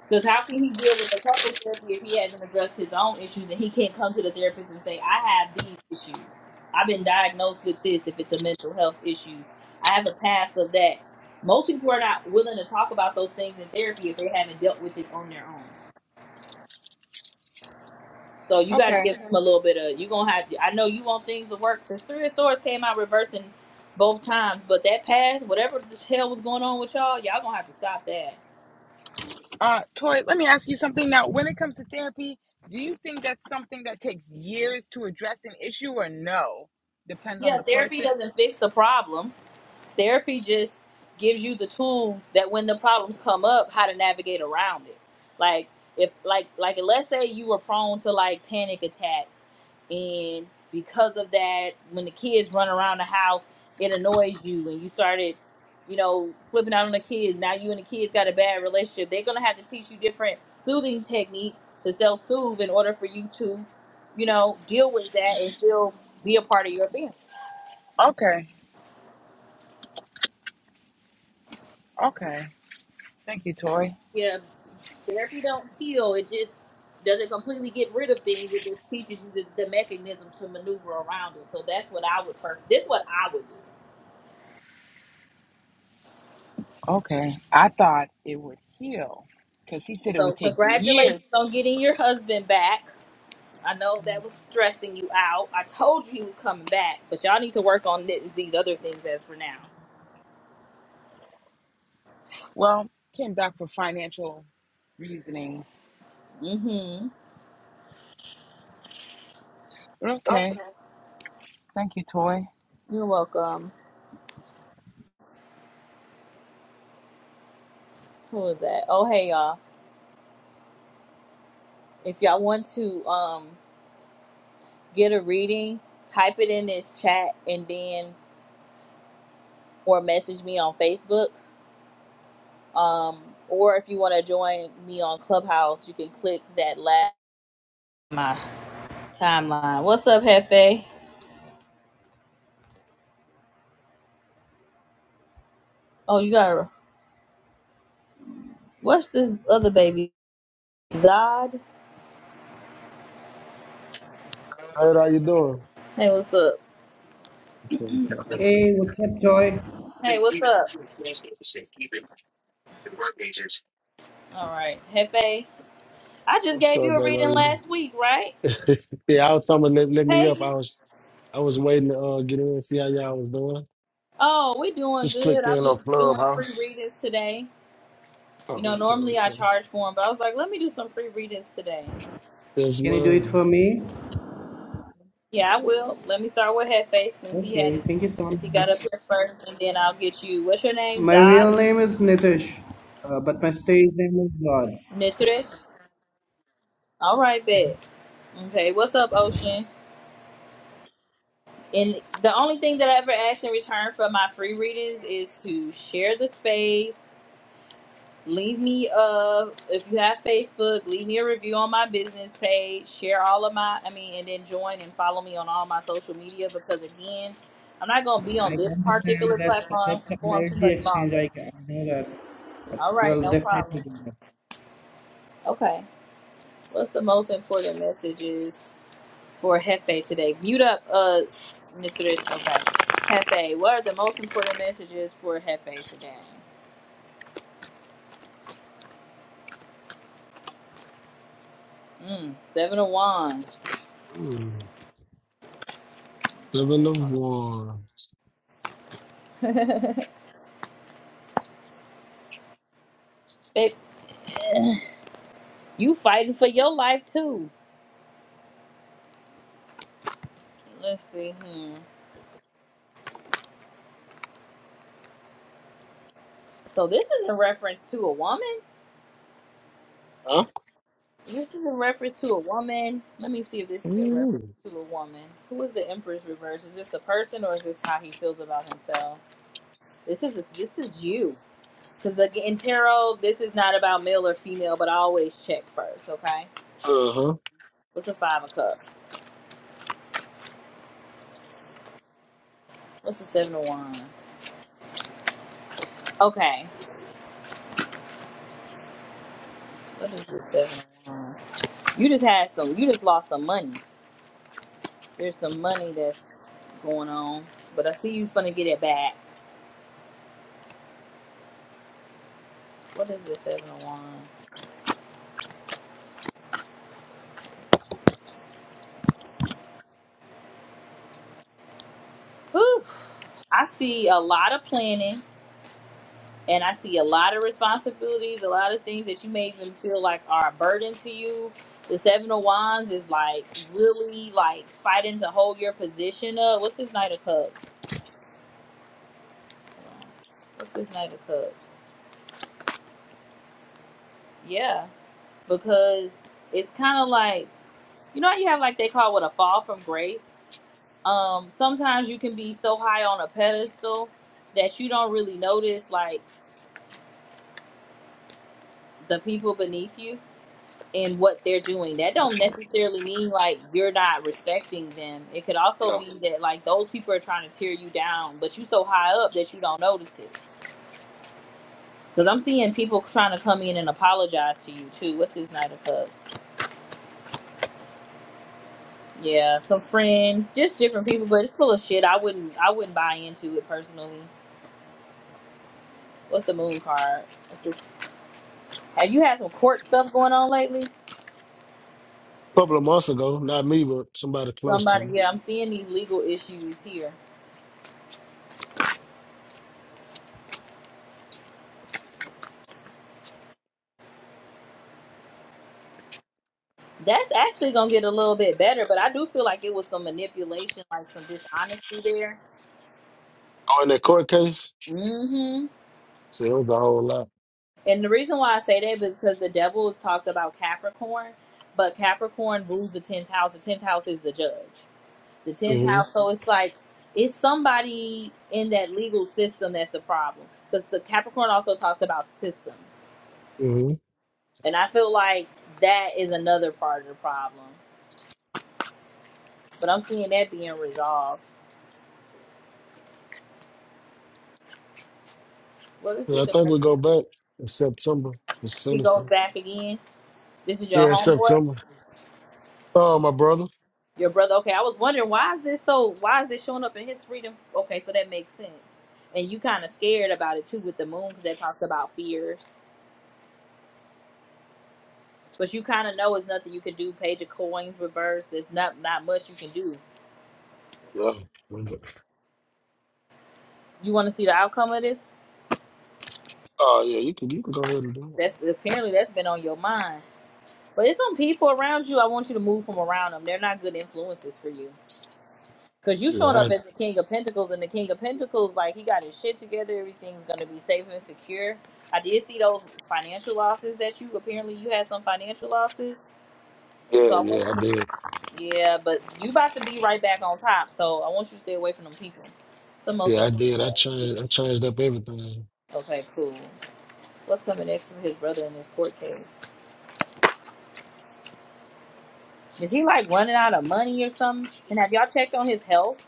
[SPEAKER 1] Because how can he deal with a couple therapy if he hasn't addressed his own issues and he can't come to the therapist and say, I have these issues. I've been diagnosed with this if it's a mental health issues. I have a past of that. Most people are not willing to talk about those things in therapy if they haven't dealt with it on their own. So you got to
[SPEAKER 10] Okay.
[SPEAKER 1] give him a little bit of, you're going to have to, I know you want things to work because Three of Swords came out reversing both times, but that past, whatever the hell was going on with y'all, y'all going to have to stop that.
[SPEAKER 10] Uh, Tori, let me ask you something now. When it comes to therapy, do you think that's something that takes years to address an issue or no? Depends on
[SPEAKER 1] Yeah,
[SPEAKER 10] the
[SPEAKER 1] therapy
[SPEAKER 10] person.
[SPEAKER 1] doesn't fix the problem therapy just gives you the tools that when the problems come up how to navigate around it like if like like let's say you were prone to like panic attacks and because of that when the kids run around the house it annoys you and you started you know flipping out on the kids now you and the kids got a bad relationship they're gonna have to teach you different soothing techniques to self-soothe in order for you to you know deal with that and still be a part of your family
[SPEAKER 10] Okay. Okay. Thank you, Tori.
[SPEAKER 1] Yeah. Therapy don't heal. It just doesn't completely get rid of things. It just teaches you the, the mechanism to maneuver around it. So that's what I would first. This is what I would do.
[SPEAKER 10] Okay. I thought it would heal because he said it would
[SPEAKER 1] So
[SPEAKER 10] take
[SPEAKER 1] congratulations
[SPEAKER 10] years.
[SPEAKER 1] on getting your husband back. I know that was stressing you out. I told you he was coming back, but y'all need to work on this, these other things as for now.
[SPEAKER 10] Well, came back for financial reasonings.
[SPEAKER 1] Mm-hmm.
[SPEAKER 10] okay. Thank you, Tori.
[SPEAKER 1] You're welcome. Who was that? Oh, hey, y'all. If y'all want to um get a reading, type it in this chat and then or message me on Facebook Um, or if you want to join me on Clubhouse, you can click that last my timeline. What's up, Hefe? Oh, you got what's this other baby? Zod.
[SPEAKER 11] Hey, how you doing?
[SPEAKER 1] Hey, what's up?
[SPEAKER 11] What's up, brother?
[SPEAKER 12] Hey,
[SPEAKER 11] How
[SPEAKER 12] what's up, Joy?
[SPEAKER 1] Hey, what's up? All right, Hefe. I just gave you a reading
[SPEAKER 11] you doing?
[SPEAKER 1] last week, right?
[SPEAKER 11] yeah, I was talking about let, let me up.
[SPEAKER 1] Peggy.
[SPEAKER 11] I was I was waiting to uh, get in and see how y'all was doing.
[SPEAKER 1] Oh, we doing
[SPEAKER 11] Just
[SPEAKER 1] good.
[SPEAKER 11] clicked
[SPEAKER 1] I'm
[SPEAKER 11] in on
[SPEAKER 1] just doing free
[SPEAKER 11] Clubhouse.
[SPEAKER 1] readings today. You know,
[SPEAKER 11] Oh, okay,
[SPEAKER 1] normally I
[SPEAKER 11] okay.
[SPEAKER 1] charge for them, but I was like, let me do some free readings today.
[SPEAKER 11] There's
[SPEAKER 12] Can you do it
[SPEAKER 11] love.
[SPEAKER 12] for me?
[SPEAKER 1] Yeah, I will. Let me start with Hefe since he had
[SPEAKER 12] Okay,
[SPEAKER 1] his
[SPEAKER 12] thank you so
[SPEAKER 1] since he got up
[SPEAKER 12] much.
[SPEAKER 1] here first, and then I'll get you. What's your name?
[SPEAKER 12] My real
[SPEAKER 1] Zod
[SPEAKER 12] name is Nitish, uh, but my stage name is God.
[SPEAKER 1] Nitrish. All right, bet.
[SPEAKER 12] And
[SPEAKER 1] Okay, what's up, Ocean? And the only thing that I ever ask in return for my free readings is to share the space. Leave me uh if you have Facebook, leave me a review on my business page. Share all of my I mean, and then join and follow me on all my social media because again, I'm not gonna be on
[SPEAKER 12] I
[SPEAKER 1] this
[SPEAKER 12] understand
[SPEAKER 1] particular
[SPEAKER 12] that
[SPEAKER 1] platform
[SPEAKER 12] that's an
[SPEAKER 1] form too
[SPEAKER 12] energy
[SPEAKER 1] much
[SPEAKER 12] exchange.
[SPEAKER 1] longer.
[SPEAKER 12] I, I know that, but
[SPEAKER 1] All right,
[SPEAKER 12] we'll
[SPEAKER 1] no problem.
[SPEAKER 12] definitely do that.
[SPEAKER 1] Okay. What's the most important messages for Hefe today? Mute up, uh, Mr. Rich. Okay. Hefe, what are the most important messages for Hefe today? Mm, seven of Wands.
[SPEAKER 11] Mm.
[SPEAKER 1] All
[SPEAKER 11] Living of
[SPEAKER 1] right,
[SPEAKER 11] war.
[SPEAKER 1] hold on. Babe, you fighting for your life too. Let's see. Hmm. So this is in reference to a woman?
[SPEAKER 11] Huh?
[SPEAKER 1] This is in reference to a woman. Let me see if this is in reference
[SPEAKER 11] Mm.
[SPEAKER 1] to a woman. Who is the Empress reverse? Is this a person or is this how he feels about himself? This is this is you. Because in tarot, this is not about male or female, but I always check first, okay?
[SPEAKER 11] Uh-huh.
[SPEAKER 1] What's a five of cups? What's the seven of wands? Okay. What is the seven of wands? You just had some you just lost some money. There's some money that's going on. But I see you finna get it back. What is the seven of wands? Whew. I see a lot of planning and I see a lot of responsibilities, a lot of things that you may even feel like are a burden to you. The Seven of Wands is like really like fighting to hold your position up. What's this Knight of Cups? What's this Knight of Cups? Yeah, because it's kind of like you know how you have like they call what a fall from grace. Um, sometimes you can be so high on a pedestal that you don't really notice like the people beneath you in what they're doing. That don't necessarily mean like you're not respecting them. It could also
[SPEAKER 11] Yeah.
[SPEAKER 1] be that like those people are trying to tear you down, but you so high up that you don't notice it. Because I'm seeing people trying to come in and apologize to you too. What's this Knight of Cups? Yeah, some friends, just different people, but it's full of shit. I wouldn't, I wouldn't buy into it personally. What's the Moon card? What's this? Have you had some court stuff going on lately?
[SPEAKER 11] couple of months ago, not me, but somebody close to
[SPEAKER 1] Somebody,
[SPEAKER 11] me.
[SPEAKER 1] yeah, I'm seeing these legal issues here. That's actually gonna get a little bit better, but I do feel like it was some manipulation, like some dishonesty there.
[SPEAKER 11] Oh, in that court case?
[SPEAKER 1] hmm
[SPEAKER 11] See, it was a whole lot.
[SPEAKER 1] And the reason why I say that is because the devil is talked about Capricorn, but Capricorn rules the tenth house. The tenth house is the judge. The tenth
[SPEAKER 11] Mm-hmm.
[SPEAKER 1] house, so it's like it's somebody in that legal system that's the problem. Because the Capricorn also talks about systems,
[SPEAKER 11] mm-hmm.
[SPEAKER 1] and I feel like that is another part of the problem. But I'm seeing that being resolved. What is
[SPEAKER 11] Yeah,
[SPEAKER 1] this?
[SPEAKER 11] I
[SPEAKER 1] in
[SPEAKER 11] think we
[SPEAKER 1] reference?
[SPEAKER 11] go back in September. It's
[SPEAKER 1] He goes
[SPEAKER 11] sinister.
[SPEAKER 1] back again. This is your
[SPEAKER 11] Yeah, it's
[SPEAKER 1] homeboy,
[SPEAKER 11] September. Oh, my brother.
[SPEAKER 1] your brother. Okay, I was wondering why is this so? Why is this showing up in his freedom? Okay, so that makes sense. And you kind of scared about it too with the moon because that talks about fears. But you kind of know it's nothing you can do. Page of coins reverse. There's not not much you can do.
[SPEAKER 11] Yeah.
[SPEAKER 1] You want to see the outcome of this?
[SPEAKER 11] Oh yeah, you can you can go ahead and do
[SPEAKER 1] That's apparently that's been on your mind. But it's some people around you. I want you to move from around them. They're not good influences for you Cause you
[SPEAKER 11] it.
[SPEAKER 1] showing
[SPEAKER 11] Yeah,
[SPEAKER 1] up
[SPEAKER 11] I,
[SPEAKER 1] as the King of Pentacles, and the King of Pentacles, like he got his shit together. Everything's gonna be safe and secure. I did see those financial losses that you apparently you had some financial losses.
[SPEAKER 11] yeah,
[SPEAKER 1] So I want
[SPEAKER 11] yeah, I did.
[SPEAKER 1] you to, yeah, but you about to be right back on top. So I want you to stay away from them people. It's the most
[SPEAKER 11] Yeah, I
[SPEAKER 1] important.
[SPEAKER 11] did. I
[SPEAKER 1] thing.
[SPEAKER 11] changed I changed up everything.
[SPEAKER 1] Okay, cool. What's coming next for his brother in this court case? Is he like running out of money or something? And have y'all checked on his health?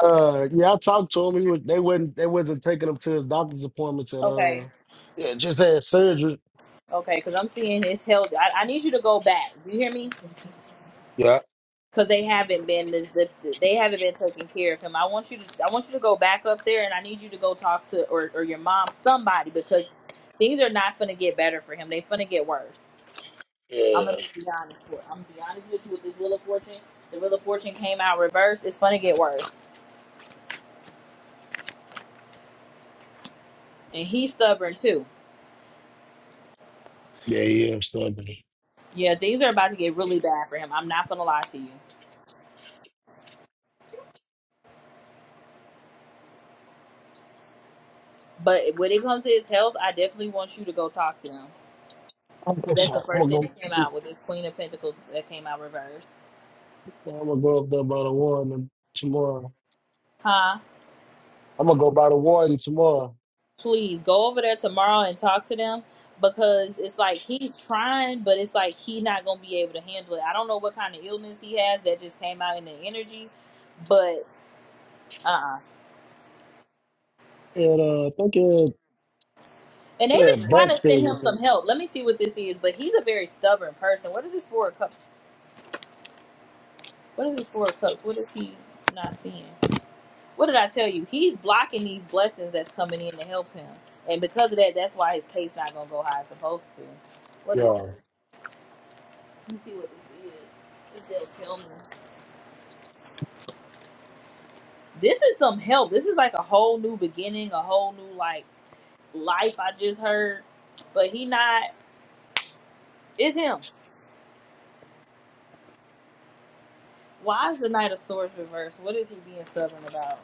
[SPEAKER 11] Uh yeah, I talked to him. He was they wasn't they wasn't taking him to his doctor's appointments at
[SPEAKER 1] Okay,
[SPEAKER 11] uh yeah, just had surgery.
[SPEAKER 1] okay, because I'm seeing his health. I, I need you to go back. Do you hear me?
[SPEAKER 11] Yeah.
[SPEAKER 1] because they haven't been the, the, they haven't been taking care of him. I want you to I want you to go back up there and I need you to go talk to or, or your mom somebody because things are not gonna get better for him. They are gonna get worse. I'm
[SPEAKER 11] Yeah.
[SPEAKER 1] gonna be honest for I'm gonna be honest with you with this Wheel of Fortune. The Wheel of Fortune came out reverse. It's gonna get worse, and he's stubborn too.
[SPEAKER 11] Yeah, yeah, I'm starting.
[SPEAKER 1] Yeah, things are about to get really bad for him. I'm not gonna lie to you. But when it comes to his health, I definitely want you to go talk to him.
[SPEAKER 11] I'm
[SPEAKER 1] 'Cause That's the
[SPEAKER 11] sorry.
[SPEAKER 1] first
[SPEAKER 11] I'm
[SPEAKER 1] thing
[SPEAKER 11] gonna
[SPEAKER 1] that came
[SPEAKER 11] go
[SPEAKER 1] out with this Queen of Pentacles that came out reverse.
[SPEAKER 11] I'm gonna go up there by the warden tomorrow.
[SPEAKER 1] Huh?
[SPEAKER 11] I'm gonna go by the warden tomorrow.
[SPEAKER 1] please go over there tomorrow and talk to them because it's like he's trying but it's like he's not gonna be able to handle it i don't know what kind of illness he has that just came out in the energy but uh-uh
[SPEAKER 11] And uh, I
[SPEAKER 1] and they've
[SPEAKER 11] yeah,
[SPEAKER 1] been trying
[SPEAKER 11] Bucks
[SPEAKER 1] to send
[SPEAKER 11] favorite
[SPEAKER 1] him some
[SPEAKER 11] team.
[SPEAKER 1] help let me see what this is but he's a very stubborn person what is this four of cups what is this four of cups what is he not seeing what did i tell you he's blocking these blessings that's coming in to help him and because of that that's why his case not gonna go how it's supposed to what is this?
[SPEAKER 11] Yeah.
[SPEAKER 1] Let me see what this is. What they'll tell me. This is some help. This is like a whole new beginning, a whole new like life I just heard. But he not it's him. Why is the Knight of Swords reversed? What is he being stubborn about?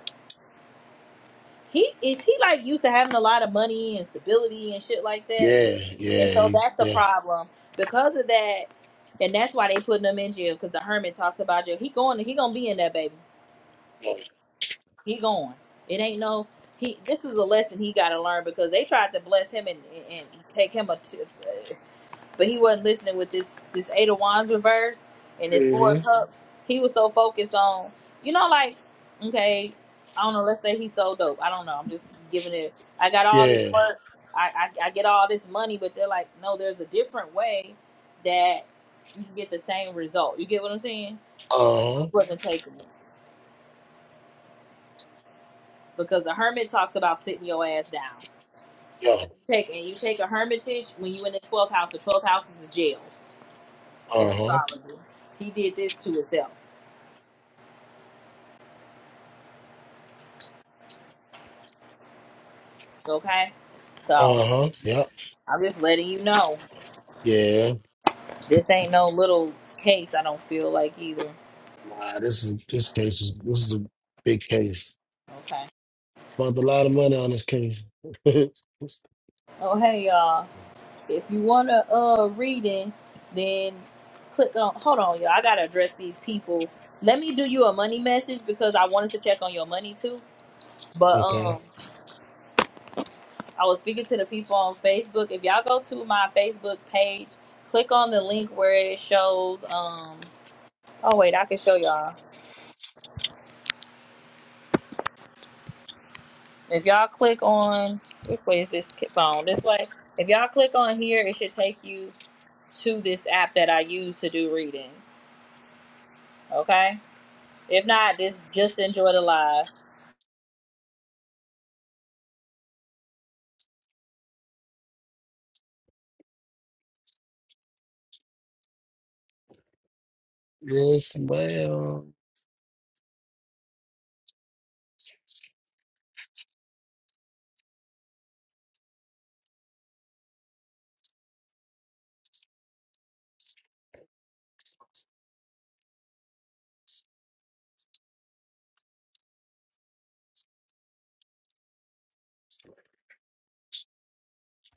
[SPEAKER 1] He is he like used to having a lot of money and stability and shit like that.
[SPEAKER 11] Yeah,
[SPEAKER 1] And
[SPEAKER 11] yeah,
[SPEAKER 1] so
[SPEAKER 11] he-
[SPEAKER 1] that's the
[SPEAKER 11] yeah,
[SPEAKER 1] problem. Because of that, and that's why they putting him in jail, because the hermit talks about jail. He going he gonna be in there, baby. He going. It ain't no. He. This is a lesson he got to learn because they tried to bless him and and take him a, t- but he wasn't listening with this this eight of wands reverse and this 4
[SPEAKER 11] hmm
[SPEAKER 1] of cups. He was so focused on you know like okay I don't know. Let's say he's so dope. I don't know. I'm just giving it. I got all this
[SPEAKER 11] yeah.
[SPEAKER 1] work. I I, I get all this money, but they're like no. There's a different way that you can get the same result. You get what I'm saying?
[SPEAKER 11] Uh
[SPEAKER 1] He
[SPEAKER 11] huh.
[SPEAKER 1] wasn't taking it because the hermit talks about sitting your ass down.
[SPEAKER 11] Yeah.
[SPEAKER 1] Take and you take a hermitage when you in the twelfth house. The twelfth house is the jails in
[SPEAKER 11] Uh huh.
[SPEAKER 1] astrology. He did this to himself. Okay, so
[SPEAKER 11] Uh huh. Yeah.
[SPEAKER 1] I'm just letting you know
[SPEAKER 11] Yeah.
[SPEAKER 1] this ain't no little case. I don't feel like either.
[SPEAKER 11] Nah, this is this case is this is a big case.
[SPEAKER 1] Okay.
[SPEAKER 11] Spent a lot of money on this case.
[SPEAKER 1] Oh hey y'all, if you wanna uh reading, then click on. Hold on y'all, I gotta address these people. Let me do you a money message because I wanted to check on your money too. But um.
[SPEAKER 11] okay.
[SPEAKER 1] I was speaking to the people on Facebook. If y'all go to my Facebook page, click on the link where it shows. Um, oh wait, I can show y'all. If y'all click on which way is this ki- phone? This way. If y'all click on here, it should take you to this app that I use to do readings. Okay. If not, just just enjoy the live.
[SPEAKER 11] Yes, ma'am.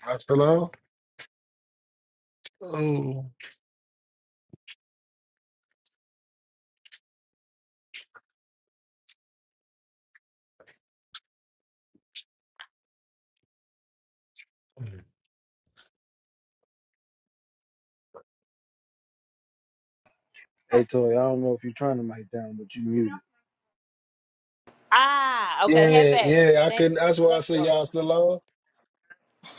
[SPEAKER 11] I still on? Oh.
[SPEAKER 13] Hey Toy, I don't know if you're trying to mic down, but you muted.
[SPEAKER 1] Ah, okay,
[SPEAKER 11] Yeah,
[SPEAKER 1] Hefe.
[SPEAKER 11] yeah. I
[SPEAKER 1] Thank
[SPEAKER 11] couldn't.
[SPEAKER 1] you.
[SPEAKER 11] That's why I
[SPEAKER 1] Thank you,
[SPEAKER 11] say
[SPEAKER 1] Ocean.
[SPEAKER 11] y'all still on.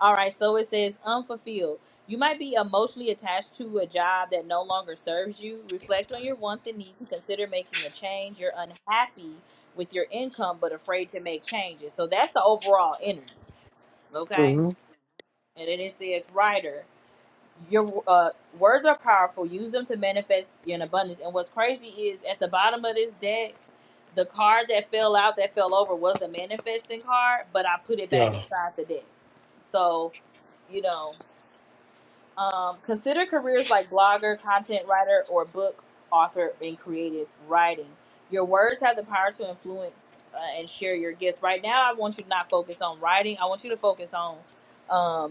[SPEAKER 1] All right, so it says unfulfilled. You might be emotionally attached to a job that no longer serves you. Reflect on your wants and needs and consider making a change. You're unhappy with your income but afraid to make changes. So that's the overall energy, okay?
[SPEAKER 11] Mm-hmm.
[SPEAKER 1] And then it says writer your uh, words are powerful. Use them to manifest in abundance. And what's crazy is at the bottom of this deck, the card that fell out, that fell over, was the manifesting card, but I put it back
[SPEAKER 11] Yeah.
[SPEAKER 1] inside the deck. So, you know, um, consider careers like blogger, content writer, or book author in creative writing. Your words have the power to influence uh, and share your gifts. Right now, I want you to not focus on writing. I want you to focus on um,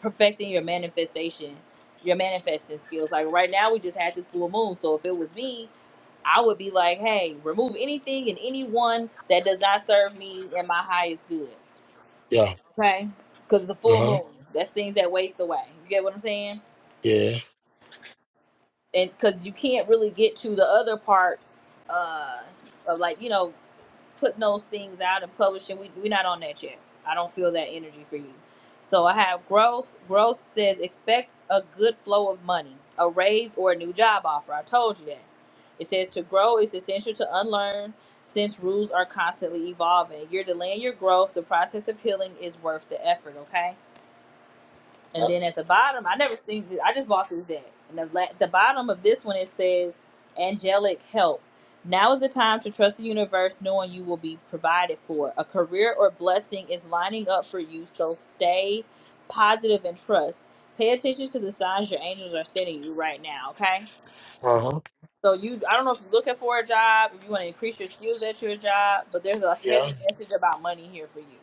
[SPEAKER 1] perfecting your manifestation, your manifesting skills. Like right now, we just had this full moon. So if it was me, I would be like, hey, remove anything and anyone that does not serve me and my highest good.
[SPEAKER 11] Yeah.
[SPEAKER 1] Okay. Because the
[SPEAKER 11] Uh
[SPEAKER 1] full
[SPEAKER 11] huh.
[SPEAKER 1] moon, that's things that waste away. You get what I'm saying?
[SPEAKER 11] Yeah.
[SPEAKER 1] And because you can't really get to the other part uh, of like, you know, putting those things out and publishing. We we're not on that yet. I don't feel that energy for you. So I have growth. Growth says expect a good flow of money, a raise or a new job offer. I told you that. It says to grow is essential to unlearn since rules are constantly evolving. You're delaying your growth. The process of healing is worth the effort, okay? And then at the bottom, I never seen this. I just bought this deck. And the, la- the bottom of this one, it says, Angelic Help. Now is the time to trust the universe, knowing you will be provided for. A career or blessing is lining up for you, so stay positive and trust. Pay attention to the signs your angels are sending you right now, okay?
[SPEAKER 11] Uh huh.
[SPEAKER 1] So you, I don't know if you're looking for a job, if you want to increase your skills at your job, but there's a
[SPEAKER 11] Yeah.
[SPEAKER 1] heavy message about money here for you.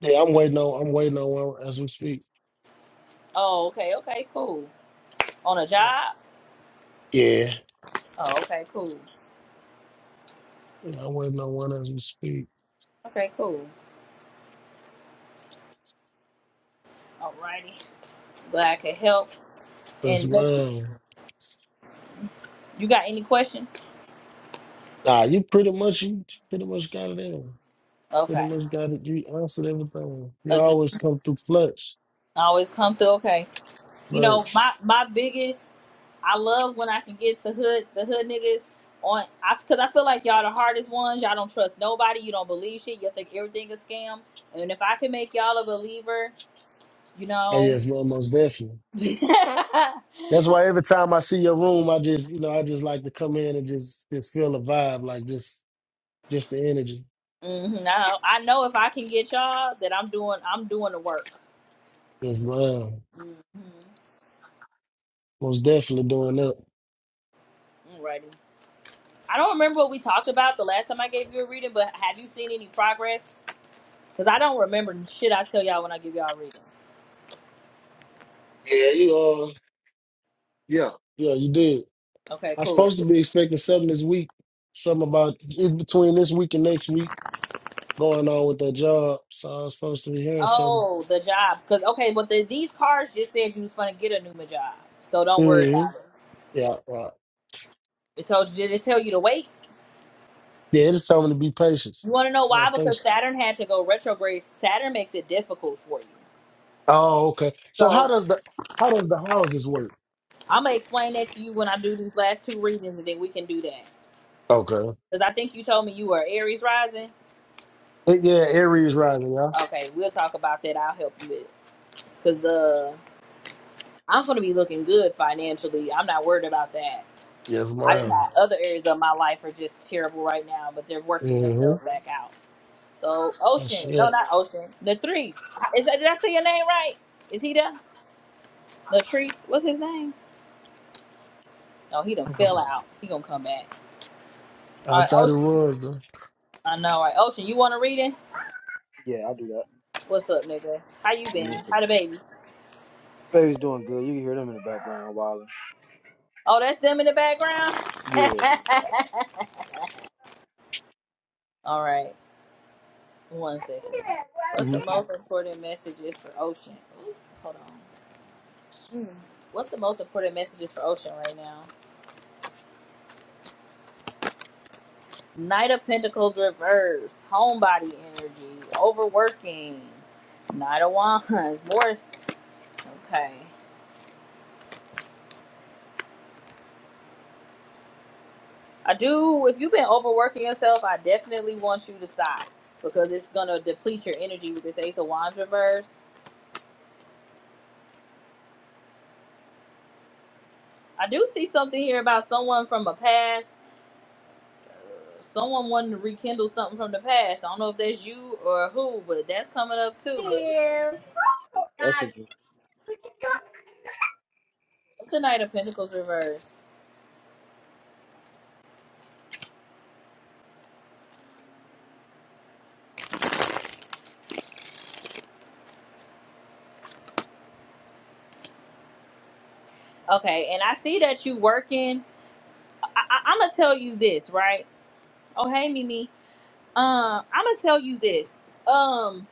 [SPEAKER 11] Yeah. I'm waiting on. I'm waiting on one as we speak.
[SPEAKER 1] Oh, okay, okay, cool. On a
[SPEAKER 11] Yeah.
[SPEAKER 1] job?
[SPEAKER 11] Yeah.
[SPEAKER 1] Oh, okay, cool.
[SPEAKER 11] I'm waiting on one as we speak
[SPEAKER 1] Okay, cool. Alrighty. Glad I could help.
[SPEAKER 11] as
[SPEAKER 1] And let's-
[SPEAKER 11] well.
[SPEAKER 1] you got any questions?
[SPEAKER 11] Nah, you pretty much you pretty much got it in. Pretty
[SPEAKER 1] Okay.
[SPEAKER 11] much got it. You answered everything. You
[SPEAKER 1] Again,
[SPEAKER 11] always come through clutch.
[SPEAKER 1] I always come through. Okay. You
[SPEAKER 11] But
[SPEAKER 1] know, my my biggest, I love when I can get the hood the hood niggas on. I because I feel like y'all the hardest ones. Y'all don't trust nobody. You don't believe shit. You think everything is scam. And if I can make y'all a believer, you
[SPEAKER 11] oh
[SPEAKER 1] know.
[SPEAKER 11] yes, Lord, most definitely.
[SPEAKER 1] hmm
[SPEAKER 11] That's why every time I see your room, I just you know I just like to come in and just just feel the vibe, like just just the energy
[SPEAKER 1] I, I know if I can get y'all that I'm doing I'm doing the work.
[SPEAKER 11] as well.
[SPEAKER 1] Mm-hmm.
[SPEAKER 11] Most definitely doing that.
[SPEAKER 1] Alrighty. I don't remember what we talked about the last time I gave you a reading, but have you seen any progress? Because I don't remember shit I tell y'all when I give y'all readings.
[SPEAKER 11] Yeah, you are. Yeah. Yeah, you did.
[SPEAKER 1] Okay,
[SPEAKER 11] I'm
[SPEAKER 1] cool.
[SPEAKER 11] supposed to be expecting something this week, something about in between this week and next week going on with that job. So I was supposed to be hearing something.
[SPEAKER 1] Oh, the job. Because okay, but the, these cards just said you was gonna get a new ma- job, so don't worry
[SPEAKER 11] hmm
[SPEAKER 1] about it.
[SPEAKER 11] Yeah, right.
[SPEAKER 1] It told you did it tell you to wait?
[SPEAKER 11] Yeah, it's telling me to be patient.
[SPEAKER 1] You want to know why?
[SPEAKER 11] Have
[SPEAKER 1] Because
[SPEAKER 11] patience.
[SPEAKER 1] Saturn had to go retrograde. Saturn makes it difficult for you.
[SPEAKER 11] Oh, okay. So how
[SPEAKER 1] So
[SPEAKER 11] does the how does the houses work?
[SPEAKER 1] I'm gonna explain that to you when I do these last two readings, and then we can do that.
[SPEAKER 11] Okay.
[SPEAKER 1] Because I think you told me you were Aries rising.
[SPEAKER 11] Uh, Yeah, Aries rising, y'all.
[SPEAKER 1] Okay, we'll talk about that. I'll help you with. Cause uh, I'm gonna be looking good financially. I'm not worried about that.
[SPEAKER 11] Yes,
[SPEAKER 1] I just
[SPEAKER 11] ma'am.
[SPEAKER 1] have other areas of my life are just terrible right now, but they're working
[SPEAKER 11] Mm-hmm.
[SPEAKER 1] themselves back out. So
[SPEAKER 11] That's
[SPEAKER 1] Ocean, no,
[SPEAKER 11] it.
[SPEAKER 1] not Ocean, Latrice. Is that, did I say your name right? Is he there? Latrice, what's his name? No, he done fell out. He gonna come back. All
[SPEAKER 11] I
[SPEAKER 1] right,
[SPEAKER 11] thought it
[SPEAKER 1] Ocean. you-
[SPEAKER 11] was though.
[SPEAKER 1] I know, right? Ocean, you want to read it?
[SPEAKER 13] Yeah, I'll do that.
[SPEAKER 1] What's up, nigga? How you
[SPEAKER 13] Yeah,
[SPEAKER 1] been?
[SPEAKER 13] That's
[SPEAKER 1] How
[SPEAKER 13] cool.
[SPEAKER 1] the baby?
[SPEAKER 13] Baby's doing good. You can hear them in the background while
[SPEAKER 1] Oh, that's them in the background.
[SPEAKER 13] yeah.
[SPEAKER 1] All right. One second. What's
[SPEAKER 13] hmm
[SPEAKER 1] the most important messages for Ocean? Ooh, hold on. Mm. What's the most important messages for Ocean right now? Knight of Pentacles reverse, homebody energy, overworking, Knight of Wands, more. Okay. I do, if you've been overworking yourself, I definitely want you to stop because it's going to deplete your energy with this Ace of Wands reverse. I do see something here about someone from a past. someone wanting to rekindle something from the past. I don't know if that's you or who, but that's coming up too.
[SPEAKER 13] That's a good
[SPEAKER 1] Tonight of Pentacles reverse. Okay, and I see that you working. I, I, I'm gonna tell you this, right? Oh hey Mimi. Um, I'm gonna tell you this. Um,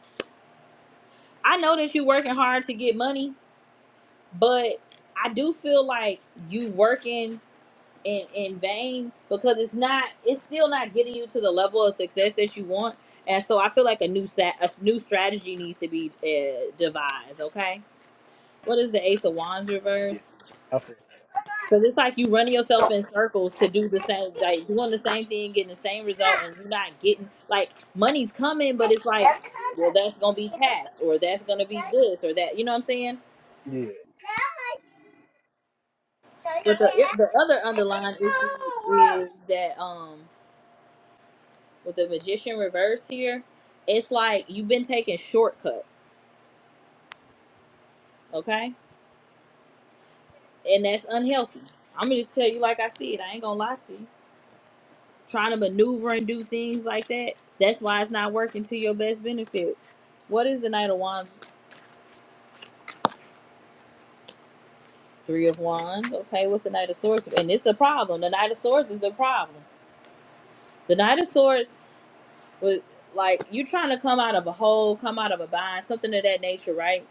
[SPEAKER 1] I know that you working hard to get money, but I do feel like you working. in in vain because it's not it's still not getting you to the level of success that you want and so i feel like a new sat a new strategy needs to be uh, devised okay what is the ace of wands
[SPEAKER 13] yeah.
[SPEAKER 1] reverse
[SPEAKER 13] I feel that.
[SPEAKER 1] because it's like you running yourself in circles to do the same like doing the same thing getting the same result and you're not getting like money's coming but it's like well that's gonna be taxed or that's gonna be this or that you know what i'm saying but the, the other underlying issue is that um with the magician reversed here, it's like you've been taking shortcuts, okay? And that's unhealthy. I'm gonna just tell you like I see it. I ain't gonna lie to you. Trying to maneuver and do things like that. That's why it's not working to your best benefit. What is the Knight of Wands? Three of Wands. Okay, what's the Knight of Swords? And it's the problem. The Knight of Swords is the problem. The Knight of Swords was like you trying to come out of a hole, come out of a bind, something of that nature, right?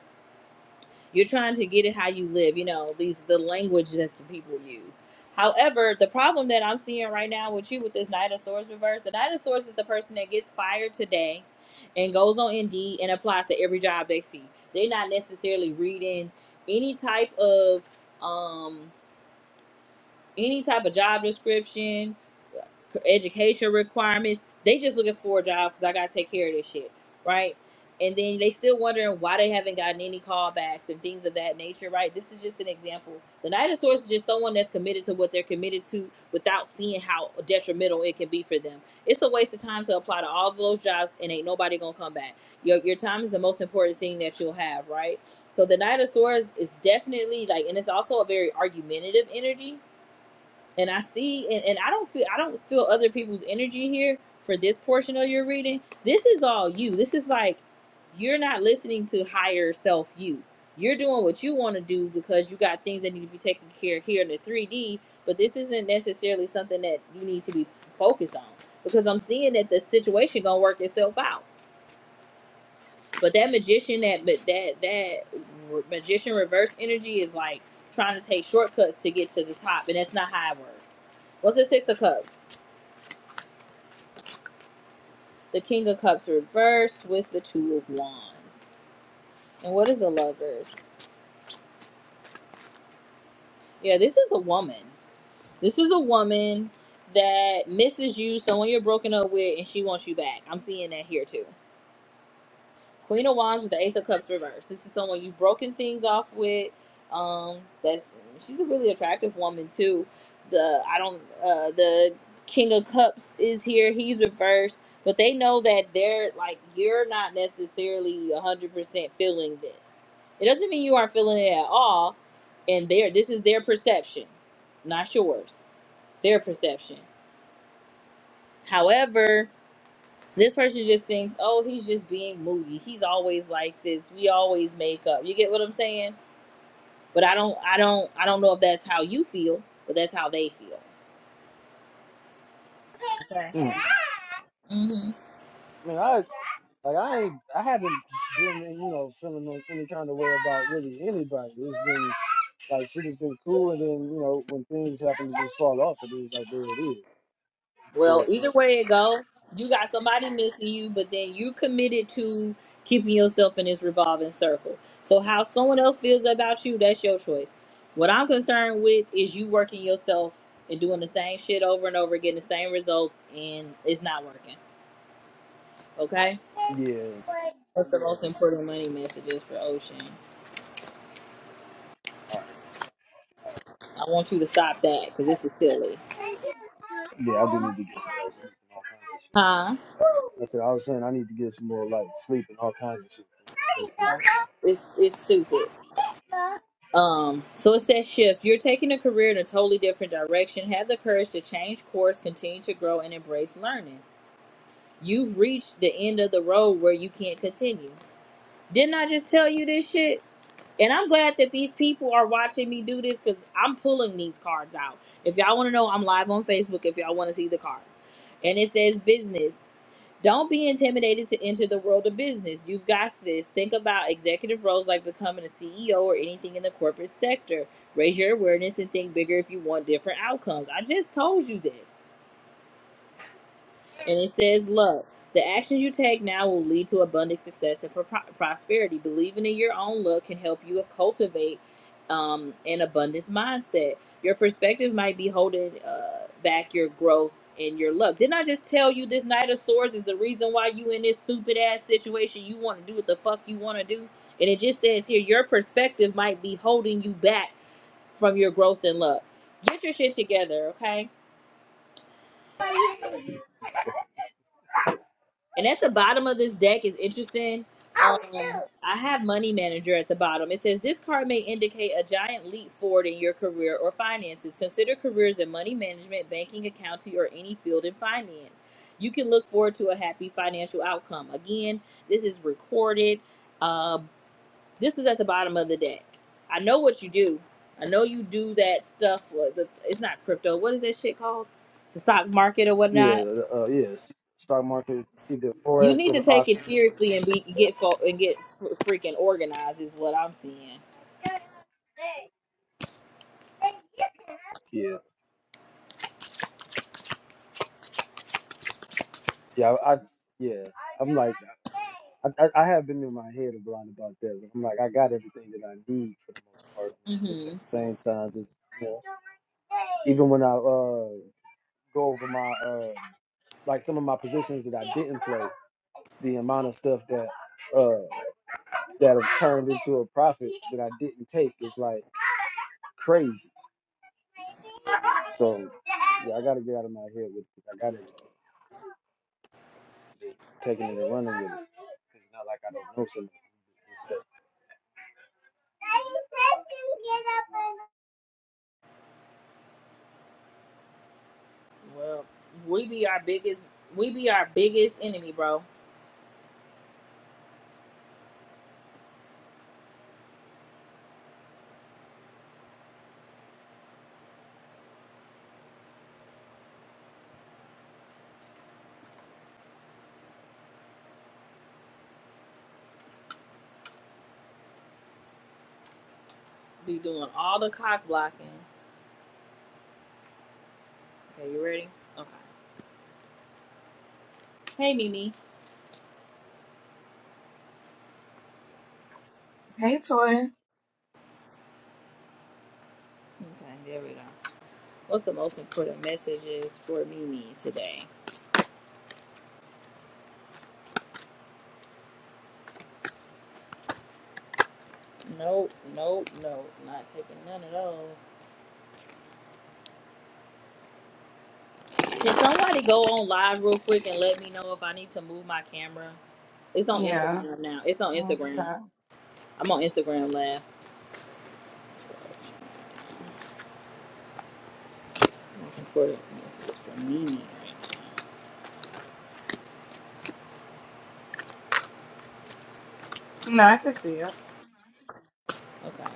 [SPEAKER 1] You're trying to get it how you live, you know, these the language that the people use. However, the problem that I'm seeing right now with you with this Knight of Swords reverse, the Knight of Swords is the person that gets fired today and goes on Indeed and applies to every job they see. They're not necessarily reading any type of um any type of job description, education requirements. They just looking for a job because I gotta take care of this shit, right? And then they still wondering why they haven't gotten any callbacks and things of that nature, right? This is just an example. The Knight of Swords is just someone that's committed to what they're committed to without seeing how detrimental it can be for them. It's a waste of time to apply to all those jobs and ain't nobody gonna come back. Your your time is the most important thing that you'll have, right? So the Knight of Swords is definitely like, and it's also a very argumentative energy and I see and, and I don't feel I don't feel other people's energy here for this portion of your reading. This is all you. This is like you're not listening to higher self you. You're doing what you want to do because you got things that need to be taken care of here in the 3D, but this isn't necessarily something that you need to be focused on because I'm seeing that the situation going to work itself out. But that magician that but that that magician reverse energy is like trying to take shortcuts to get to the top and that's not how it works. What's the Six of Cups? The King of Cups reversed with the Two of Wands. And what is the Lovers? Yeah, this is a woman. This is a woman that misses you, someone you're broken up with, and she wants you back. I'm seeing that here too. Queen of Wands with the Ace of Cups reversed. This is someone you've broken things off with. Um, that's she's a really attractive woman too. The I don't uh the King of Cups is here. He's reversed, but they know that they're like you're not necessarily a hundred percent feeling this. It doesn't mean you aren't feeling it at all. And their this is their perception, not yours. Their perception. However. This person just thinks, oh, he's just being moody. He's always like this. We always make up. You get what I'm saying? But I don't, I don't, I don't know if that's how you feel, but that's how they feel. Okay.
[SPEAKER 13] yeah. Mm.
[SPEAKER 1] hmm
[SPEAKER 13] I mean, I like I ain't, I haven't been you know feeling no, any kind of way about really anybody. It's been like shit has been cool, and then you know when things happen to just fall off, it is like there it is.
[SPEAKER 1] Well,
[SPEAKER 13] But
[SPEAKER 1] either way it go, you got somebody missing you, but then you committed to keeping yourself in this revolving circle. So how someone else feels about you, that's your choice. What I'm concerned with is you working yourself and doing the same shit over and over, getting the same results, and it's not working. Okay
[SPEAKER 13] yeah, all right.
[SPEAKER 1] What's the most important money messages for Ocean? I want you to stop that because this is silly.
[SPEAKER 13] Yeah, I do need to get some more sleep and all kinds of shit.
[SPEAKER 1] Huh?
[SPEAKER 13] That's what I was saying. I need to get some more like sleep and all kinds of shit.
[SPEAKER 1] It's it's stupid. Um, so it says shift. You're taking a career in a totally different direction. Have the courage to change course, continue to grow, and embrace learning. You've reached the end of the road where you can't continue. Didn't I just tell you this shit? And I'm glad that these people are watching me do this because I'm pulling these cards out. If y'all want to know, I'm live on Facebook if y'all want to see the cards. And it says business. Don't be intimidated to enter the world of business. You've got this. Think about executive roles like becoming a CEO or anything in the corporate sector. Raise your awareness and think bigger if you want different outcomes. I just told you this. And it says, Look, the actions you take now will lead to abundant success and pro- prosperity. Believing in your own look can help you cultivate um, an abundance mindset. Your perspective might be holding uh, back your growth and your luck. Didn't I just tell you this Knight of Swords is the reason why you in this stupid ass situation? You want to do what the fuck you want to do. And it just says here, your perspective might be holding you back from your growth and luck. Get your shit together, okay? And at the bottom of this deck is interesting.
[SPEAKER 13] Oh
[SPEAKER 1] Um,
[SPEAKER 13] shoot.
[SPEAKER 1] I have Money Manager at the bottom. It says this card may indicate a giant leap forward in your career or finances. Consider careers in money management, banking, accounting, or any field in finance. You can look forward to a happy financial outcome. Again, this is recorded. Uh, this is at the bottom of the deck. I know what you do. I know you do that stuff. uh, the- It's not crypto. What is that shit called? The stock market or
[SPEAKER 13] Yeah,
[SPEAKER 1] whatnot
[SPEAKER 13] uh, yeah. s- Stock market, either
[SPEAKER 1] you
[SPEAKER 13] forex
[SPEAKER 1] need to
[SPEAKER 13] or
[SPEAKER 1] take it
[SPEAKER 13] options.
[SPEAKER 1] seriously and be get fo- and get fr- freaking organized is what I'm seeing.
[SPEAKER 13] Yeah, yeah. I, I yeah. I'm like, I, I I have been in my head a lot about that. but I'm like, I got everything that I need for the most part. But it's just at
[SPEAKER 1] Mhm.
[SPEAKER 13] the same time, just you know, even when I uh go over my uh like some of my positions that I didn't play. the amount of stuff that uh that have turned into a profit that I didn't take is like crazy. So yeah, I gotta get out of my head with this. I gotta be taking it and running with it. It's not like I don't know something.
[SPEAKER 1] Well, we be our biggest we be our biggest enemy, bro. Be doing all the cock blocking. Okay, you ready? Okay. Hey, Mimi.
[SPEAKER 14] Hey, Toy.
[SPEAKER 1] Okay, there we go. What's the most important messages for Mimi today? Nope, nope, nope. Not taking none of those. Can somebody go on live real quick and let me know if I need to move my camera? It's on
[SPEAKER 14] Yeah.
[SPEAKER 1] Instagram now. It's on
[SPEAKER 14] like
[SPEAKER 1] Instagram.
[SPEAKER 14] that.
[SPEAKER 1] I'm on Instagram Live. That's right. It's the most important message for me right
[SPEAKER 14] No, I can see it.
[SPEAKER 1] now. Okay.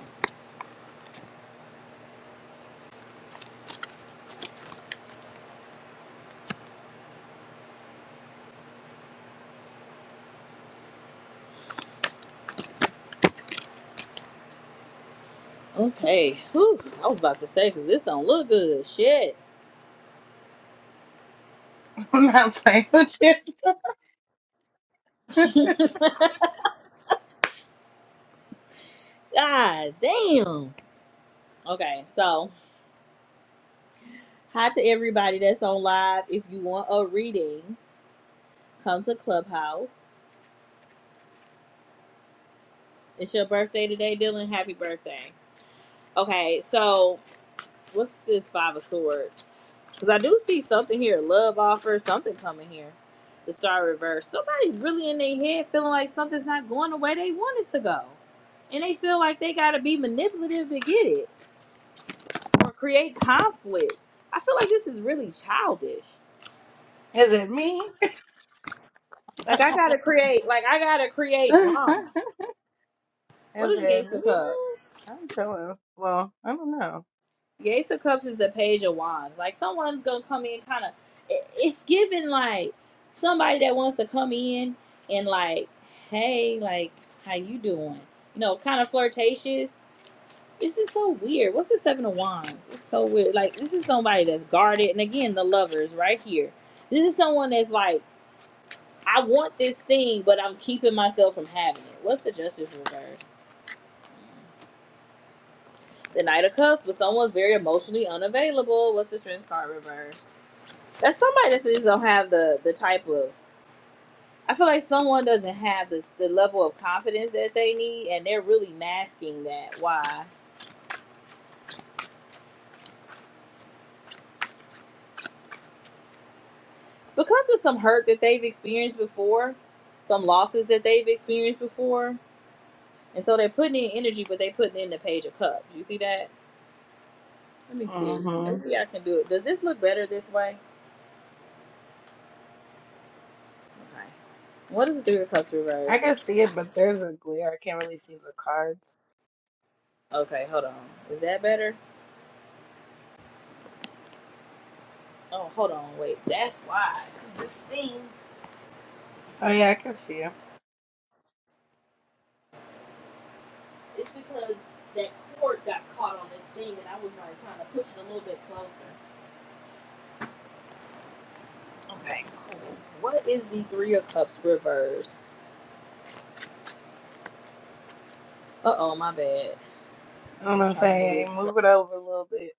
[SPEAKER 1] Okay. Whew. I was about to say because this don't look good. Shit.
[SPEAKER 14] I'm not playing with you.
[SPEAKER 1] God damn. Okay. So hi to everybody that's on live. If you want a reading, come to Clubhouse. It's your birthday today, Dylan. Happy birthday. Okay. So What's this Five of Swords? Because I do see something here. Love offer, something coming here. The Star Reverse. Somebody's really in their head feeling like something's not going the way they want it to go. And they feel like they got to be manipulative to get it or create conflict. I feel like this is really childish.
[SPEAKER 14] Is it me?
[SPEAKER 1] Like, I got to create, like, I got to create
[SPEAKER 14] Is
[SPEAKER 1] drama. What is the
[SPEAKER 14] it
[SPEAKER 1] Ace
[SPEAKER 14] me?
[SPEAKER 1] of Cups?
[SPEAKER 14] I'm chilling. Well, I don't know.
[SPEAKER 1] The Ace of Cups is the Page of Wands. Like someone's gonna come in, kind of. It, It's giving like somebody that wants to come in and like, hey, like, how you doing? You know, kind of flirtatious. This is so weird. What's the Seven of Wands? It's so weird. Like this is somebody that's guarded. And again, the lovers right here. This is someone that's like, I want this thing, but I'm keeping myself from having it. What's the Justice reverse? The Knight of Cups, but someone's very emotionally unavailable. What's the Strength card reverse? That's somebody that just don't have the the type of. I feel like someone doesn't have the, the level of confidence that they need, and they're really masking that. Why? Because of some hurt that they've experienced before, some losses that they've experienced before, and so they're putting in energy, but they're putting in the page of cups. You see that? Let me see.
[SPEAKER 14] hmm
[SPEAKER 1] Maybe I can do it. Does this look better this way? Okay. What is the three of cups
[SPEAKER 14] I
[SPEAKER 1] reversed?
[SPEAKER 14] can see it, but there's a glare. I can't really see the cards.
[SPEAKER 1] Okay, hold on. Is that better? Oh, hold on. Wait. That's why. 'Cause This thing.
[SPEAKER 14] Oh, yeah, I can see it.
[SPEAKER 1] It's because that cord got caught on this thing, and I was like trying to push it a little bit closer. Okay, cool. What is the Three of Cups reverse? Uh oh, my bad.
[SPEAKER 14] I
[SPEAKER 1] I
[SPEAKER 14] don't
[SPEAKER 1] was
[SPEAKER 14] know if I
[SPEAKER 1] trying to move this
[SPEAKER 14] ain't
[SPEAKER 1] close.
[SPEAKER 14] move it over a little bit.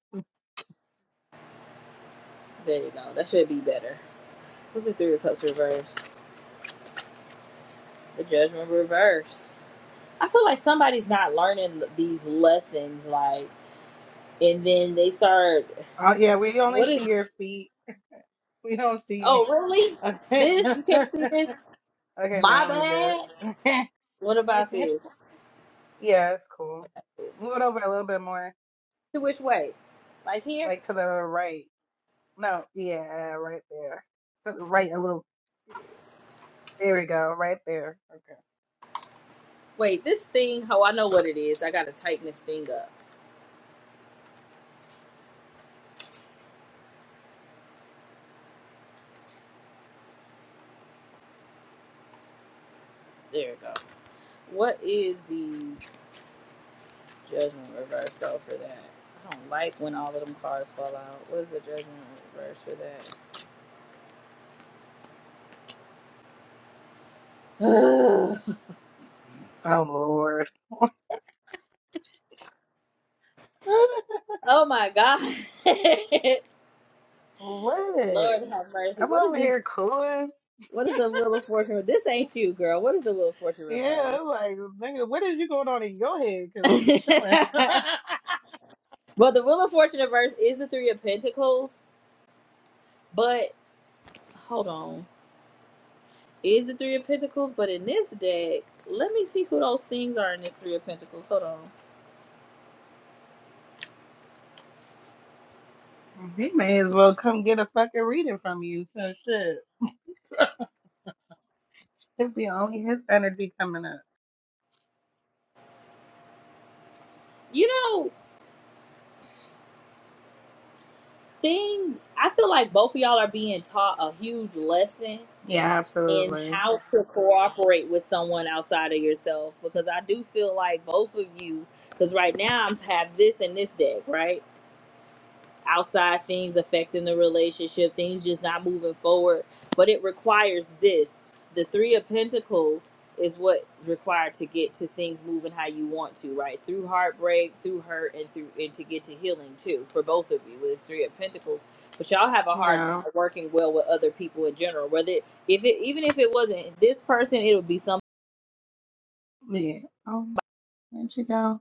[SPEAKER 1] There you go. That should be better. What's the Three of Cups reverse? The Judgment reverse. I feel like somebody's not learning these lessons, like, and then they start.
[SPEAKER 14] Oh, yeah, we
[SPEAKER 1] What
[SPEAKER 14] only see
[SPEAKER 1] is?
[SPEAKER 14] your feet. We don't see
[SPEAKER 1] Oh,
[SPEAKER 14] any.
[SPEAKER 1] really?
[SPEAKER 14] Okay,
[SPEAKER 1] This you can't see this.
[SPEAKER 14] okay
[SPEAKER 1] My
[SPEAKER 14] now we do.
[SPEAKER 1] bad. What about this?
[SPEAKER 14] yeah, it's cool. Move it over a little bit more.
[SPEAKER 1] To which way? Like here?
[SPEAKER 14] like to the right. No, yeah, right there. To the right a little. There we go, right there. Okay.
[SPEAKER 1] Wait, this thing. Oh, I know what it is. I gotta tighten this thing up. There we go. What is the judgment reverse though for that? I don't like when all of them cards fall out. What is the judgment reverse for that?
[SPEAKER 14] Oh Lord,
[SPEAKER 1] oh my god.
[SPEAKER 14] what?
[SPEAKER 1] Lord have mercy.
[SPEAKER 14] I'm
[SPEAKER 1] What is
[SPEAKER 14] over
[SPEAKER 1] this?
[SPEAKER 14] here cooling.
[SPEAKER 1] What is the wheel of fortune? This ain't you, girl. What is the wheel of fortune
[SPEAKER 14] Yeah,
[SPEAKER 1] reverse?
[SPEAKER 14] I'm like nigga, what is you going on in your head? Cause I'm chilling.
[SPEAKER 1] well, the wheel of fortune reverse is the three of pentacles, but hold on. is the Three of Pentacles, but in this deck, let me see who those things are in this Three of Pentacles. Hold on.
[SPEAKER 14] he may as well come get a fucking reading from you. So shit, it'd be only his energy coming up.
[SPEAKER 1] You know, things, I feel like both of y'all are being taught a huge lesson
[SPEAKER 14] Yeah,
[SPEAKER 1] in
[SPEAKER 14] absolutely.
[SPEAKER 1] how to cooperate with someone outside of yourself because I do feel like both of you, because right now I'm have this in this deck, right? outside things affecting the relationship, things just not moving forward. But it requires this. The Three of Pentacles is what required to get to things moving how you want to, right? Through heartbreak, through hurt, and through and to get to healing too for both of you with the Three of Pentacles. But y'all have a hard time
[SPEAKER 14] Yeah,
[SPEAKER 1] working well with other people in general. Whether if it even if it wasn't this person, it would be something
[SPEAKER 14] yeah. Oh, there you go.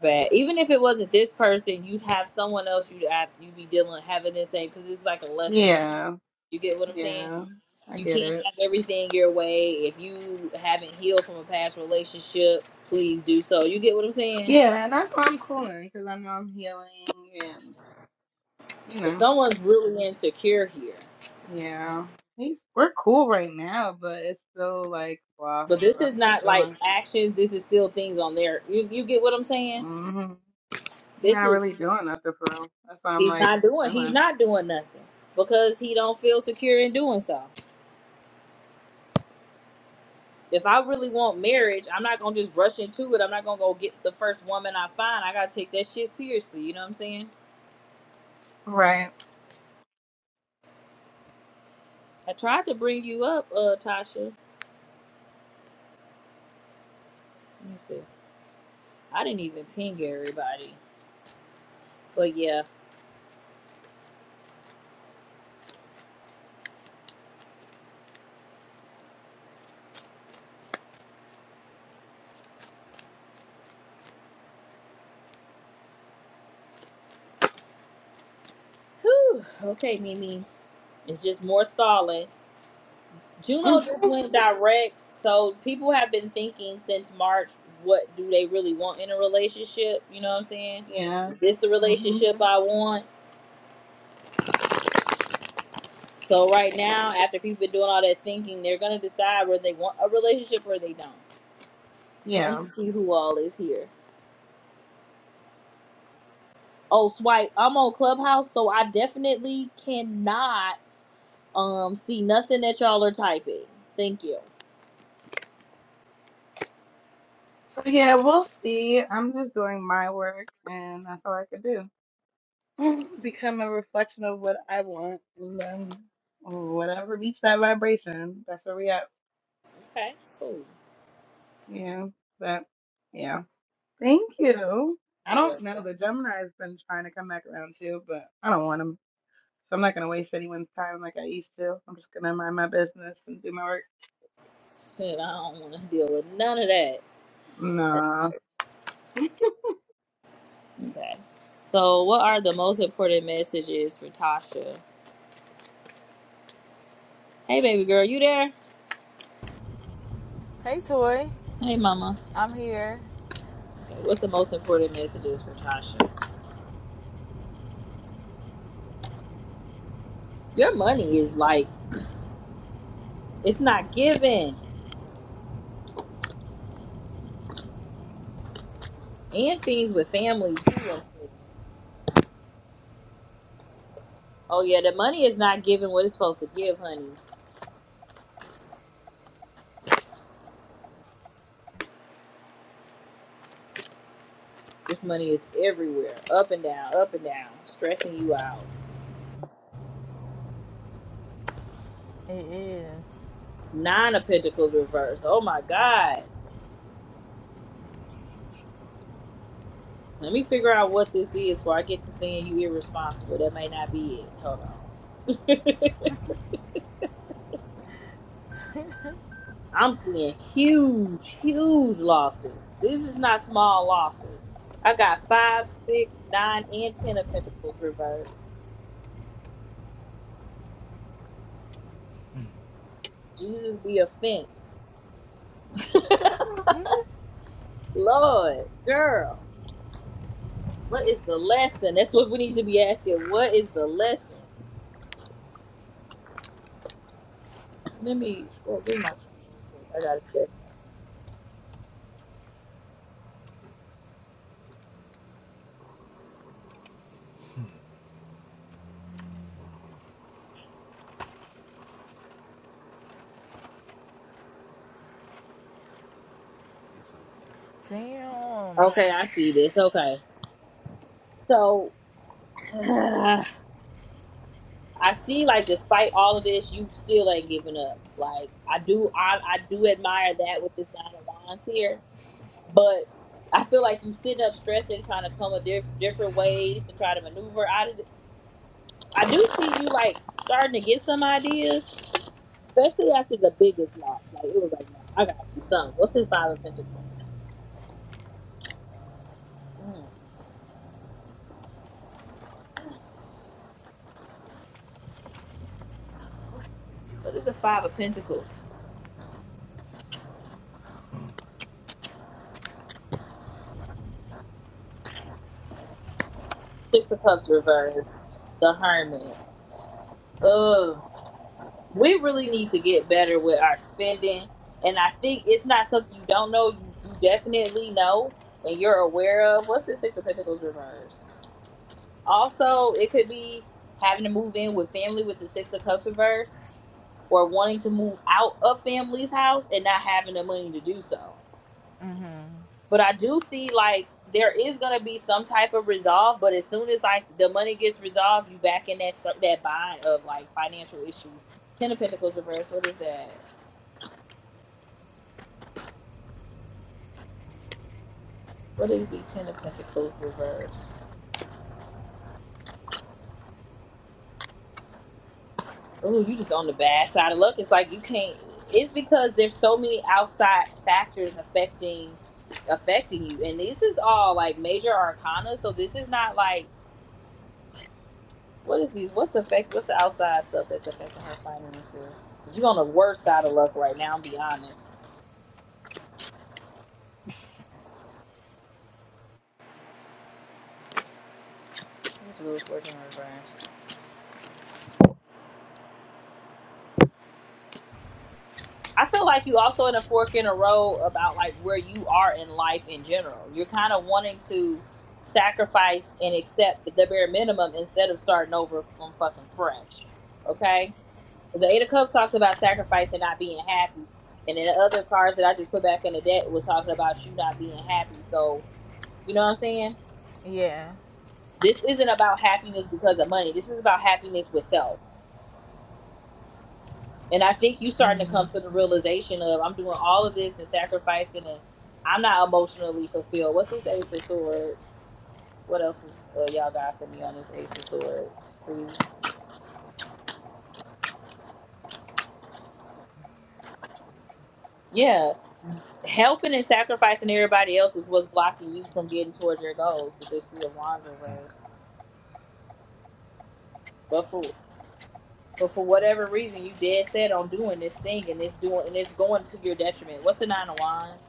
[SPEAKER 1] bad. Even if it wasn't this person, you'd have someone else you'd have, you'd be dealing having the same because it's like a lesson being.
[SPEAKER 14] Yeah,
[SPEAKER 1] You get what I'm saying?
[SPEAKER 14] yeah. I
[SPEAKER 1] You
[SPEAKER 14] get
[SPEAKER 1] can't
[SPEAKER 14] it.
[SPEAKER 1] have everything your way. If you haven't healed from a past relationship, please do so. You get what I'm saying?
[SPEAKER 14] Yeah, and that's why I'm calling because I know I'm healing and you
[SPEAKER 1] But
[SPEAKER 14] know,
[SPEAKER 1] someone's really insecure here.
[SPEAKER 14] yeah, he's we're cool right now, but it's still like blah.
[SPEAKER 1] But this
[SPEAKER 14] So
[SPEAKER 1] is
[SPEAKER 14] I'm just
[SPEAKER 1] not like
[SPEAKER 14] chilling.
[SPEAKER 1] actions. This is still things on there. You you get what I'm saying?
[SPEAKER 14] Mm-hmm. You're
[SPEAKER 1] This
[SPEAKER 14] not
[SPEAKER 1] is
[SPEAKER 14] really doing nothing for real. That's why I'm
[SPEAKER 1] he's
[SPEAKER 14] like
[SPEAKER 1] not doing. He's
[SPEAKER 14] chilling,
[SPEAKER 1] not doing nothing because he don't feel secure in doing so. If I really want marriage, I'm not gonna just rush into it. I'm not gonna go get the first woman I find. I gotta take that shit seriously. You know what I'm saying?
[SPEAKER 14] right?
[SPEAKER 1] I tried to bring you up, uh, Tasha. Let me see. I didn't even ping everybody. But yeah. Whew. Okay, Mimi. It's just more stalling.
[SPEAKER 14] hmm
[SPEAKER 1] Juno just went direct. So people have been thinking since March, what do they really want in a relationship? You know what I'm saying?
[SPEAKER 14] Yeah,
[SPEAKER 1] Is this the
[SPEAKER 14] hmm
[SPEAKER 1] relationship I want? So right now, after people been doing all that thinking, they're gonna decide whether they want a relationship or they don't. Let
[SPEAKER 14] yeah.
[SPEAKER 1] me see who all is here. oh swipe i'm on clubhouse so i definitely cannot um see nothing that y'all are typing thank you
[SPEAKER 14] So yeah, we'll see. I'm just doing my work, and that's all I could do. Become a reflection of what I want, and then whatever meets that vibration, that's where we at.
[SPEAKER 1] okay cool
[SPEAKER 14] Yeah, but yeah. Thank you. I
[SPEAKER 1] You're
[SPEAKER 14] don't know.
[SPEAKER 1] welcome.
[SPEAKER 14] The Gemini's been trying to come back around too, but I don't want them. So I'm not going to waste anyone's time like I used to. I'm just going to mind my business and do my work.
[SPEAKER 1] Shit, i don't want to deal with none of that
[SPEAKER 14] Nah.
[SPEAKER 1] okay so what are the most important messages for tasha hey baby girl you there
[SPEAKER 15] Hey, Toy.
[SPEAKER 1] hey mama
[SPEAKER 15] I'm here.
[SPEAKER 1] okay, what's the most important messages for tasha your money is like it's not given and things with family too I'm seeing. oh yeah the money is not giving what it's supposed to give honey This money is everywhere, up and down, up and down, stressing you out.
[SPEAKER 15] It is.
[SPEAKER 1] Nine of Pentacles reversed. Oh my God. Let me figure out what this is before I get to seeing you irresponsible. That may not be it. Hold on. I'm seeing huge, huge losses. This is not small losses. I got five, six, nine, and ten of Pentacles reversed. Jesus be a fence.
[SPEAKER 15] Mm-hmm.
[SPEAKER 1] Lord, girl. What is the lesson? That's what we need to be asking. What is the lesson? Let me oh, give me my phone real quick. I gotta check. something.
[SPEAKER 15] Damn.
[SPEAKER 1] Okay, I see this. Okay, so I see like despite all of this, you still ain't giving up. Like I do, I I do admire that with this nine of wands here, but I feel like you sitting up stressing, trying to come a diff- different ways to try to maneuver out of it. I do see you like starting to get some ideas, especially after the biggest loss. Like it was like, no, I gotta do something. What's his five of pentacles? Mm. Six of cups reverse. The hermit. Ugh, we really need to get better with our spending, and I think it's not something you don't know. You, you definitely know, and you're aware of. What's the six of pentacles reverse? Also, it could be having to move in with family with the six of cups reverse, or wanting to move out of family's house and not having the money to do so
[SPEAKER 15] Mm-hmm.
[SPEAKER 1] But I do see like there is gonna be some type of resolve, but as soon as like the money gets resolved, you back in that cir- that bind of like financial issue. Ten of Pentacles reverse. What is that? What is the Ten of Pentacles reverse? Oh, you just on the bad side of luck. It's like you can't. It's because there's so many outside factors affecting affecting you, and this is all like major arcana. So this is not like What is these? What's the effect? What's the outside stuff that's affecting her finances? Cause you're on the worst side of luck right now. Be honest. This wheel's working in reverse. I feel like you also in a fork in a row about like where you are in life in general. You're kind of wanting to sacrifice and accept the bare minimum instead of starting over from fucking fresh. Okay? Because the Eight of Cups talks about sacrifice and not being happy. And then the other cards that I just put back in the deck was talking about you not being happy. So, you know what I'm saying?
[SPEAKER 15] Yeah,
[SPEAKER 1] This isn't about happiness because of money. This is about happiness with self. And I think you starting to
[SPEAKER 15] Mm-hmm.
[SPEAKER 1] come to the realization of I'm doing all of this and sacrificing, and I'm not emotionally fulfilled. What's this Ace of Swords? What else is uh, y'all got for me on this Ace of Swords? Please. Yeah, helping and sacrificing everybody else is what's blocking you from getting towards your goals with this Three of Wands reverse. But for but for whatever reason, you dead set on doing this thing, and it's doing and it's going to your detriment. What's the Nine of Wands?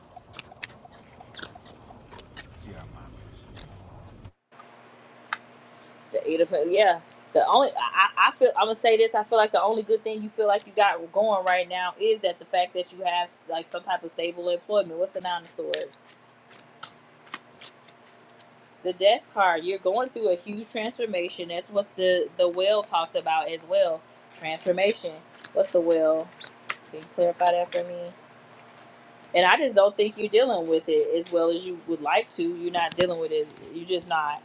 [SPEAKER 1] The eight of Pentacles. Yeah. The only I, I feel I'm gonna say this. I feel like the only good thing you feel like you got going right now is that the fact that you have like some type of stable employment. What's the nine of swords? The death card. You're going through a huge transformation. That's what the the wheel talks about as well. Transformation. What's the wheel? Can you clarify that for me? And I just don't think you're dealing with it as well as you would like to. You're not dealing with it. You're just not.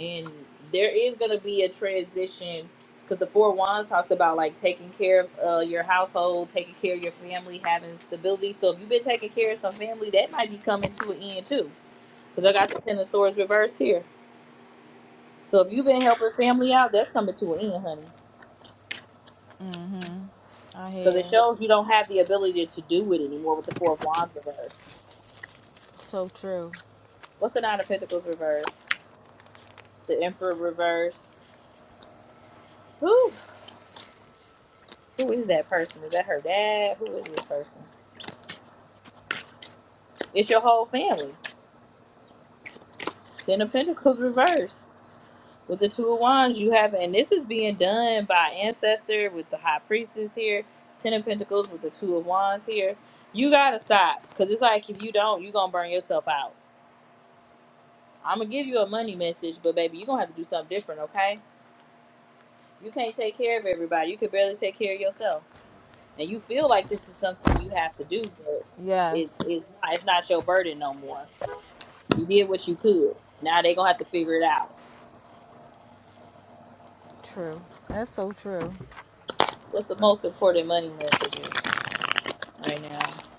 [SPEAKER 1] and there is going to be a transition because the four wands talks about like taking care of uh, your household taking care of your family having stability so if you've been taking care of some family that might be coming to an end too because i got the ten of swords reversed here so if you've been helping family out that's coming to an end honey
[SPEAKER 15] Mm-hmm. I
[SPEAKER 1] because it
[SPEAKER 15] have.
[SPEAKER 1] shows you don't have the ability to do it anymore with the four of wands reversed
[SPEAKER 15] So true.
[SPEAKER 1] what's the nine of pentacles reversed the emperor reversed who who is that person is that her dad who is this person it's your whole family Ten of Pentacles reversed with the Two of Wands. You have, and this is being done by ancestor with the High Priestess here. Ten of Pentacles with the Two of Wands here. You gotta stop because it's like if you don't, you gonna burn yourself out. I'm gonna give you a money message, but baby, you gonna have to do something different, okay? You can't take care of everybody. You can barely take care of yourself, and you feel like this is something you have to do, but it,
[SPEAKER 15] Yes,
[SPEAKER 1] it's not. It's not your burden no more. You did what you could. Now they gonna have to figure it out.
[SPEAKER 15] true. That's so true.
[SPEAKER 1] What's the most important money message? right now.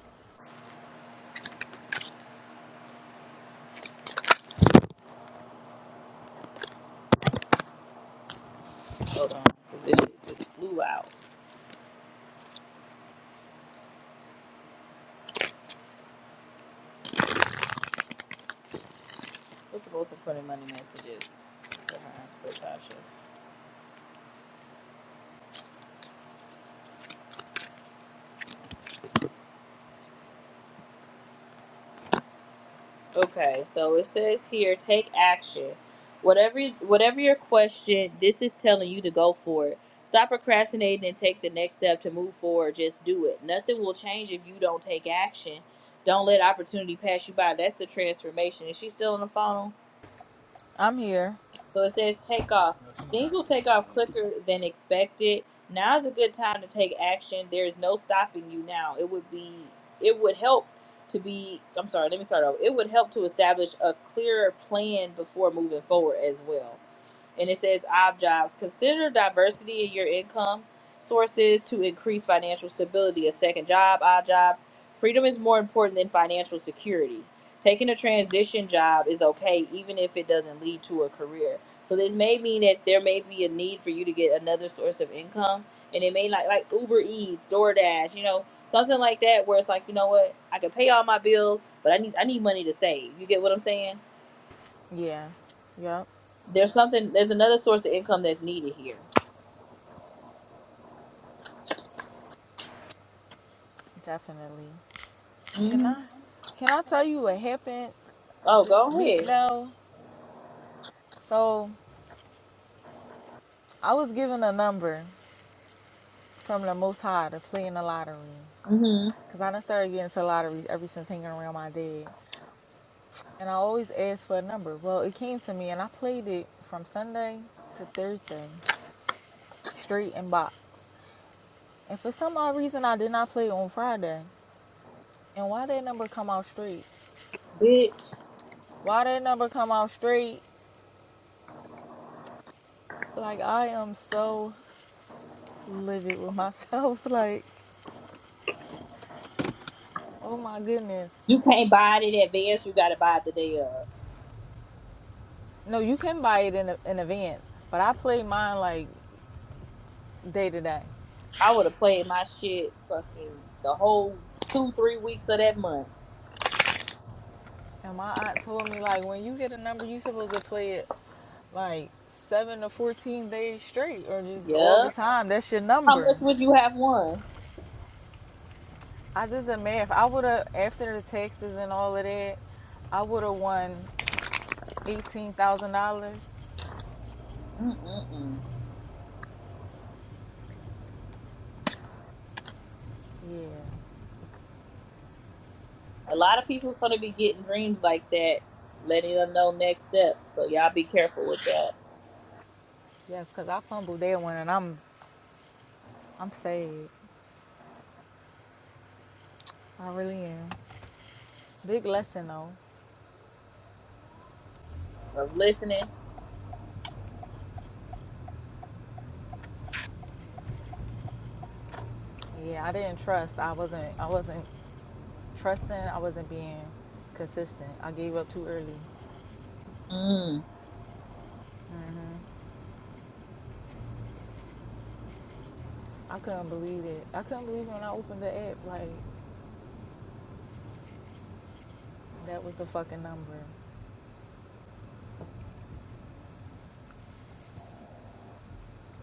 [SPEAKER 1] Hold on, 'cause this shit just flew out. We're supposed to put in money messages for her, for Tasha. Okay, so it says here, take action. Whatever, whatever your question, this is telling you to go for it. Stop procrastinating and take the next step to move forward. Just do it. Nothing will change if you don't take action. Don't let opportunity pass you by. That's the transformation. Is she still on the phone?
[SPEAKER 15] I'm here.
[SPEAKER 1] So it says take off. Things will take off quicker than expected. Now is a good time to take action. There is no stopping you now. It would be it would help to be I'm sorry, let me start over. It would help to establish a clearer plan before moving forward as well and it says ob jobs consider diversity in your income sources to increase financial stability a second job odd jobs freedom is more important than financial security taking a transition job is okay even if it doesn't lead to a career so this may mean that there may be a need for you to get another source of income and it may like like uber eats doordash you know something like that where it's like you know what i can pay all my bills but i need i need money to save you get what i'm saying
[SPEAKER 15] Yeah. Yep.
[SPEAKER 1] there's something there's another source of income that's needed here
[SPEAKER 15] Definitely. Can
[SPEAKER 1] hmm
[SPEAKER 15] I? Can I tell you what happened
[SPEAKER 1] Oh, go
[SPEAKER 15] this week
[SPEAKER 1] ahead.
[SPEAKER 15] though? So I was given a number from the Most High to play in the lottery,
[SPEAKER 1] hmm
[SPEAKER 15] cause I done started getting to lotteries ever since hanging around my dad. And I always ask for a number. Well, it came to me, and I played it from Sunday to Thursday, straight in box. And for some odd reason, I did not play it on Friday. And why that number come out straight?
[SPEAKER 1] Bitch,
[SPEAKER 15] Why that number come out straight? Like I am so livid with myself. Like, oh my goodness.
[SPEAKER 1] you can't buy it in advance. You gotta buy it the day of.
[SPEAKER 15] No, you can buy it in, in advance, but I play mine like day to day.
[SPEAKER 1] I would have played my shit fucking the whole two, three weeks of that month.
[SPEAKER 15] And my aunt told me like, when you get a number, you supposed to play it like seven to 14 days straight or just all the
[SPEAKER 1] Yeah.
[SPEAKER 15] time. That's your
[SPEAKER 1] How much
[SPEAKER 15] number.
[SPEAKER 1] would you have won?
[SPEAKER 15] I did the math. I would have, after the taxes and all of that, I would have won $18,000.
[SPEAKER 1] Mm-mm-mm.
[SPEAKER 15] Yeah.
[SPEAKER 1] A lot of people gonna be getting dreams like that, letting them know next steps. So y'all be careful with that.
[SPEAKER 15] Yes, because I fumbled that one and I'm, I'm sad. I really am. Big lesson though.
[SPEAKER 1] Of listening.
[SPEAKER 15] Yeah, I didn't trust. I wasn't, I wasn't trusting. I wasn't being consistent. I gave up too early.
[SPEAKER 1] Mm.
[SPEAKER 15] I couldn't believe it. I couldn't believe when I opened the app, like, that was the fucking number.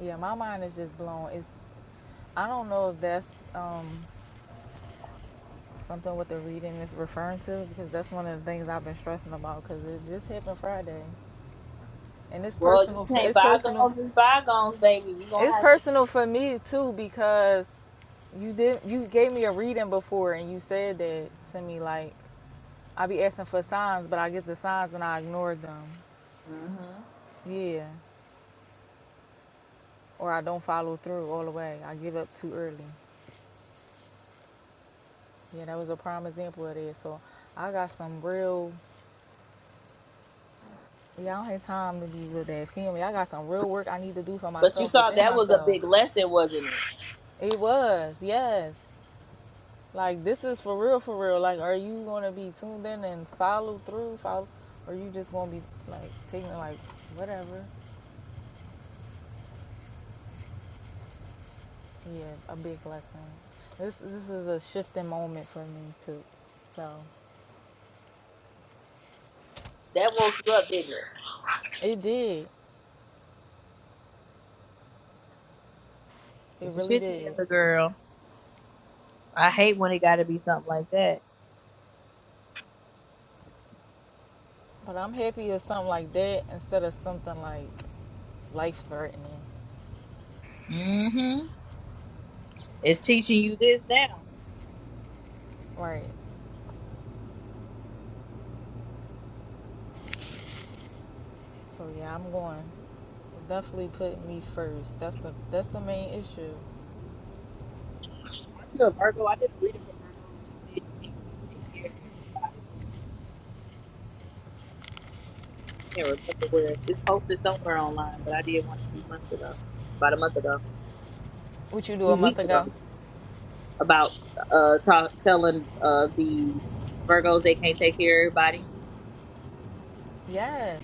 [SPEAKER 15] Yeah, my mind is just blown. It's I don't know if that's um, something what the reading is referring to because that's one of the things I've been stressing about because it just happened Friday, and it's
[SPEAKER 1] Well, you
[SPEAKER 15] personal. For,
[SPEAKER 1] can't
[SPEAKER 15] it's personal.
[SPEAKER 1] bygones is bygones, baby. You gonna
[SPEAKER 15] It's
[SPEAKER 1] have.
[SPEAKER 15] personal for me too because you did you gave me a reading before and you said that to me like I be asking for signs, but I get the signs and I ignore them.
[SPEAKER 1] hmm
[SPEAKER 15] Yeah, or I don't follow through all the way. I give up too early. Yeah, that was a prime example of that. So I got some real Y'all had time to be with that family. I got some real work I need to do for
[SPEAKER 1] But you
[SPEAKER 15] myself
[SPEAKER 1] saw
[SPEAKER 15] within
[SPEAKER 1] that was a big
[SPEAKER 15] myself.
[SPEAKER 1] lesson, wasn't it?
[SPEAKER 15] It was, yes. Like this is for real, for real. Like, are you gonna be tuned in and follow through? Follow, or are you just gonna be like taking like whatever? Yeah, a big lesson. This this is a shifting moment for me too. So
[SPEAKER 1] That woke you up, didn't it?
[SPEAKER 15] it did, it
[SPEAKER 1] Get your
[SPEAKER 15] really
[SPEAKER 1] shit
[SPEAKER 15] did.
[SPEAKER 1] together, girl. I hate when it got to be something like that.
[SPEAKER 15] But I'm happy with something like that instead of something like life threatening.
[SPEAKER 1] It's teaching you this now.
[SPEAKER 15] Right. So yeah, I'm going. Definitely put me first. That's the that's the main issue.
[SPEAKER 1] Aren't you a Virgo? I did a reading for Virgos that said you can't keep, take care of everybody. can't remember where it's, it's posted somewhere online, but I did one a few months ago, about a month ago, a
[SPEAKER 15] What you do a
[SPEAKER 1] few
[SPEAKER 15] month
[SPEAKER 1] weeks ago,
[SPEAKER 15] ago?
[SPEAKER 1] about uh ta telling uh the Virgos they can't take care of everybody.
[SPEAKER 15] Yes,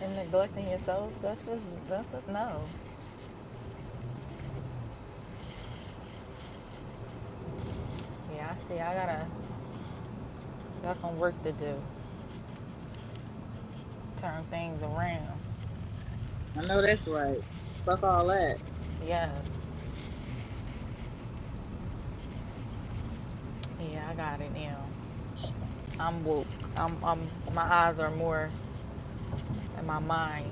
[SPEAKER 15] and neglecting yourself. That's just that's just no. Yeah, I see. I gotta got some work to do. Turn things around.
[SPEAKER 1] I know that's right. Fuck all that.
[SPEAKER 15] Yes. Yeah, I got it now. I'm woke. I'm I'm my eyes are more in my mind.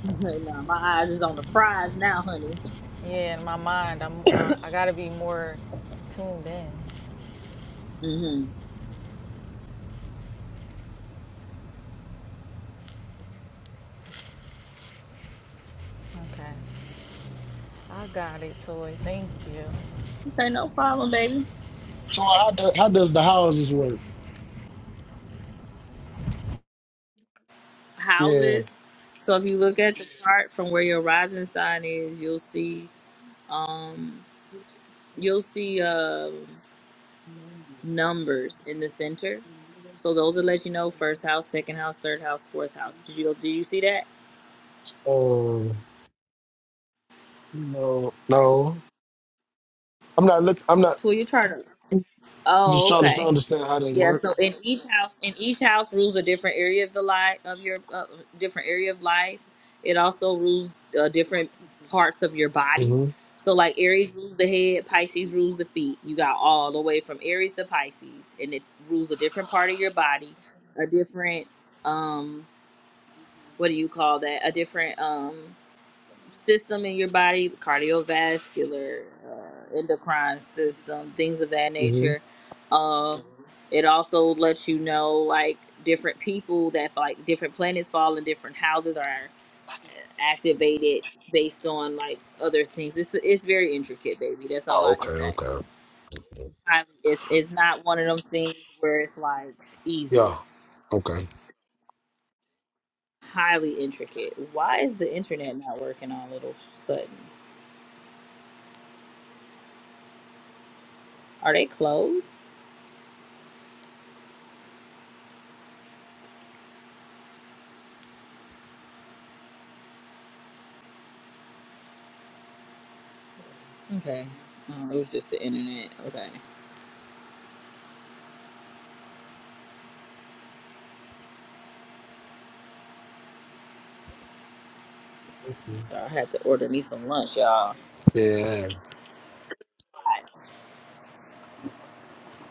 [SPEAKER 1] nah, my eyes is on the prize now, honey.
[SPEAKER 15] Yeah, in my mind. I'm uh, I gotta be more tuned in.
[SPEAKER 1] hmm
[SPEAKER 15] Okay. I got it, Toy. Thank you.
[SPEAKER 1] Okay, no problem, baby.
[SPEAKER 11] So how do, how does the houses work? Yeah.
[SPEAKER 1] houses. So if you look at the chart from where your rising sign is, you'll see um you'll see um numbers in the center. So those will let you know first house, second house, third house, fourth house. Did you Did you see that?
[SPEAKER 11] Um, no, no, I'm not look. I'm not
[SPEAKER 1] Pull your chart up.
[SPEAKER 11] I'm just
[SPEAKER 1] Oh,
[SPEAKER 11] trying to
[SPEAKER 1] okay.
[SPEAKER 11] understand how they
[SPEAKER 1] Yeah,
[SPEAKER 11] work.
[SPEAKER 1] so in each house, in each house rules a different area of the life of your uh, different area of life. It also rules uh, different parts of your body.
[SPEAKER 11] hmm
[SPEAKER 1] So like Aries rules the head, Pisces rules the feet. You got all the way from Aries to Pisces, and it rules a different part of your body, a different um, what do you call that? A different um system in your body, the cardiovascular, uh, endocrine system, things of that
[SPEAKER 11] hmm
[SPEAKER 1] nature. Um, it also lets you know like different people that like different planets fall in different houses are activated based on like other things. It's it's very intricate, baby. That's all
[SPEAKER 11] Oh,
[SPEAKER 1] I
[SPEAKER 11] okay,
[SPEAKER 1] can say.
[SPEAKER 11] okay.
[SPEAKER 1] Highly, it's it's not one of them things where it's like easy.
[SPEAKER 11] Yeah. Okay.
[SPEAKER 1] Highly intricate. Why is the internet not working all of a sudden? Are they closed? Okay. Oh, it was just the internet. Okay. So I had to order me some lunch, y'all.
[SPEAKER 11] Yeah.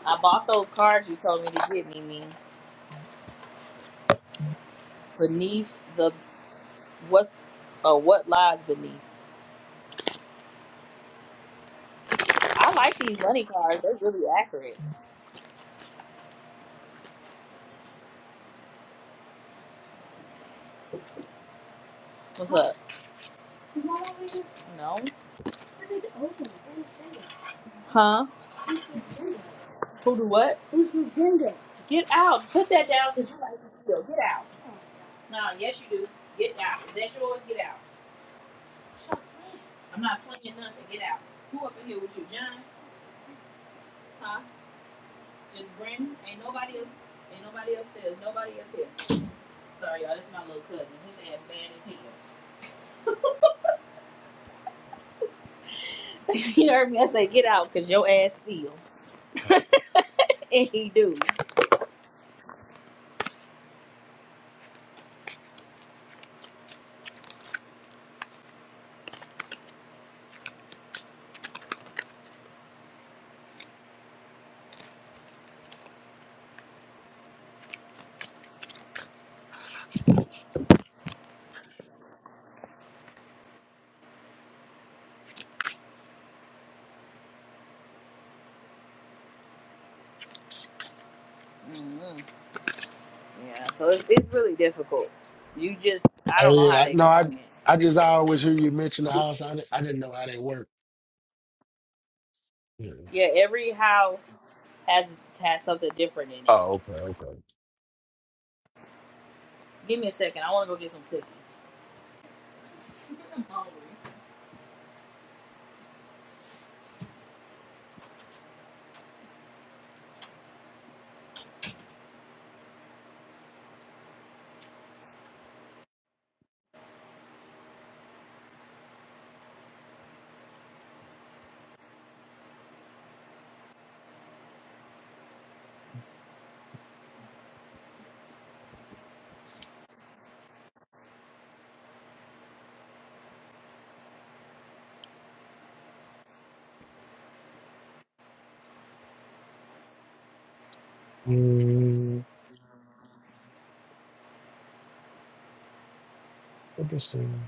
[SPEAKER 1] I bought those cards you told me to get Mimi. Beneath the what's uh what lies beneath. I like these money cards. They're really accurate. What's up? No. Huh? Who do what? Get out. Put that down because you like to steal. Get out. Nah, yes you do. Get out. If that's yours, get out. I'm not playing nothing. Get out. Who up in here with you, John? Huh? Just Brandon? Ain't nobody else. Ain't nobody upstairs. Nobody up here. Sorry, y'all. This is my little cousin. His ass bad as hell. you heard me? I say get out, cause your ass steal, and he do. hmm Yeah. So it's it's really difficult. You just I
[SPEAKER 11] Oh
[SPEAKER 1] don't know how
[SPEAKER 11] yeah.
[SPEAKER 1] to
[SPEAKER 11] I- No, I
[SPEAKER 1] explain it.
[SPEAKER 11] I just I always hear you mention the house. I didn't, I didn't know how they work. Yeah.
[SPEAKER 1] Yeah. Every house has has something different in it.
[SPEAKER 11] Oh, okay, okay.
[SPEAKER 1] Give me a second. I want to go get some cookies.
[SPEAKER 11] Mm, interesting.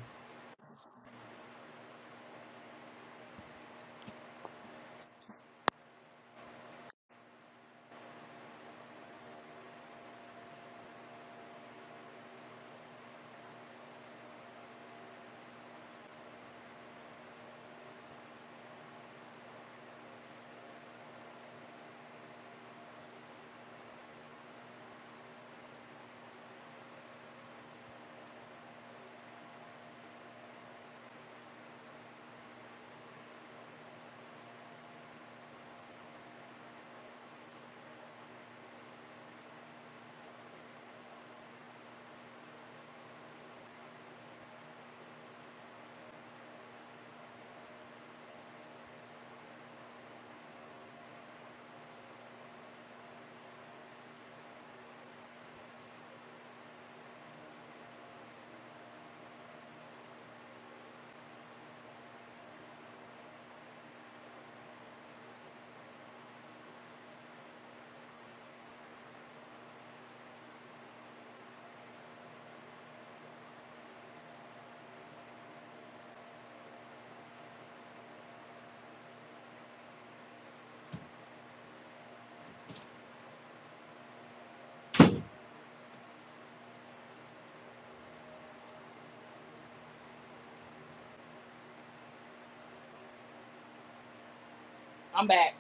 [SPEAKER 1] I'm back.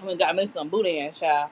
[SPEAKER 1] I mean, got me some boudin, child.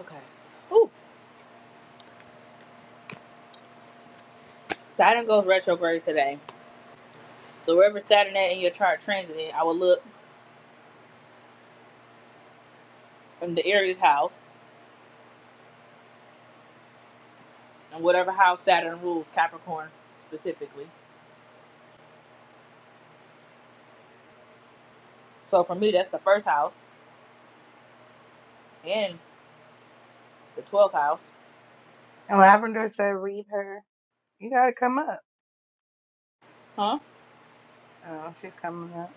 [SPEAKER 1] Okay. Ooh. Saturn goes retrograde today. So wherever Saturn at in your chart transit, in, I will look in the Aries house and whatever house Saturn rules, Capricorn specifically. So for me, that's the first house and the 12th house,
[SPEAKER 14] And Lavender said, read her. You got to come up.
[SPEAKER 1] huh?
[SPEAKER 14] Oh, she's coming up.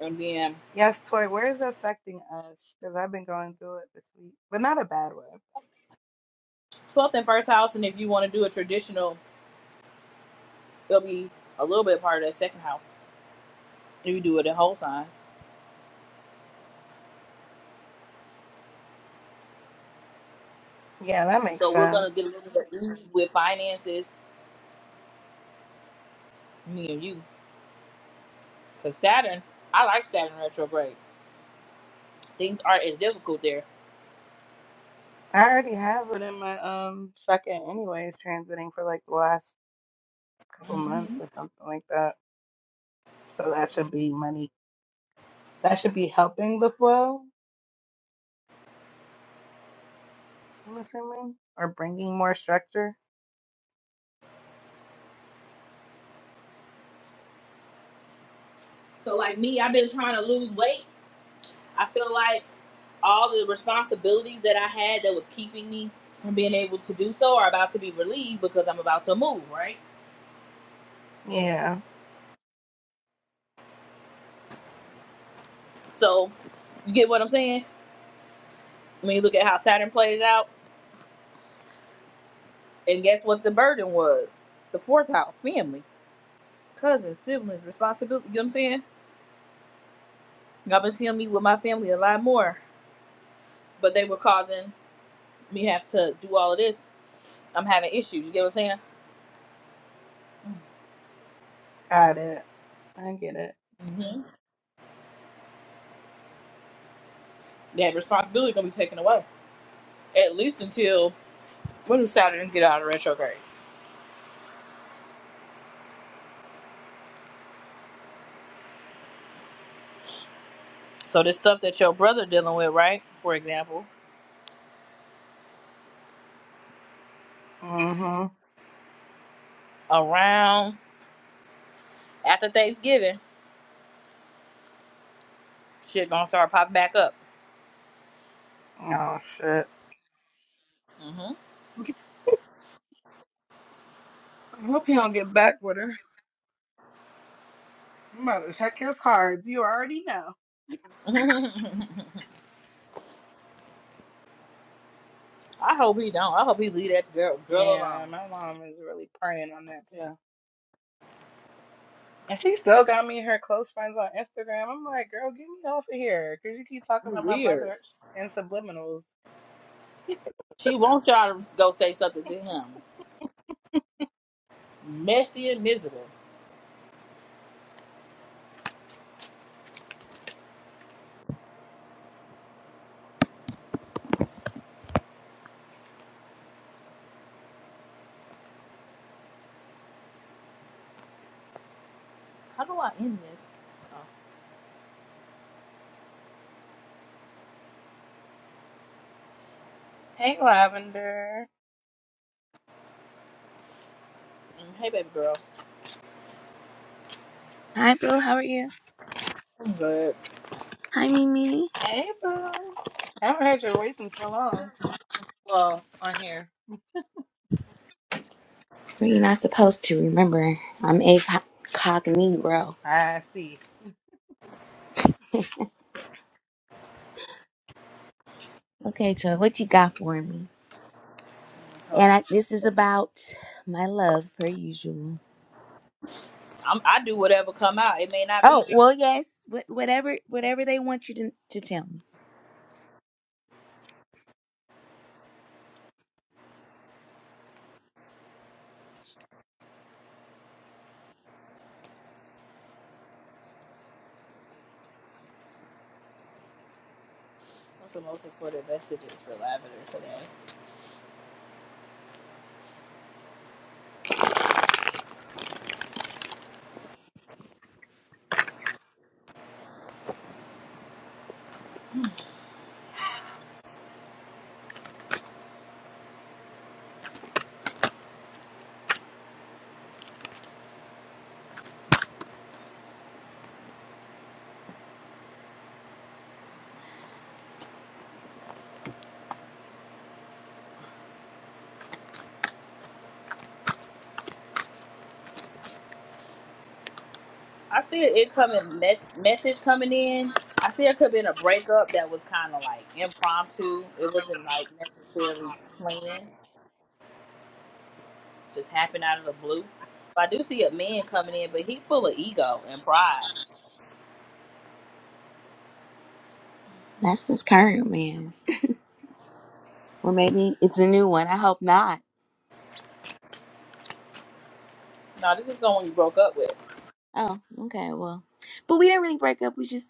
[SPEAKER 1] And then
[SPEAKER 14] Yes, Tori, where is it affecting us? Because I've been going through it this week, but not a bad way.
[SPEAKER 1] 12th and first house, and if you want to do a traditional, it'll be a little bit part of that second house if you do it in whole signs.
[SPEAKER 14] Yeah, that makes
[SPEAKER 1] So we're gonna get a
[SPEAKER 14] sense.
[SPEAKER 1] little bit easy with finances, me and you, because Saturn, I like Saturn retrograde. Things aren't as difficult there.
[SPEAKER 14] I already have it in my um second, anyways, transiting for like the last couple months
[SPEAKER 1] hmm
[SPEAKER 14] or something like that. So that should be money. That should be helping the flow, I'm assuming, or bringing more structure.
[SPEAKER 1] So like me, I've been trying to lose weight I feel like all the responsibilities that I had that was keeping me from being able to do so are about to be relieved because I'm about to move, right?
[SPEAKER 14] Yeah,
[SPEAKER 1] So, you get what I'm saying? When you look at how Saturn plays out, and guess what the burden was? The fourth house, family, cousins, siblings, responsibility. You know what I'm saying? I've been feeling me with my family a lot more, but they were causing me have to do all of this. I'm having issues. You get what I'm saying?
[SPEAKER 14] got it. I get it.
[SPEAKER 1] mm hmm That responsibility gonna be taken away at least until when does Saturn get out of retrograde? So this stuff that your brother dealing with, right? For example,
[SPEAKER 14] Mm-hmm.
[SPEAKER 1] around after Thanksgiving, shit gonna start popping back up.
[SPEAKER 14] Oh, shit.
[SPEAKER 1] hmm
[SPEAKER 14] I hope you don't get back with her. You better check your cards. You already know.
[SPEAKER 1] I hope he don't. I hope he leave that girl girl alone.
[SPEAKER 14] Yeah, my mom is really praying on that, too. And she still got me her close friends on Instagram. I'm like, girl, get me off of here. Because you keep talking
[SPEAKER 1] You
[SPEAKER 14] about my
[SPEAKER 1] weird.
[SPEAKER 14] brother and subliminals.
[SPEAKER 1] She wants y'all to go say something to him. Messy and miserable. How do I end this? Oh,
[SPEAKER 14] Hey, Lavender.
[SPEAKER 1] mm, hey, baby girl.
[SPEAKER 16] Hi, bro. How are you?
[SPEAKER 1] I'm good.
[SPEAKER 16] Hi, Mimi.
[SPEAKER 14] Hey, Boo. I haven't heard your voice in so long. Well, on here,
[SPEAKER 16] Well, You're not supposed to remember. I'm a cognito.
[SPEAKER 14] I see.
[SPEAKER 16] Okay, so what you got for me?
[SPEAKER 1] Hold on.
[SPEAKER 16] And I, this is about my love, per usual.
[SPEAKER 1] I'm, I do whatever come out. It may not be.
[SPEAKER 16] Oh, well, yes. Wh- whatever, whatever they want you to to tell me.
[SPEAKER 1] What's the most important messages for Lavender today? I see it coming mess, message coming in. I see it could be in a breakup that was kind of like impromptu. It wasn't like necessarily planned. Just happened out of the blue. But I do see a man coming in, but he full of ego and pride.
[SPEAKER 16] That's this current man, or maybe it's a new one. I hope not.
[SPEAKER 1] No, this is someone you broke up with.
[SPEAKER 16] Oh, okay. Well, but we didn't really break up. We just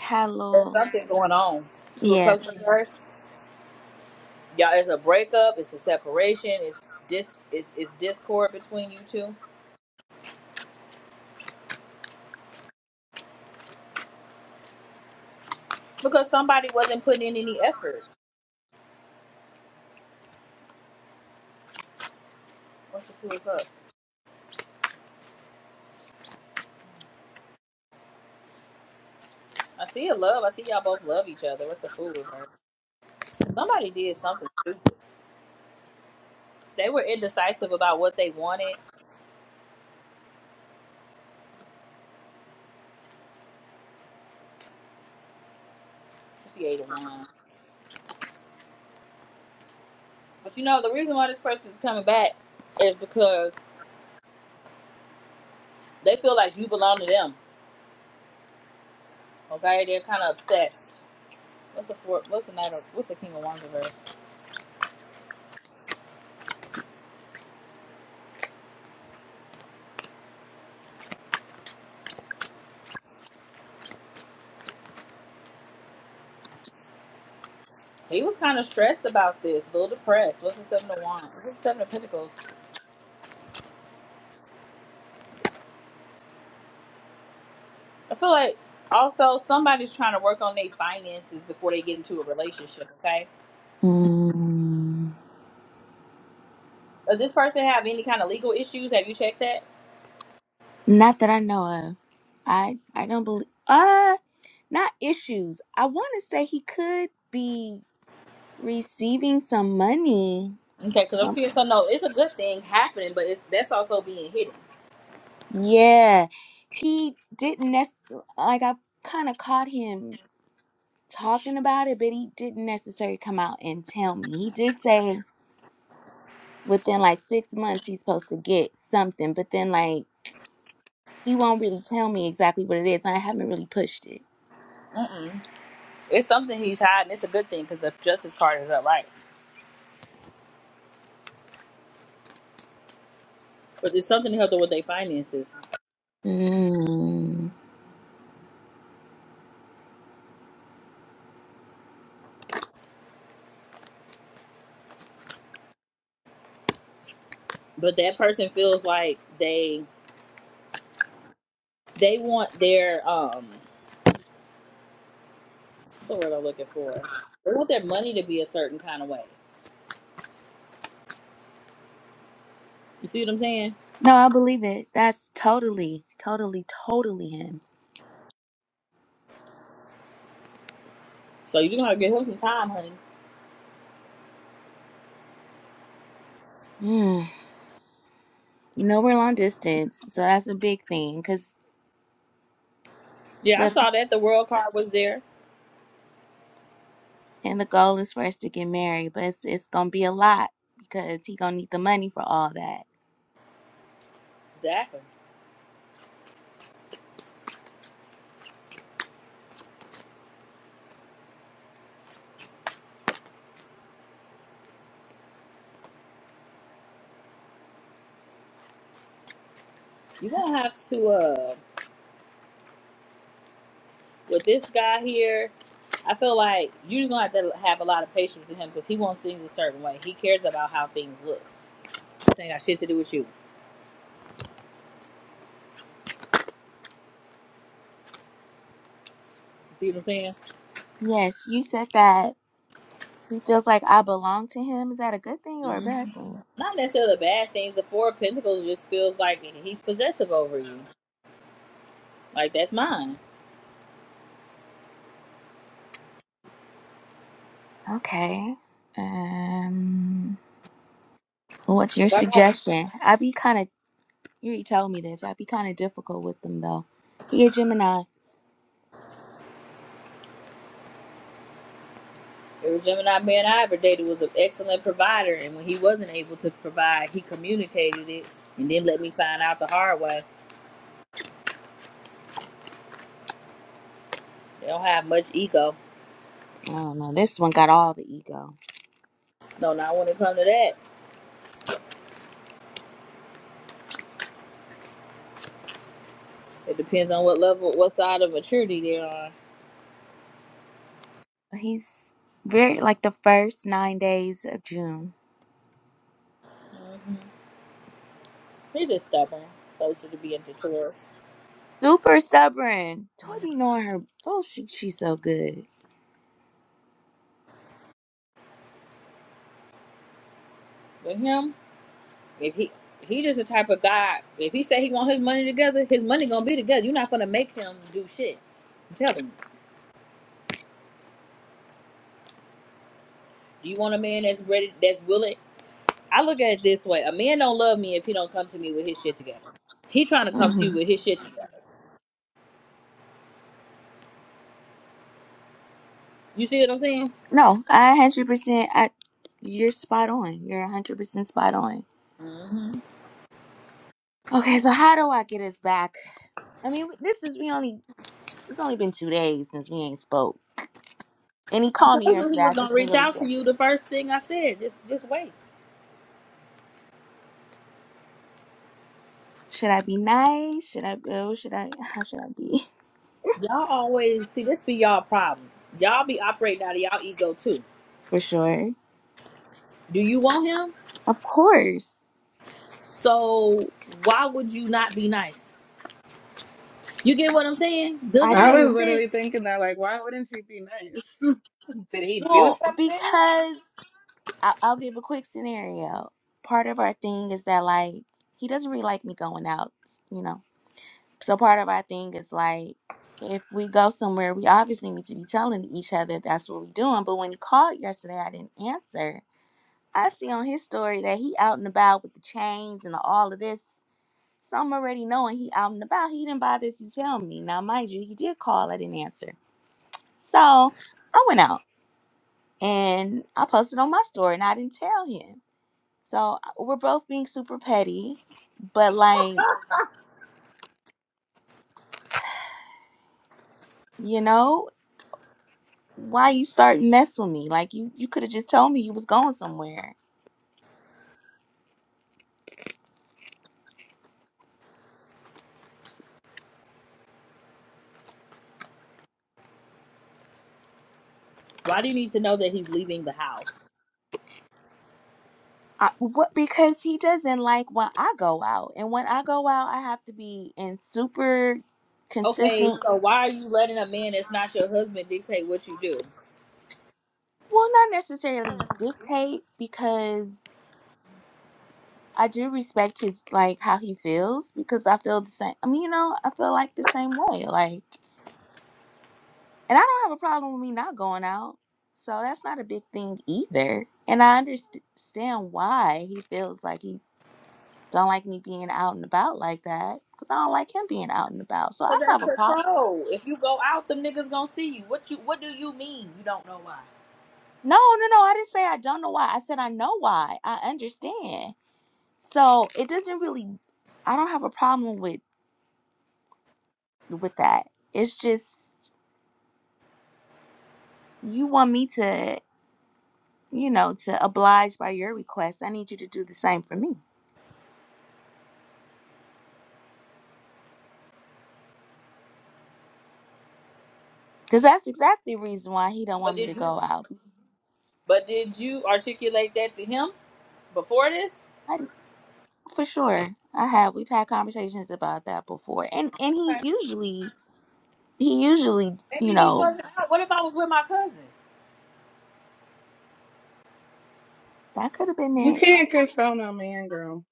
[SPEAKER 16] had a
[SPEAKER 1] There's
[SPEAKER 16] little,
[SPEAKER 1] something going on. Two of
[SPEAKER 16] yeah.
[SPEAKER 1] cups reversed. Y'all, it's a breakup. It's a separation. It's dis. It's, it's discord between you two because somebody wasn't putting in any effort. What's the two of cups? I see a love. I see y'all both love each other. What's the fool reverse? Somebody did something stupid. They were indecisive about what they wanted. She ate a wine. But you know, the reason why this person is coming back is because they feel like you belong to them. Okay, they're kind of obsessed. What's the four? What's the knight of? What's the king of wands reverse? He was kind of stressed about this, a little depressed. What's the seven of wands? What's the seven of pentacles? I feel like also somebody's trying to work on their finances before they get into a relationship. Okay,
[SPEAKER 16] Mm,
[SPEAKER 1] does this person have any kind of legal issues? Have you checked that?
[SPEAKER 16] not that I know of. I I don't believe. not issues. I want to say he could be receiving some money.
[SPEAKER 1] Okay, because I'm
[SPEAKER 16] Um,
[SPEAKER 1] seeing so no, it's a good thing happening, but it's that's also being hidden.
[SPEAKER 16] Yeah, he didn't nec- like I kind of caught him talking about it, but he didn't necessarily come out and tell me. He did say within like six months he's supposed to get something, but then like he won't really tell me exactly what it is. I haven't really pushed it.
[SPEAKER 1] Mm-mm. It's something he's hiding. It's a good thing because the justice card is upright. But it's something to help them with their finances.
[SPEAKER 16] Mm.
[SPEAKER 1] But that person feels like they they want their um what's the word I'm looking for? They want their money to be a certain kind of way. You see what I'm saying?
[SPEAKER 16] No, I believe it. That's totally, totally, totally him.
[SPEAKER 1] So you're gonna have to give him some time, honey.
[SPEAKER 16] You know, we're long distance, so that's a big thing. Cause
[SPEAKER 1] Yeah, I
[SPEAKER 16] the
[SPEAKER 1] saw that the world card was there.
[SPEAKER 16] and the goal is for us to get married, but it's it's gonna be a lot because he gonna need the money for all that.
[SPEAKER 1] Exactly. You're gonna have to uh With this guy here, I feel like you're just gonna have to have a lot of patience with him because he wants things a certain way. He cares about how things looks. This ain't got shit to do with you. You see what I'm saying?
[SPEAKER 16] Yes, you said that he feels like I belong to him. Is that a good thing or a
[SPEAKER 1] hmm
[SPEAKER 16] bad thing?
[SPEAKER 1] Not necessarily bad things. The Four of Pentacles just feels like he's possessive over you. Like that's mine.
[SPEAKER 16] Okay. Um, what's your
[SPEAKER 1] If I got
[SPEAKER 16] suggestion? I be kind of you already told me this. I be kind of difficult with them though. He a Gemini.
[SPEAKER 1] every Gemini man I ever dated was an excellent provider, and when he wasn't able to provide, he communicated it and then let me find out the hard way. They don't have much ego.
[SPEAKER 16] I don't know. This one got all the ego.
[SPEAKER 1] No, not when it comes to that. It depends on what level, what side of maturity they're on.
[SPEAKER 16] He's very like the first nine days of June.
[SPEAKER 1] hmm He's just stubborn, closer to being deterred.
[SPEAKER 16] Super stubborn. Toy be knowing her. Oh, she she's so good.
[SPEAKER 1] But him, if he he just the type of guy. If he say he want his money together, his money gonna be together. You're not gonna make him do shit. I'm telling you. Do you want a man that's ready, that's willing? I look at it this way: a man don't love me if he don't come to me with his shit together. He trying to come to you
[SPEAKER 16] hmm
[SPEAKER 1] with his shit together. You see what I'm saying?
[SPEAKER 16] No, I hundred percent. I you're spot on. You're hundred percent spot on.
[SPEAKER 1] hmm
[SPEAKER 16] Okay, so how do I get us back? I mean, this is we only it's only been two days since we ain't spoke, and he
[SPEAKER 1] I
[SPEAKER 16] called me
[SPEAKER 1] told you he
[SPEAKER 16] yesterday. I
[SPEAKER 1] was gonna
[SPEAKER 16] just didn't
[SPEAKER 1] reach
[SPEAKER 16] really.
[SPEAKER 1] out to
[SPEAKER 16] Good.
[SPEAKER 1] you. The first thing I said, just just wait.
[SPEAKER 16] Should I be nice? Should I? Oh, should I? How should I be?
[SPEAKER 1] Y'all always see this be y'all problem. Y'all be operating out of y'all ego too.
[SPEAKER 16] For sure.
[SPEAKER 1] Do you want him?
[SPEAKER 16] Of course,
[SPEAKER 1] So why would you not be nice? You get what I'm saying? Does
[SPEAKER 16] I
[SPEAKER 1] it
[SPEAKER 14] I
[SPEAKER 1] make
[SPEAKER 14] was
[SPEAKER 16] do.
[SPEAKER 14] literally
[SPEAKER 1] sense?
[SPEAKER 14] thinking that, like, why wouldn't she be nice? Did he do
[SPEAKER 16] Well,
[SPEAKER 14] something?
[SPEAKER 16] because I- I'll give a quick scenario. Part of our thing is that like he doesn't really like me going out, you know. So part of our thing is like if we go somewhere, we obviously need to be telling each other that's what we're doing. But when he called yesterday, I didn't answer. I see on his story that he out and about with the chains and all of this. So I'm already knowing he out and about. He didn't bother to tell me. Now, mind you, he did call. I didn't answer. So I went out and I posted on my story and I didn't tell him. So uh, we're both being super petty, but like, you know, why you start mess with me? Like you you could have just told me you was going somewhere.
[SPEAKER 1] Why do you need to know that he's leaving the house?
[SPEAKER 16] I, what because he doesn't like when I go out. And when I go out, I have to be in super
[SPEAKER 1] Okay,
[SPEAKER 16] consistent
[SPEAKER 1] so why are you letting a man that's not your husband dictate what you do?
[SPEAKER 16] well, not necessarily dictate because I do respect his like how he feels because I feel the same. I mean, you know, I feel like the same way. Like And I don't have a problem with me not going out. So that's not a big thing either. And I understand why he feels like he don't like me being out and about like that because I don't like him being out and about. So I
[SPEAKER 1] Cause that's
[SPEAKER 16] don't have a problem.
[SPEAKER 1] control. If you go out, them niggas gonna see you. What you? What do you mean? You don't know why?
[SPEAKER 16] No, no, no. I didn't say I don't know why. I said I know why. I understand. So it doesn't really. I don't have a problem with with that. It's just you want me to, you know, to oblige by your request. I need you to do the same for me. Cause that's exactly the reason why he don't
[SPEAKER 1] But
[SPEAKER 16] want me to
[SPEAKER 1] did you?
[SPEAKER 16] go out.
[SPEAKER 1] But did you articulate that to him before this?
[SPEAKER 16] I, for sure, I have. We've had conversations about that before, and and he usually he usually you
[SPEAKER 1] Maybe he
[SPEAKER 16] know
[SPEAKER 1] wasn't out. What if I was with my cousins?
[SPEAKER 16] that could have been
[SPEAKER 14] You
[SPEAKER 16] it.
[SPEAKER 14] can't control no man, girl.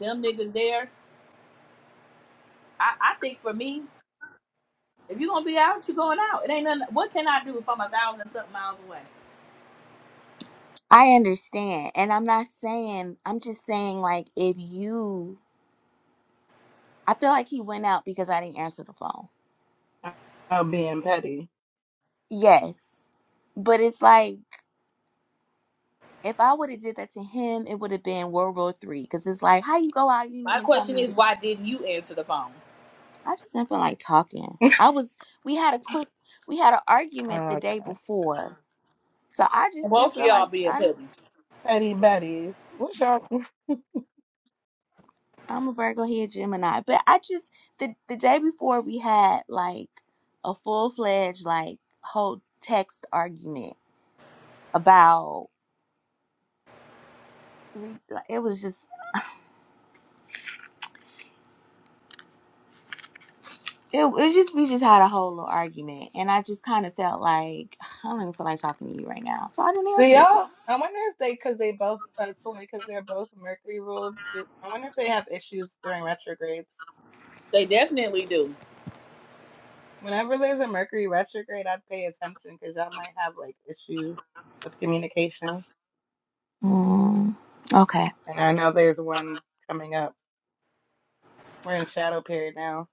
[SPEAKER 1] Them niggas there. I, I think for me, if you're gonna be out, you're going out. It ain't nothing. What can I do if I'm a thousand something miles away?
[SPEAKER 16] I understand, and I'm not saying. I'm just saying like if you, I feel like he went out because I didn't answer the phone.
[SPEAKER 14] About being petty.
[SPEAKER 16] Yes, but it's like if I would have did that to him, it would have been World War Three. Cause it's like how you go out, you didn't
[SPEAKER 1] My
[SPEAKER 16] even tell
[SPEAKER 1] question
[SPEAKER 16] me
[SPEAKER 1] is, why didn't you answer the phone?
[SPEAKER 16] I just didn't feel like talking. I was we had a quick we had an argument the day
[SPEAKER 14] Okay.
[SPEAKER 16] before. So I just
[SPEAKER 1] Both
[SPEAKER 16] didn't
[SPEAKER 1] of
[SPEAKER 16] feel like
[SPEAKER 1] y'all being
[SPEAKER 16] I didn't
[SPEAKER 1] petty.
[SPEAKER 14] Petty Betty. What's y'all?
[SPEAKER 16] I'm a Virgo here, Gemini. But I just the the day before we had like a full fledged like whole text argument about re, like, it was just it, it just we just had a whole little argument and I just kind of felt like I don't even feel like talking to you right now, so I didn't
[SPEAKER 14] Do
[SPEAKER 16] answer.
[SPEAKER 14] y'all? I wonder if they, because they both, uh, toy, because they're both Mercury ruled. do- I wonder if they have issues during retrogrades.
[SPEAKER 1] They definitely do.
[SPEAKER 14] Whenever there's a Mercury retrograde, I'd pay attention because y'all might have like issues with communication.
[SPEAKER 16] Mm, okay.
[SPEAKER 14] And I know there's one coming up. We're in shadow period now.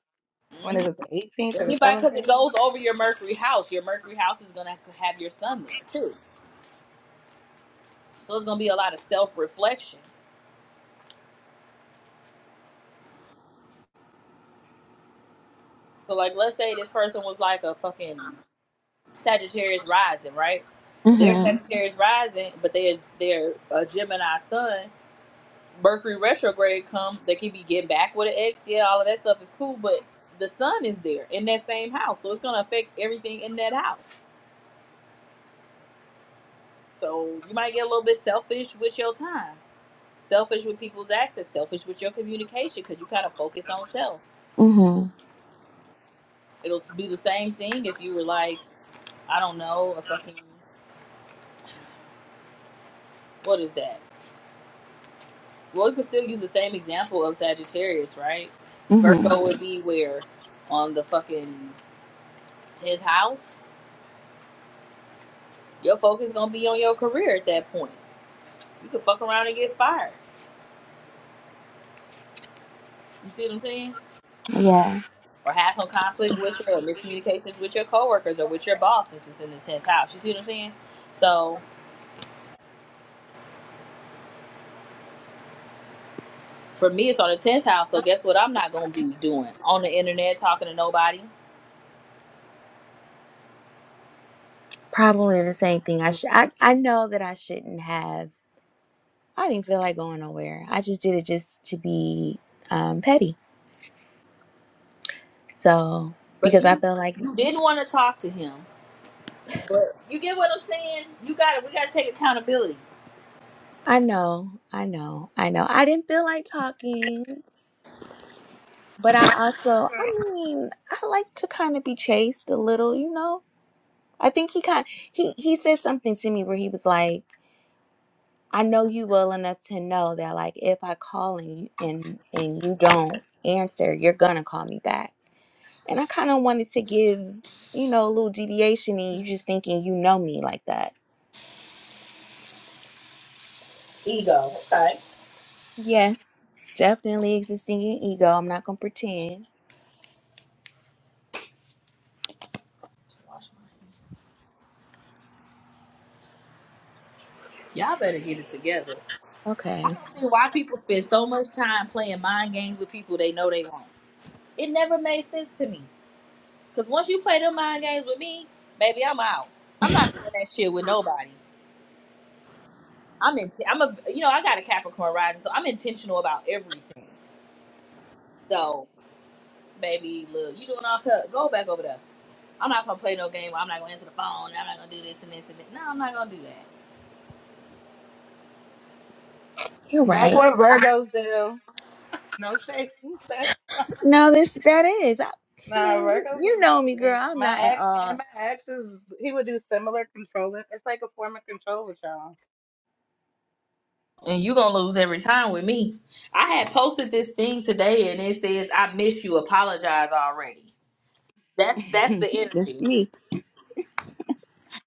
[SPEAKER 14] When
[SPEAKER 1] Mhm.
[SPEAKER 14] is it? The 18th or the
[SPEAKER 1] Anybody, because it
[SPEAKER 14] 17th?
[SPEAKER 1] goes over your Mercury house. Your Mercury house is gonna have to have your son there too. So it's gonna be a lot of self reflection. So like, let's say this person was like a fucking Sagittarius rising, right? They're
[SPEAKER 16] Mhm.
[SPEAKER 1] Sagittarius rising, but there's they're a Gemini sun. Mercury retrograde come, they can be getting back with an ex. Yeah, all of that stuff is cool, but the sun is there in that same house, so it's gonna affect everything in that house. So you might get a little bit selfish with your time, selfish with people's access, selfish with your communication, because you kind of focus on self.
[SPEAKER 16] Mhm.
[SPEAKER 1] It'll be the same thing if you were like, I don't know, a fucking what is that? Well, you could still use the same example of Sagittarius, right?
[SPEAKER 16] Mhm.
[SPEAKER 1] Virgo would be where on the fucking tenth house. Your focus gonna be on your career at that point. You could fuck around and get fired. You see what I'm saying?
[SPEAKER 16] Yeah.
[SPEAKER 1] Or have some conflict with your or miscommunications with your coworkers or with your boss since it's in the tenth house. You see what I'm saying? So for me, it's on the tenth house. So guess what? I'm not gonna be doing on the internet talking to nobody.
[SPEAKER 16] Probably the same thing. I, sh- I I know that I shouldn't have. I didn't feel like going nowhere. I just did it just to be um, petty. So
[SPEAKER 1] But
[SPEAKER 16] because I
[SPEAKER 1] you,
[SPEAKER 16] felt like
[SPEAKER 1] you didn't want to talk to him. But you get what I'm saying? You got to We gotta take accountability.
[SPEAKER 16] I know, I know, I know. I didn't feel like talking, but I also, I mean, I like to kind of be chased a little, you know. I think he kind he he said something to me where he was like, "I know you well enough to know that like if I call and you and and you don't answer, you're gonna call me back." And I kind of wanted to give, you know, a little deviation and you just thinking you know me like that.
[SPEAKER 1] Ego. Okay.
[SPEAKER 16] Yes, definitely existing in ego. I'm not going to pretend.
[SPEAKER 1] Y'all better get it together. I
[SPEAKER 16] Okay,
[SPEAKER 1] don't see why people spend so much time playing mind games with people they know they won't. It never made sense to me. Cause once you play them mind games with me, baby, I'm out. I'm not doing that shit with nobody. I'm in. I'm a. You know, I got a Capricorn rising, so I'm intentional about everything. So, baby, look, you doing all cut? Go back over there. I'm not gonna play no game. Where I'm not gonna answer the phone. I'm not gonna do this and this and that. No, I'm not gonna do that.
[SPEAKER 16] you're
[SPEAKER 14] That's
[SPEAKER 16] right.
[SPEAKER 14] what Virgos do. No shade.
[SPEAKER 16] No, this that is. I, I
[SPEAKER 14] Nah,
[SPEAKER 16] mean, you,
[SPEAKER 14] Virgos
[SPEAKER 16] you
[SPEAKER 14] is
[SPEAKER 16] know me, girl.
[SPEAKER 14] they-
[SPEAKER 16] I'm not
[SPEAKER 14] my
[SPEAKER 16] at
[SPEAKER 14] ex and
[SPEAKER 16] all.
[SPEAKER 14] my ex is he would do similar controlling. It's like a form of control with y'all.
[SPEAKER 1] and you gonna lose every time with me. I had posted this thing today, and it says, "I miss you. Apologize already." That's that's the
[SPEAKER 16] That's
[SPEAKER 1] energy.
[SPEAKER 16] me.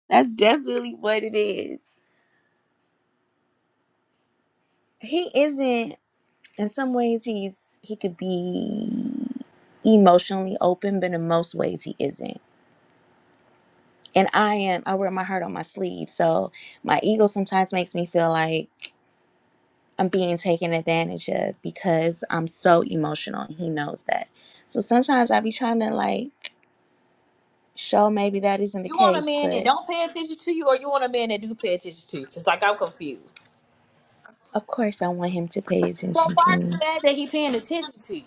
[SPEAKER 16] That's definitely what it is. He isn't. In some ways, he's he could be emotionally open, but in most ways, he isn't. and I am I wear my heart on my sleeve. So my ego sometimes makes me feel like I'm being taken advantage of because I'm so emotional and he knows that. So sometimes I be trying to like show maybe that isn't the
[SPEAKER 1] You want a
[SPEAKER 16] case,
[SPEAKER 1] man that
[SPEAKER 16] but
[SPEAKER 1] don't pay attention to you, or you want a man that do pay attention to you? Cause like I'm confused.
[SPEAKER 16] of course I want him to pay
[SPEAKER 1] So
[SPEAKER 16] attention to
[SPEAKER 1] why are you
[SPEAKER 16] me.
[SPEAKER 1] mad that he paying attention to you?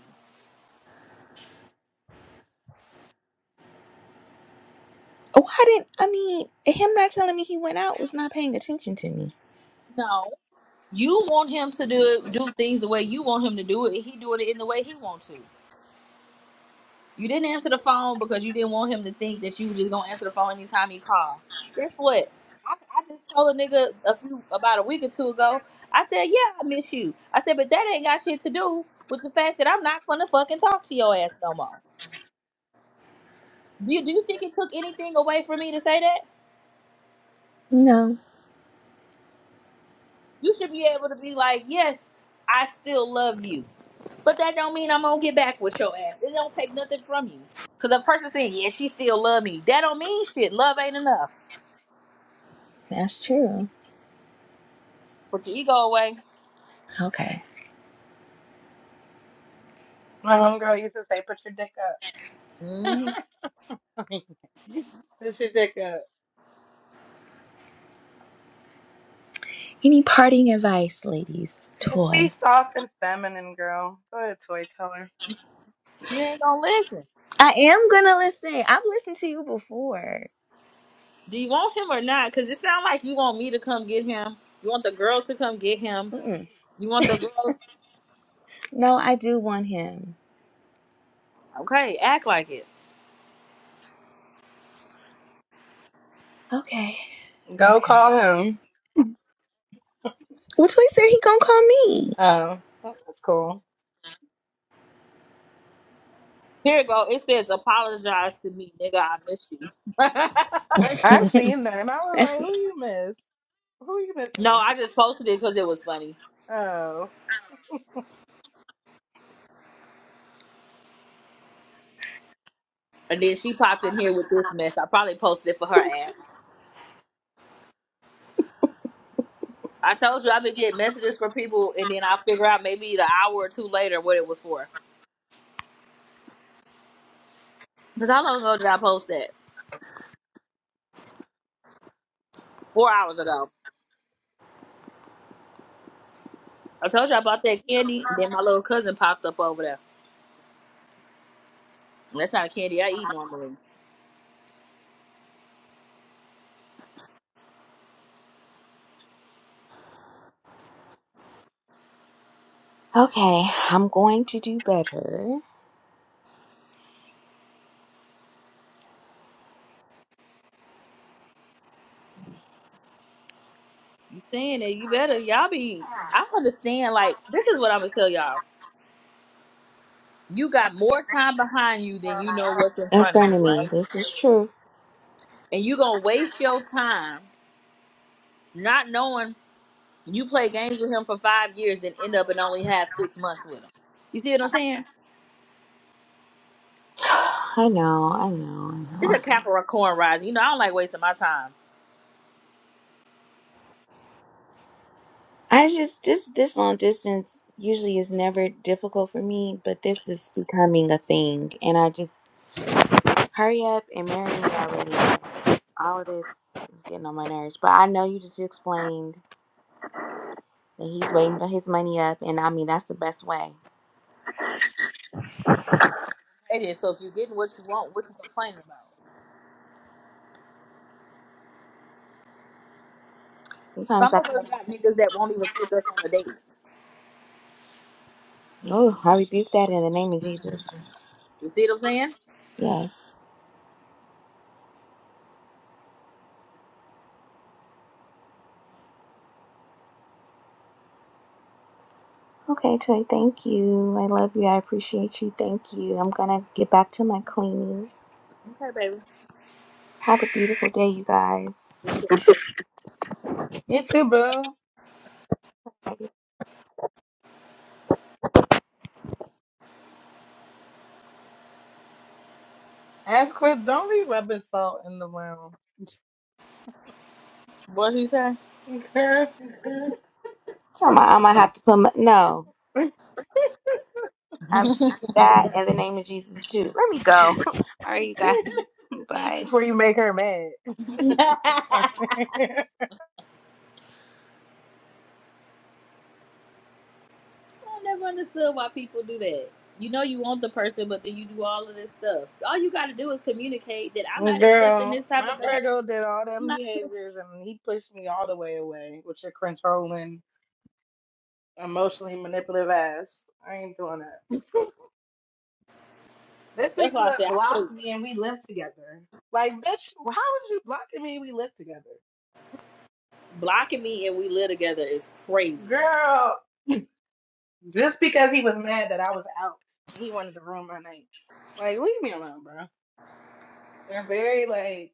[SPEAKER 16] Why didn't I mean him not telling me he went out was not paying attention to me.
[SPEAKER 1] No, you want him to do do things the way you want him to do it. and He doing it in the way he want to. You didn't answer the phone because you didn't want him to think that you were just gonna answer the phone anytime he called. Guess what? I, I just told a nigga a few about a week or two ago. I said, "Yeah, I miss you." I said, "But that ain't got shit to do with the fact that I'm not gonna fucking talk to your ass no more." Do you do you think it took anything away from me to say that?
[SPEAKER 16] No,
[SPEAKER 1] You should be able to be like, "Yes, I still love you," but that don't mean I'm gonna get back with your ass. It don't take nothing from you. Cause a person saying, "Yeah, she still love me," that don't mean shit. Love ain't enough.
[SPEAKER 16] that's true.
[SPEAKER 1] Put your ego away.
[SPEAKER 16] Okay.
[SPEAKER 14] My homegirl used to say, "Put your dick
[SPEAKER 1] hmm
[SPEAKER 14] up." Put your dick up.
[SPEAKER 16] Any parting advice, ladies?
[SPEAKER 14] Just
[SPEAKER 16] Toy.
[SPEAKER 14] be soft and feminine, girl. Go ahead, toy teller.
[SPEAKER 1] She ain't gonna listen.
[SPEAKER 16] I am gonna listen. I've listened to you before.
[SPEAKER 1] Do you want him or not? Because it sounds like you want me to come get him. You want the girls to come get him.
[SPEAKER 16] Mm-mm.
[SPEAKER 1] You want the girls.
[SPEAKER 16] No, I do want him.
[SPEAKER 1] Okay, act like it.
[SPEAKER 16] Okay.
[SPEAKER 14] Go call
[SPEAKER 16] Okay.
[SPEAKER 14] him.
[SPEAKER 16] Which way said he gonna call me?
[SPEAKER 14] Oh, well, that's cool.
[SPEAKER 1] Here you go. It says, apologize to me, nigga. I miss you.
[SPEAKER 14] I seen them. I was
[SPEAKER 16] That's-
[SPEAKER 14] like, "Who you miss? Who you
[SPEAKER 1] no,
[SPEAKER 14] missing?"
[SPEAKER 1] I just posted it because it was funny.
[SPEAKER 14] Oh.
[SPEAKER 1] And then she popped in here with this mess. I probably posted it for her ass. I told you I've been getting messages from people, and then I'll figure out maybe an hour or two later what it was for. Because how long ago did I post that? Four hours ago. I told you I bought that candy, and then my little cousin popped up over there. And that's not a candy I eat normally.
[SPEAKER 16] okay, I'm going to do better
[SPEAKER 1] You saying that you better y'all be I understand like this is what I'm gonna tell y'all. You got more time behind you than you know what's in
[SPEAKER 16] in
[SPEAKER 1] front of you,
[SPEAKER 16] front of me.
[SPEAKER 1] right?
[SPEAKER 16] This is true.
[SPEAKER 1] And you gonna waste your time not knowing you play games with him for five years, then end up and only have six months with him. You see what I'm saying?
[SPEAKER 16] I know, I know, I
[SPEAKER 1] It's
[SPEAKER 16] know.
[SPEAKER 1] a Capricorn rising. You know, I don't like wasting my time.
[SPEAKER 16] I just this this long distance usually is never difficult for me, but this is becoming a thing, and I just hurry up and marry me already. All of this is getting on my nerves. But I know you just explained that he's waiting for his money up, and I mean that's the best way.
[SPEAKER 1] It is. So if you're getting what you want, what you complaining about?
[SPEAKER 16] Sometimes
[SPEAKER 1] Some
[SPEAKER 16] I
[SPEAKER 1] of us
[SPEAKER 16] come.
[SPEAKER 1] got niggas that won't even take us on a date.
[SPEAKER 16] Oh, I rebuke that in the name of Jesus.
[SPEAKER 1] You see what I'm saying?
[SPEAKER 16] Yes. Okay, Toy, thank you. I love you. I appreciate you. Thank you. I'm going to get back to my cleaning.
[SPEAKER 1] Okay, baby.
[SPEAKER 16] Have a beautiful day, you guys.
[SPEAKER 14] It's your boo.
[SPEAKER 16] So
[SPEAKER 14] Ask Chris, don't be rubbing salt in the wound,
[SPEAKER 1] What she say?
[SPEAKER 14] girl,
[SPEAKER 16] I'm going to have to put my. No. I rebuke that in the name of Jesus, too. Let me go. All right, you guys. Bye.
[SPEAKER 14] before you make her mad.
[SPEAKER 1] I never understood why people do that. You know you want the person, but then you do all of this stuff. All you got to do is communicate that I'm not accepting
[SPEAKER 14] girl,
[SPEAKER 1] this type
[SPEAKER 14] my
[SPEAKER 1] of behavior.
[SPEAKER 14] Virgo did all
[SPEAKER 1] I'm
[SPEAKER 14] them
[SPEAKER 1] not-
[SPEAKER 14] behaviors and he pushed me all the way away with your controlling, emotionally manipulative ass. I ain't doing that. This
[SPEAKER 1] That's
[SPEAKER 14] nigga
[SPEAKER 1] why I say
[SPEAKER 14] would
[SPEAKER 1] I
[SPEAKER 14] block
[SPEAKER 1] think
[SPEAKER 14] me and we lived together. Like, bitch, how was you blocking me and we lived together?
[SPEAKER 1] blocking me and we live together is crazy.
[SPEAKER 14] Girl, just because he was mad that I was out and he wanted to ruin my night. Like, leave me alone, bro. They're very like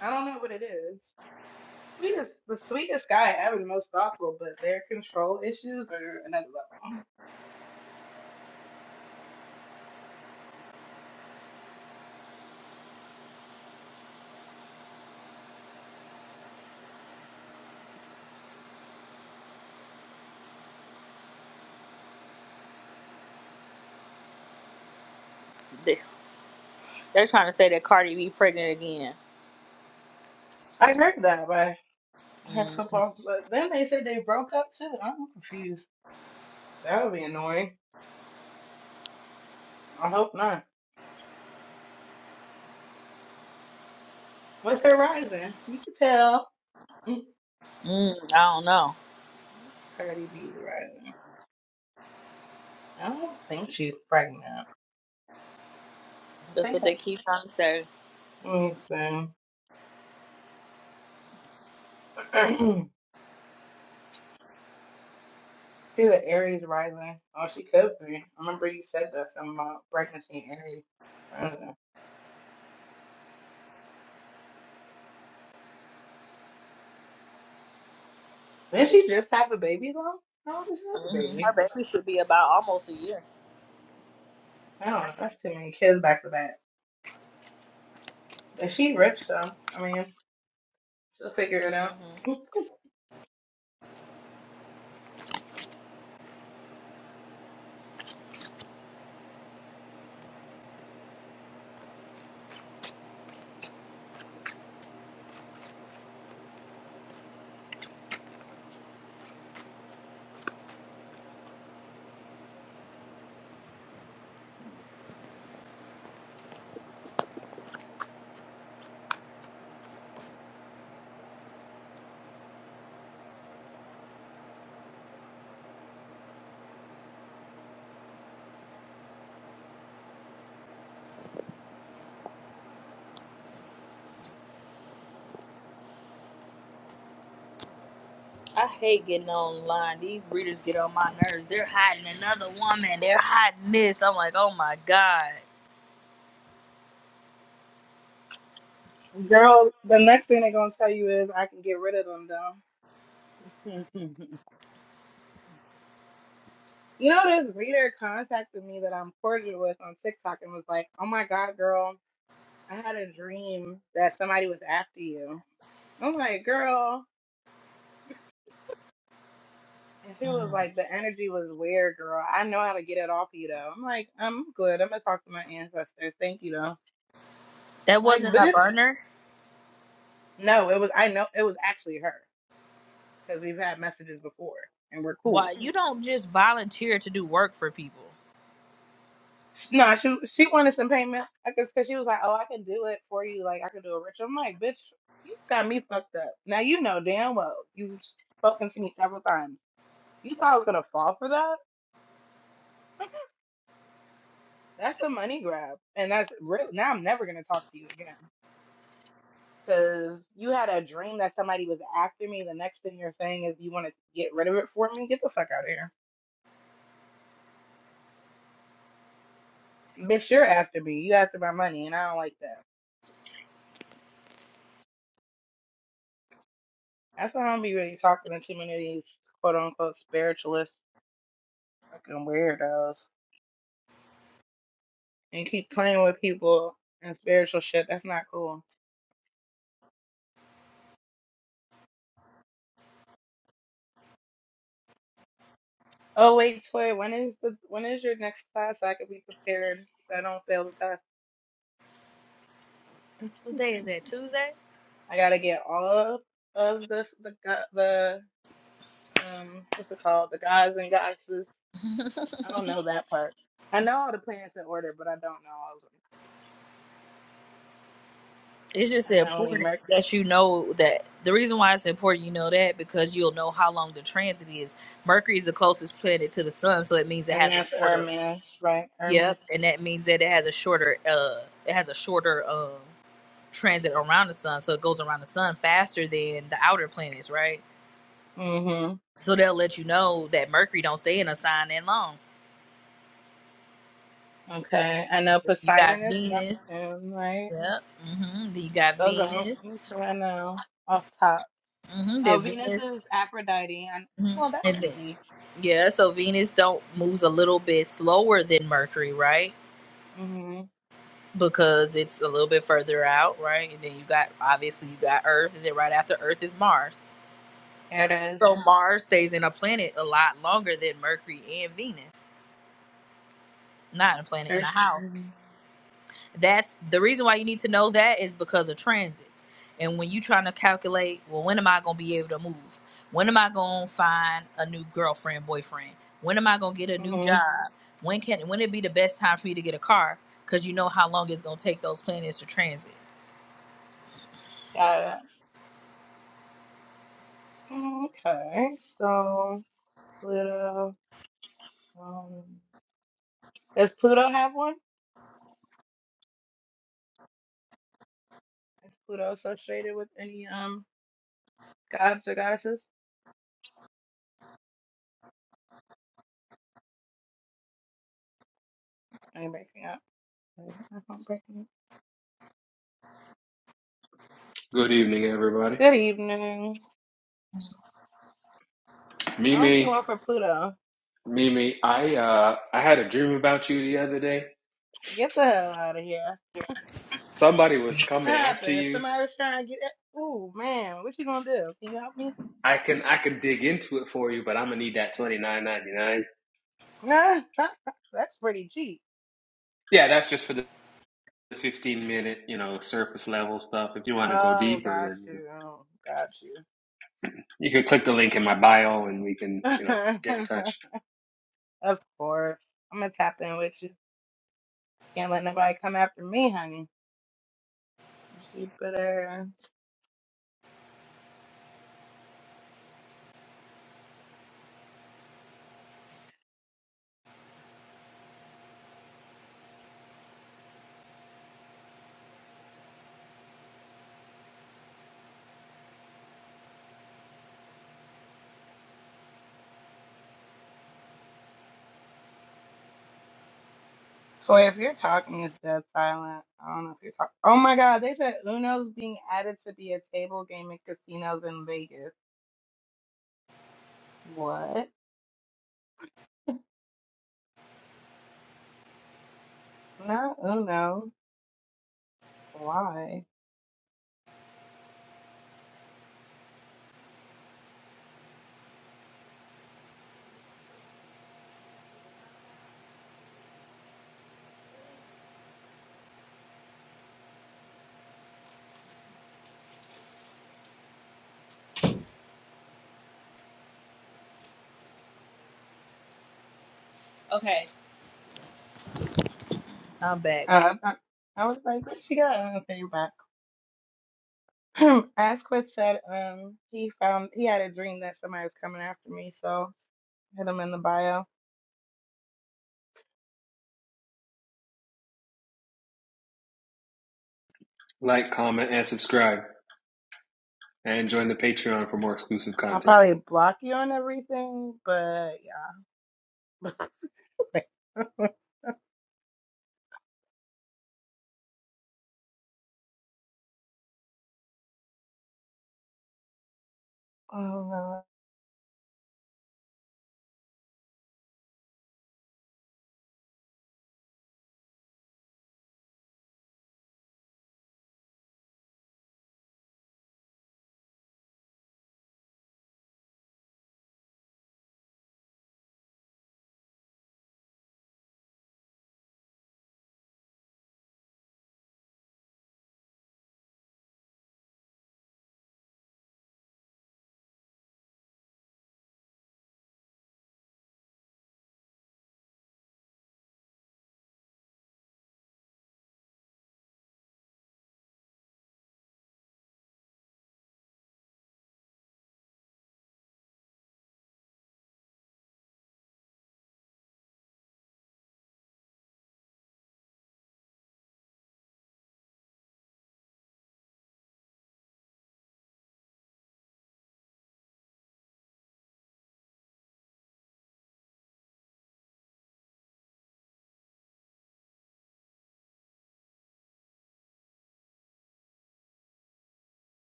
[SPEAKER 14] I don't know what it is. Sweetest the sweetest guy ever, the most thoughtful, but their control issues are another level.
[SPEAKER 1] They- They're trying to say that Cardi B pregnant again.
[SPEAKER 14] I heard that by her
[SPEAKER 1] Mm,
[SPEAKER 14] football, but then they said they broke up too. I'm confused. That would be annoying. I hope not. What's her rising? You can tell. Mm,
[SPEAKER 1] mm, I don't know.
[SPEAKER 14] It's Cardi B's rising. I don't think she's pregnant. I
[SPEAKER 1] That's
[SPEAKER 14] think
[SPEAKER 1] what they
[SPEAKER 14] I.
[SPEAKER 1] keep trying to say.
[SPEAKER 14] Let me see. She's an Aries rising. Oh, she could be. I remember you said that something about pregnancy and Aries. rising. Didn't she just have a baby though? No, just have a
[SPEAKER 1] hmm
[SPEAKER 14] baby.
[SPEAKER 1] Her baby should be about almost a year.
[SPEAKER 14] I don't know. That's too many kids back to back. But she rich though. I mean, she'll figure it out.
[SPEAKER 1] hmm I hate getting online. These readers get on my nerves. They're hiding another woman. They're hiding this. I'm like, oh my god,
[SPEAKER 14] Girl, the next thing they're gonna tell you is I can get rid of them though. You know, this reader contacted me that I'm cordial with on TikTok and was like, Oh my god, girl, I had a dream that somebody was after you. I'm like, girl. And she was
[SPEAKER 1] Mm.
[SPEAKER 14] like, the energy was weird, girl. I know how to get it off you, though. I'm like, I'm good. I'm gonna talk to my ancestors. Thank you, though.
[SPEAKER 1] that
[SPEAKER 14] Like,
[SPEAKER 1] wasn't a
[SPEAKER 14] bitch.
[SPEAKER 1] burner.
[SPEAKER 14] No, it was. I know it was actually her because we've had messages before and we're
[SPEAKER 1] Why
[SPEAKER 14] cool.
[SPEAKER 1] you don't just volunteer to do work for people?
[SPEAKER 14] No, she she wanted some payment. I guess because she was like, oh, I can do it for you. Like, I can do a ritual. I'm like, bitch, you got me fucked up. Now you know damn well you've spoken to me several times. You thought I was gonna fall for that? That's the money grab, and that's real. Now I'm never gonna talk to you again. Because you had a dream that somebody was after me. The next thing you're saying is you want to get rid of it for me. Get the fuck out of here. Bitch, you're after me. You after my money, and I don't like that. That's why I don't be really talking to too many of these quote unquote spiritualist fucking weirdos and keep playing with people and spiritual shit. That's not cool. Oh wait, Toy, when is the when is your next class so I can be prepared so I don't fail the test?
[SPEAKER 1] What day is that? Tuesday?
[SPEAKER 14] I gotta get all of the the go- the um what's it called? The guys and goddesses I don't know that part. I know all the planets in order, but I don't know all of them.
[SPEAKER 1] It's just
[SPEAKER 14] I know only
[SPEAKER 1] important
[SPEAKER 14] Merc,
[SPEAKER 1] that you know that. The reason why it's important you know that because you'll know how long the transit is. Mercury is the closest planet to the sun, so it means it
[SPEAKER 14] and
[SPEAKER 1] has
[SPEAKER 14] that's
[SPEAKER 1] a shorter.
[SPEAKER 14] Hermes, right? Hermes.
[SPEAKER 1] Yep, and that means that it has a shorter. Uh, it has a shorter. Um. transit around the sun, so it goes around the sun faster than the outer planets, right?
[SPEAKER 14] Mm-hmm.
[SPEAKER 1] So they'll let you know that Mercury don't stay in a sign that long.
[SPEAKER 14] Okay. I know
[SPEAKER 1] You got
[SPEAKER 14] Poseidon is
[SPEAKER 1] Venus,
[SPEAKER 14] Neptune, right?
[SPEAKER 1] yep. mm hmm Then you got
[SPEAKER 14] Those are
[SPEAKER 1] Venus,
[SPEAKER 14] the so I know off top.
[SPEAKER 1] mm hmm
[SPEAKER 14] Oh,
[SPEAKER 1] Then
[SPEAKER 14] Venus
[SPEAKER 1] Venus,
[SPEAKER 14] is Aphrodite. And,
[SPEAKER 1] mm hmm
[SPEAKER 14] well, that's
[SPEAKER 1] and then
[SPEAKER 14] easy.
[SPEAKER 1] yeah. So Venus don't moves a little bit slower than Mercury, right?
[SPEAKER 14] Mm-hmm.
[SPEAKER 1] Because it's a little bit further out, right? And then you got obviously you got Earth, and then right after Earth is Mars.
[SPEAKER 14] It is.
[SPEAKER 1] So Mars stays in a planet a lot longer than Mercury and Venus. Not a planet in a
[SPEAKER 14] Surf.
[SPEAKER 1] house.
[SPEAKER 14] Mm-hmm.
[SPEAKER 1] that's the reason why you need to know that is because of transits, And when you are trying to calculate, well, when am I gonna be able to move? When am I gonna find a new girlfriend, boyfriend? When am I gonna get a new
[SPEAKER 14] Mm-hmm.
[SPEAKER 1] job? When can when it be the best time for me to get a car? Cause you know how long it's gonna take those planets to transit.
[SPEAKER 14] Got it. Mm, Okay. So Pluto. Um, does Pluto have one? Is Pluto associated with any um? Gods or goddesses? Are you breaking up? Is my phone breaking up?
[SPEAKER 17] Good evening, everybody.
[SPEAKER 14] Good evening. I don't see
[SPEAKER 17] Mimi,
[SPEAKER 14] one for Pluto.
[SPEAKER 17] Mimi, I uh, I had a dream about you the other day.
[SPEAKER 14] Get the hell out of here.
[SPEAKER 17] Somebody was coming
[SPEAKER 14] What
[SPEAKER 17] after
[SPEAKER 14] happened?
[SPEAKER 17] you.
[SPEAKER 14] Somebody was trying to get it. Ooh, man. What you gonna do? Can you help me?
[SPEAKER 17] I can I can dig into it for you, but I'm gonna need that twenty nine ninety nine.
[SPEAKER 14] Nah, that's pretty cheap.
[SPEAKER 17] Yeah, that's just for the fifteen minute, you know, surface level stuff. If you want to go
[SPEAKER 14] Oh,
[SPEAKER 17] deeper,
[SPEAKER 14] got
[SPEAKER 17] then you know,
[SPEAKER 14] you. Oh, got
[SPEAKER 17] you can click the link in my bio, and we can you know get in
[SPEAKER 14] you.
[SPEAKER 17] touch,
[SPEAKER 14] of course. I'm gonna tap in with you. Can't let nobody come after me, honey. You better. Toy, if you're talking, it's dead silent. I don't know if you're talking. Oh my God, they said Uno's being added to be a table game at casinos in Vegas. What? Not Uno. Why?
[SPEAKER 1] Okay, I'm back. My
[SPEAKER 14] Uh, I, I was like, what she got? I don't think back. Asquith said um he found he had a dream that somebody was coming after me, so hit him in the bio.
[SPEAKER 17] like, comment, and subscribe, and join the Patreon for more exclusive
[SPEAKER 14] I'll
[SPEAKER 17] content.
[SPEAKER 14] probably block you on everything, but yeah. oh no.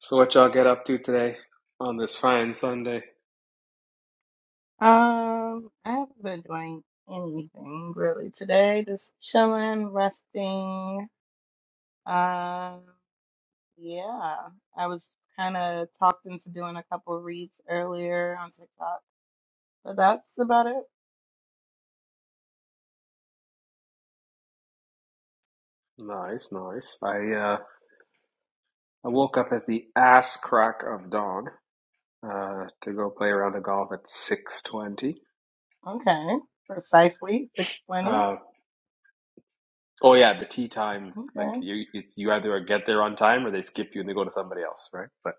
[SPEAKER 17] So, what y'all get up to today on this fine Sunday?
[SPEAKER 14] Um, I haven't been doing anything really today. Just chilling, resting. Um, yeah, I was kind of talked into doing a couple reads earlier on TikTok, but that's about it.
[SPEAKER 17] Nice, nice. I uh. I woke up at the ass crack of dawn uh, to go play around of golf at six twenty.
[SPEAKER 14] Okay, precisely 6:20.
[SPEAKER 17] Uh, oh yeah, the tea time. Like
[SPEAKER 14] Okay,
[SPEAKER 17] you, it's you either get there on time or they skip you and they go to somebody else, right? But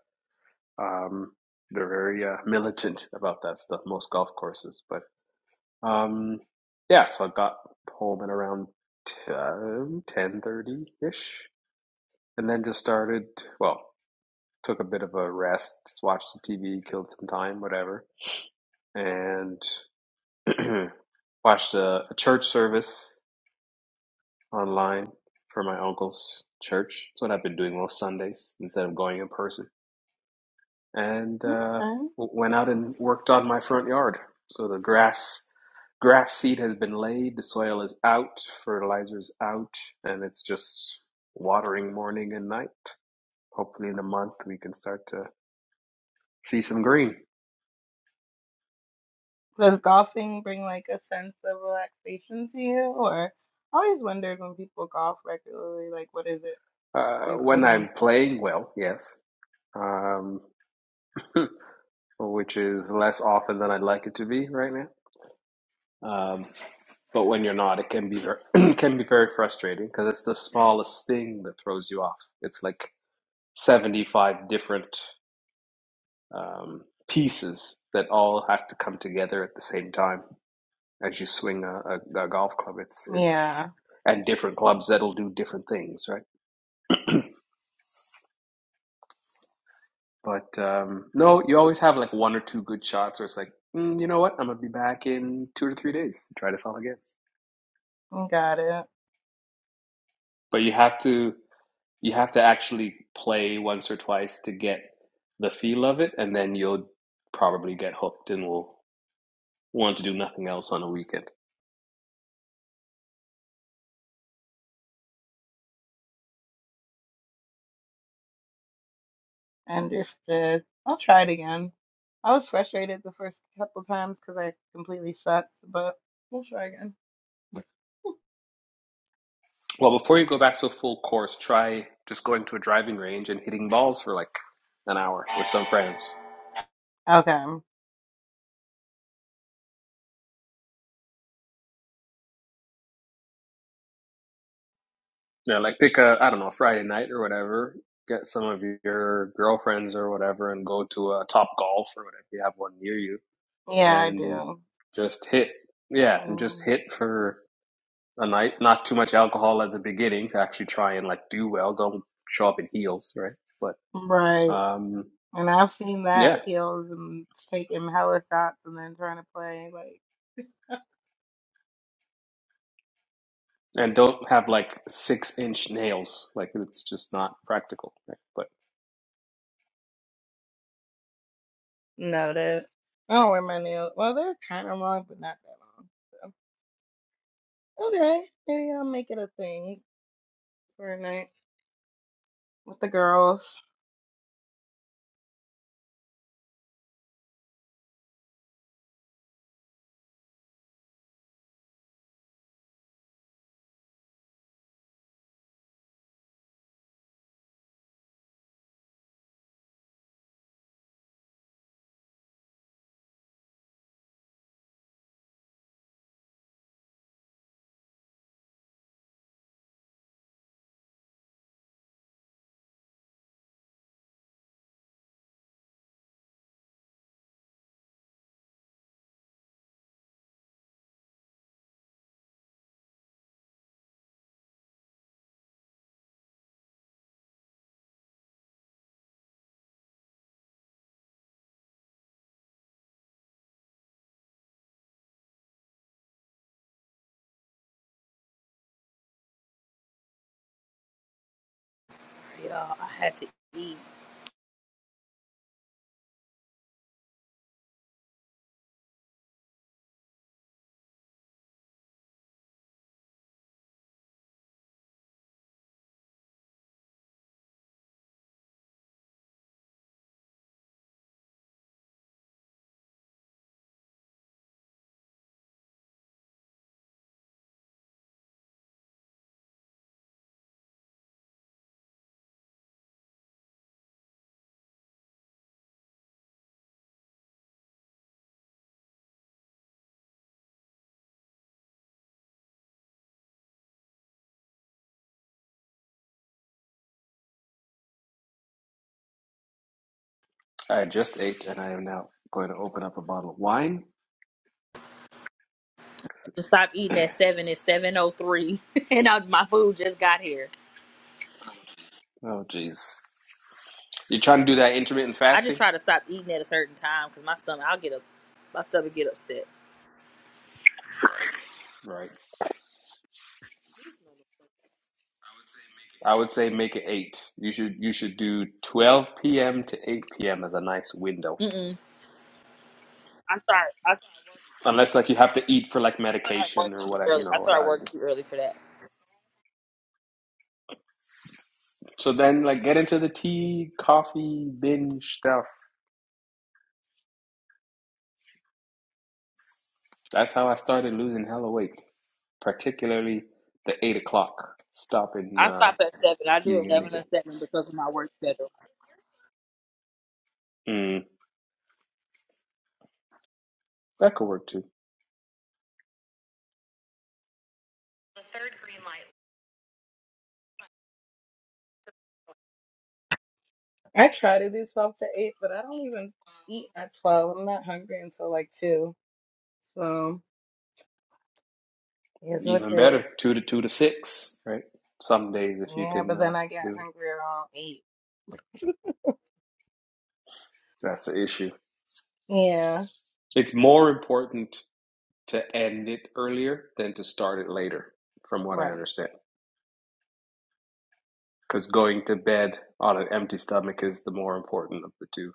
[SPEAKER 17] um, they're very uh, militant about that stuff. Most golf courses, but um, yeah. So I got home at around ten thirty ish, and then just started. Well, took a bit of a rest, just watched some TV, killed some time, whatever, and. Watched a, a church service online for my uncle's church. That's what I've been doing most Sundays instead of going in person. And uh,
[SPEAKER 14] okay.
[SPEAKER 17] w- went out and worked on my front yard. So the grass grass seed has been laid, the soil is out, fertilizer's out, and it's just watering morning and night. Hopefully, in a month, we can start to see some green.
[SPEAKER 14] Does golfing bring like a sense of relaxation to you, or I always wondered when people golf regularly, like what does it
[SPEAKER 17] Uh,
[SPEAKER 14] do for
[SPEAKER 17] when I'm
[SPEAKER 14] them?
[SPEAKER 17] playing well, yes, um, which is less often than I'd like it to be right now. Um, but when you're not, it can be very, can be very frustrating because it's the smallest thing that throws you off. It's like 75 different um, pieces that all have to come together at the same time as you swing a, a, a golf club. It's it's
[SPEAKER 14] Yeah,
[SPEAKER 17] and different clubs that'll do different things, right? But um, no, you always have like one or two good shots, where it's like, mm, you know what, I'm gonna be back in two to three days to try this all again.
[SPEAKER 14] got it.
[SPEAKER 17] But you have to. you have to actually play once or twice to get the feel of it, and then you'll probably get hooked and will want to do nothing else on a weekend.
[SPEAKER 14] Understood. I'll try it again. I was frustrated the first couple times because I completely sucked, but we'll try again.
[SPEAKER 17] Well, before you go back to a full course, try just going to a driving range and hitting balls for like an hour with some friends.
[SPEAKER 14] Okay.
[SPEAKER 17] Yeah, like pick a I don't know Friday night or whatever. Get some of your girlfriends or whatever, and go to a Top Golf or whatever you have one near you,
[SPEAKER 14] Yeah, I
[SPEAKER 17] and
[SPEAKER 14] do.
[SPEAKER 17] just hit. Yeah, and just
[SPEAKER 14] Mm,
[SPEAKER 17] hit for a night, not too much alcohol at the beginning to actually try and like do well. Don't show up in heels, right? But
[SPEAKER 14] right.
[SPEAKER 17] um,
[SPEAKER 14] And I've seen
[SPEAKER 17] yeah,
[SPEAKER 14] that heels and taking hella shots and then trying to play like
[SPEAKER 17] and don't have like six inch nails. Like it's just not practical. Right? But
[SPEAKER 14] noted. I don't wear my nails. Well, they're kind of long, but not that long. So. Okay, maybe I'll make it a thing for a night with the girls.
[SPEAKER 1] y'all, I had to eat.
[SPEAKER 17] I just ate, and I am now going to open up a bottle of wine.
[SPEAKER 1] To stop eating at seven It's seven oh three, and I, my food just got here.
[SPEAKER 17] Oh, jeez, you're trying to do that intermittent
[SPEAKER 1] I just
[SPEAKER 17] fasting,
[SPEAKER 1] try to stop eating at a certain time because my stomach, I'll get up, my stomach get upset.
[SPEAKER 17] right? I would say make it eight. You should you should do twelve p.m. to eight p.m. as a nice window,
[SPEAKER 1] Mm. I start I
[SPEAKER 17] unless like you have to eat for like
[SPEAKER 1] start work I start work
[SPEAKER 17] medication or
[SPEAKER 1] too
[SPEAKER 17] what I
[SPEAKER 1] early.
[SPEAKER 17] you
[SPEAKER 1] I
[SPEAKER 17] know what
[SPEAKER 1] start
[SPEAKER 17] I mean.
[SPEAKER 1] work too early for that.
[SPEAKER 17] So then, like, get into the tea, coffee, binge stuff. That's how I started losing hella weight, particularly the eight o'clock, stopping
[SPEAKER 1] I
[SPEAKER 17] uh,
[SPEAKER 1] stop at seven. I do
[SPEAKER 17] eating
[SPEAKER 1] eleven to
[SPEAKER 17] anything.
[SPEAKER 1] seven because of my work schedule.
[SPEAKER 17] Mm, that could work too.
[SPEAKER 14] I try to do 12 to 8, but I don't even eat at 12. I'm not hungry until like 2. So, here's what
[SPEAKER 17] Even
[SPEAKER 14] it is.
[SPEAKER 17] better, two to two to six, right? Some days, if you
[SPEAKER 14] Yeah,
[SPEAKER 17] can
[SPEAKER 14] but
[SPEAKER 17] uh,
[SPEAKER 14] then I get
[SPEAKER 17] do it,
[SPEAKER 14] hungry around 8.
[SPEAKER 17] that's the issue.
[SPEAKER 14] Yeah,
[SPEAKER 17] It's more important to end it earlier than to start it later, from what I
[SPEAKER 14] right.
[SPEAKER 17] understand. Because going to bed on an empty stomach is the more important of the two.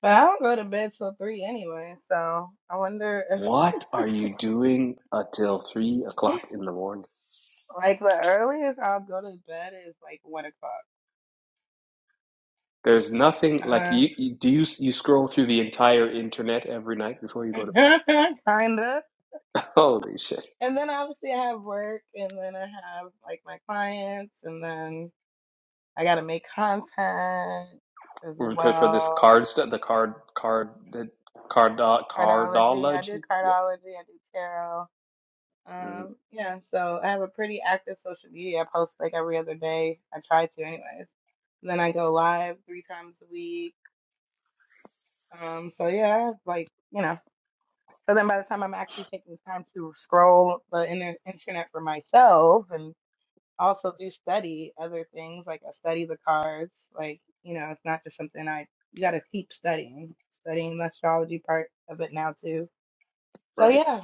[SPEAKER 14] But I don't go to bed till 3 anyway. So, I wonder if,
[SPEAKER 17] What are you doing until three o'clock in the morning?
[SPEAKER 14] like, the earliest I'll go to bed is like 1 o'clock.
[SPEAKER 17] There's nothing like
[SPEAKER 14] Uh,
[SPEAKER 17] you, you do you you scroll through the entire internet every night before you go to bed.
[SPEAKER 14] kinda.
[SPEAKER 17] Holy shit!
[SPEAKER 14] And then obviously I have work, and then I have like my clients, and then I gotta make content as
[SPEAKER 17] We're to- for this
[SPEAKER 14] well.
[SPEAKER 17] card stuff, the card card the card
[SPEAKER 14] Cardiology. I do
[SPEAKER 17] cardology. Yeah,
[SPEAKER 14] cardiology. I do tarot.
[SPEAKER 17] mm,
[SPEAKER 14] Um, yeah, so I have a pretty active social media. I post like every other day. I try to anyways. Then I go live three times a week. Um, so yeah, I have, like, you know. So then by the time I'm actually taking time to scroll the inter- internet for myself and also do study other things, like I study the cards, like, you know, it's not just something I you gotta keep studying, studying the astrology part of it now too. So
[SPEAKER 17] right.
[SPEAKER 14] yeah,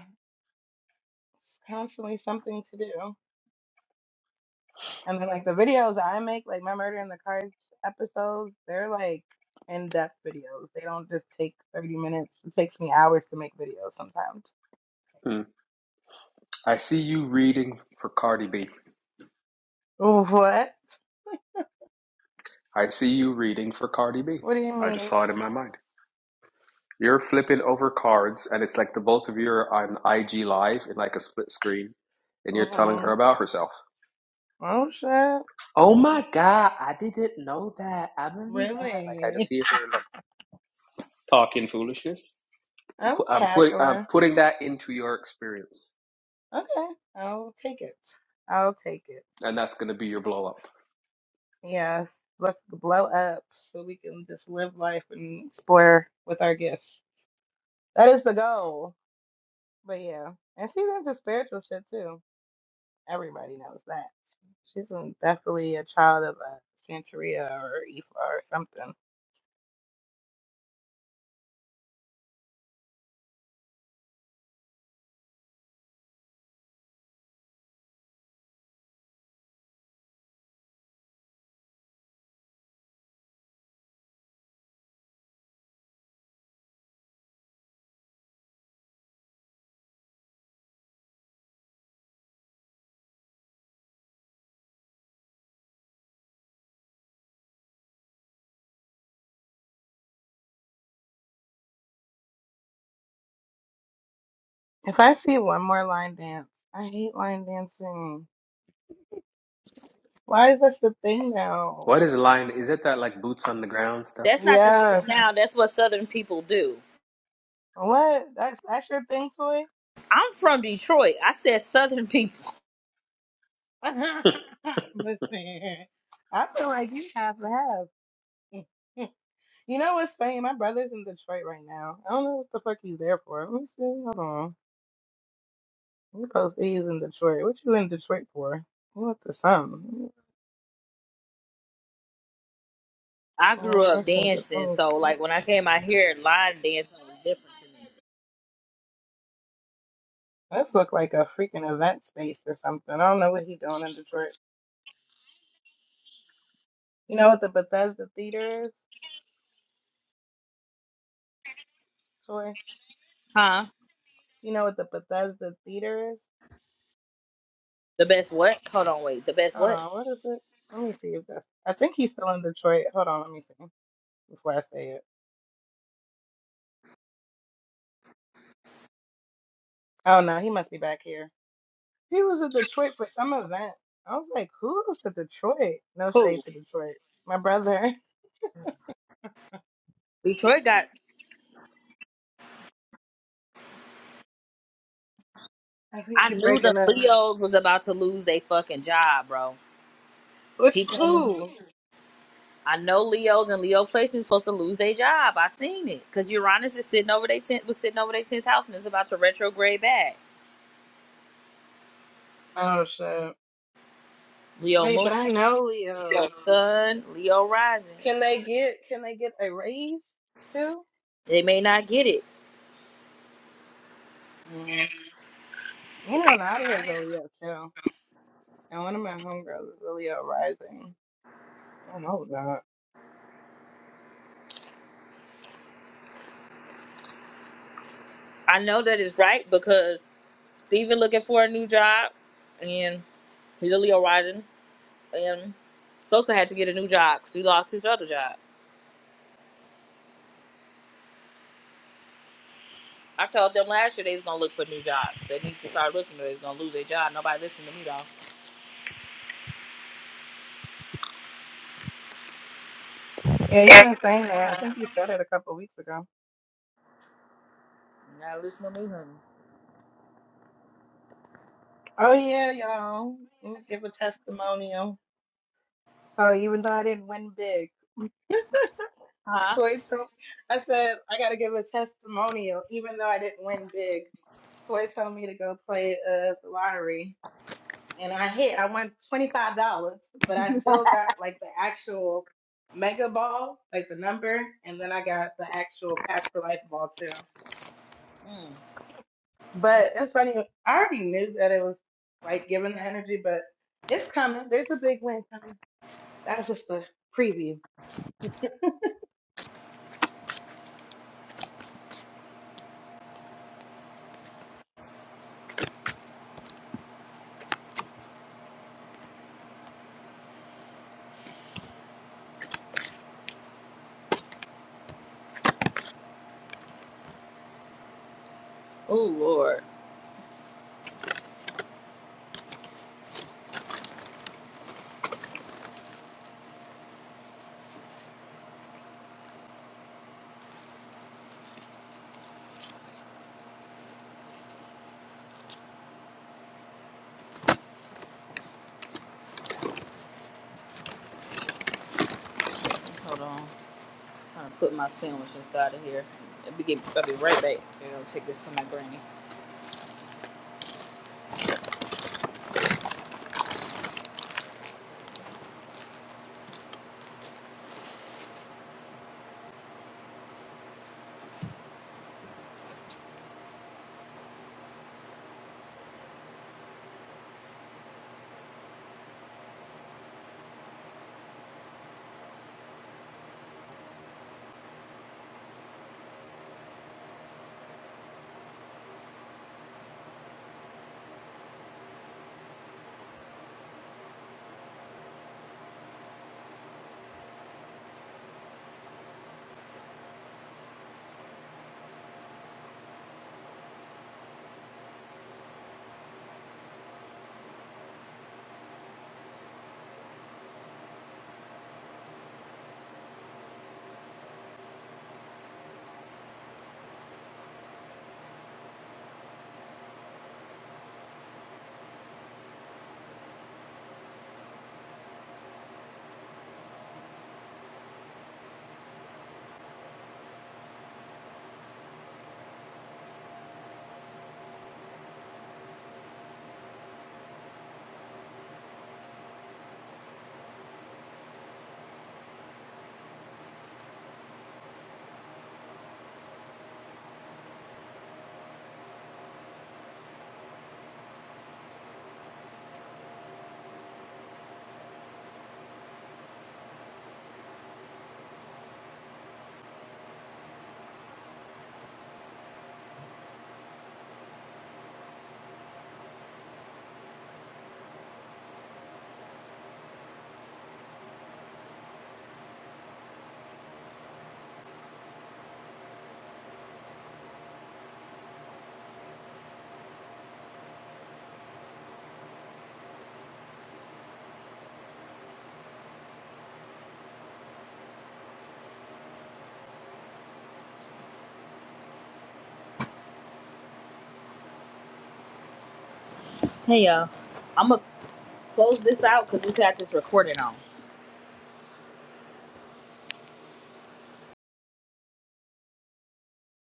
[SPEAKER 14] constantly something to do. And then like the videos that I make, like my murder in the cards episodes, they're like in depth videos. They don't just take thirty minutes. It takes me hours to make videos sometimes.
[SPEAKER 17] Mm. I see you reading for Cardi B.
[SPEAKER 14] Oh, What?
[SPEAKER 17] I see you reading for Cardi B.
[SPEAKER 14] What do you
[SPEAKER 17] I just
[SPEAKER 14] mean?
[SPEAKER 17] saw it in my mind. You're flipping over cards, and it's like the both of you are on IG Live in like a split screen, and you're telling
[SPEAKER 14] hmm
[SPEAKER 17] her about herself.
[SPEAKER 14] Oh shit.
[SPEAKER 17] Oh my God, I didn't know that. I remember that. Like I just
[SPEAKER 14] Really?
[SPEAKER 17] hear her like talking foolishness.
[SPEAKER 14] I'm
[SPEAKER 17] Pu- I'm putting I'm
[SPEAKER 14] cackling.
[SPEAKER 17] putting that into your experience,
[SPEAKER 14] Okay. I'll take it. I'll take it.
[SPEAKER 17] and that's gonna be your blow up.
[SPEAKER 14] Yes. Let's blow up so we can just live life and explore with our gifts. That is the goal. But yeah, and she's into spiritual shit too. Everybody knows that. She's um, definitely a child of a Santeria or Ifa or something. If I see one more line dance, I hate line dancing. Why is this the thing now?
[SPEAKER 17] What is the line? Is it that like boots on the ground stuff?
[SPEAKER 1] That's not the thing
[SPEAKER 14] Yes.
[SPEAKER 1] now. That's what Southern people do.
[SPEAKER 14] What? That's that's your thing, toy.
[SPEAKER 1] I'm from Detroit. I said Southern people.
[SPEAKER 14] Listen, I feel like you have to have. You know what's funny? My brother's in Detroit right now. I don't know what the fuck he's there for. Let me see. Hold on. You supposed to he's in Detroit. What you in Detroit for? What the something?
[SPEAKER 1] I grew
[SPEAKER 14] Oh,
[SPEAKER 1] up
[SPEAKER 14] that's in the let
[SPEAKER 1] dancing,
[SPEAKER 14] me
[SPEAKER 1] so
[SPEAKER 14] see.
[SPEAKER 1] like when I came out here, line dancing was different to me.
[SPEAKER 14] This look like a freaking event space or something. I don't know what he doing in Detroit. You know what the Bethesda Theater is, Troy?
[SPEAKER 1] Huh?
[SPEAKER 14] You know what the Bethesda Theater is?
[SPEAKER 1] The best what? Hold on, wait. The best
[SPEAKER 14] Hold
[SPEAKER 1] what?
[SPEAKER 14] on, what is it? Let me see if that's. I think he's still in Detroit. Hold on, let me see before I say it. Oh no, he must be back here. He was in Detroit for some event. I was like, who's to Detroit? No
[SPEAKER 1] Who?
[SPEAKER 14] shade to Detroit. My brother.
[SPEAKER 1] Detroit got.
[SPEAKER 14] I think
[SPEAKER 1] I
[SPEAKER 14] you're
[SPEAKER 1] knew the
[SPEAKER 14] breaking up.
[SPEAKER 1] Leos was about to lose their fucking job, bro. He
[SPEAKER 14] Which
[SPEAKER 1] came in
[SPEAKER 14] who?
[SPEAKER 1] I know Leos and Leo placements supposed to lose their job. I seen it because Uranus is sitting over their tenth was sitting over their tenth house and it's about to retrograde back.
[SPEAKER 14] Oh shit.
[SPEAKER 1] Leo
[SPEAKER 14] Wait,
[SPEAKER 1] moon,
[SPEAKER 14] but I know
[SPEAKER 1] Leo
[SPEAKER 14] Leos.
[SPEAKER 1] sun, Leo rising.
[SPEAKER 14] Can they get can they get a raise too?
[SPEAKER 1] They may not get it.
[SPEAKER 14] Mm. You know Nadia's a Leo too. And one of my homegirls is a Leo rising. Oh my god.
[SPEAKER 1] I know that is right because Steven looking for a new job and he's a Leo rising and Sosa had to get a new job because he lost his other job. I told them last year they was gonna look for new jobs. They need to start looking or they was gonna lose their job. Nobody listened to me though.
[SPEAKER 14] Yeah, you've been saying that. I think you said it a couple weeks ago.
[SPEAKER 1] You gotta listen to me, honey.
[SPEAKER 14] Oh yeah, y'all. Let me give a testimonial. So even though I didn't win big,
[SPEAKER 1] Huh?
[SPEAKER 14] Toy told I said I gotta give a testimonial, even though I didn't win big. Toy told me to go play uh the lottery. and I hit. I won twenty five dollars, but I still got like the actual mega ball, like the number, and then I got the actual Cash for Life ball too.
[SPEAKER 1] Mm.
[SPEAKER 14] But it's funny. I already knew that it was like giving the energy, but it's coming. There's a big win coming. That was just a preview.
[SPEAKER 1] Oh Lord. Hold on. I'm trying to put my sandwich inside of here. I'll be, get, I'll be right back. I'll take this to my granny. Hey y'all. I'm gonna close this out because this had this recording on.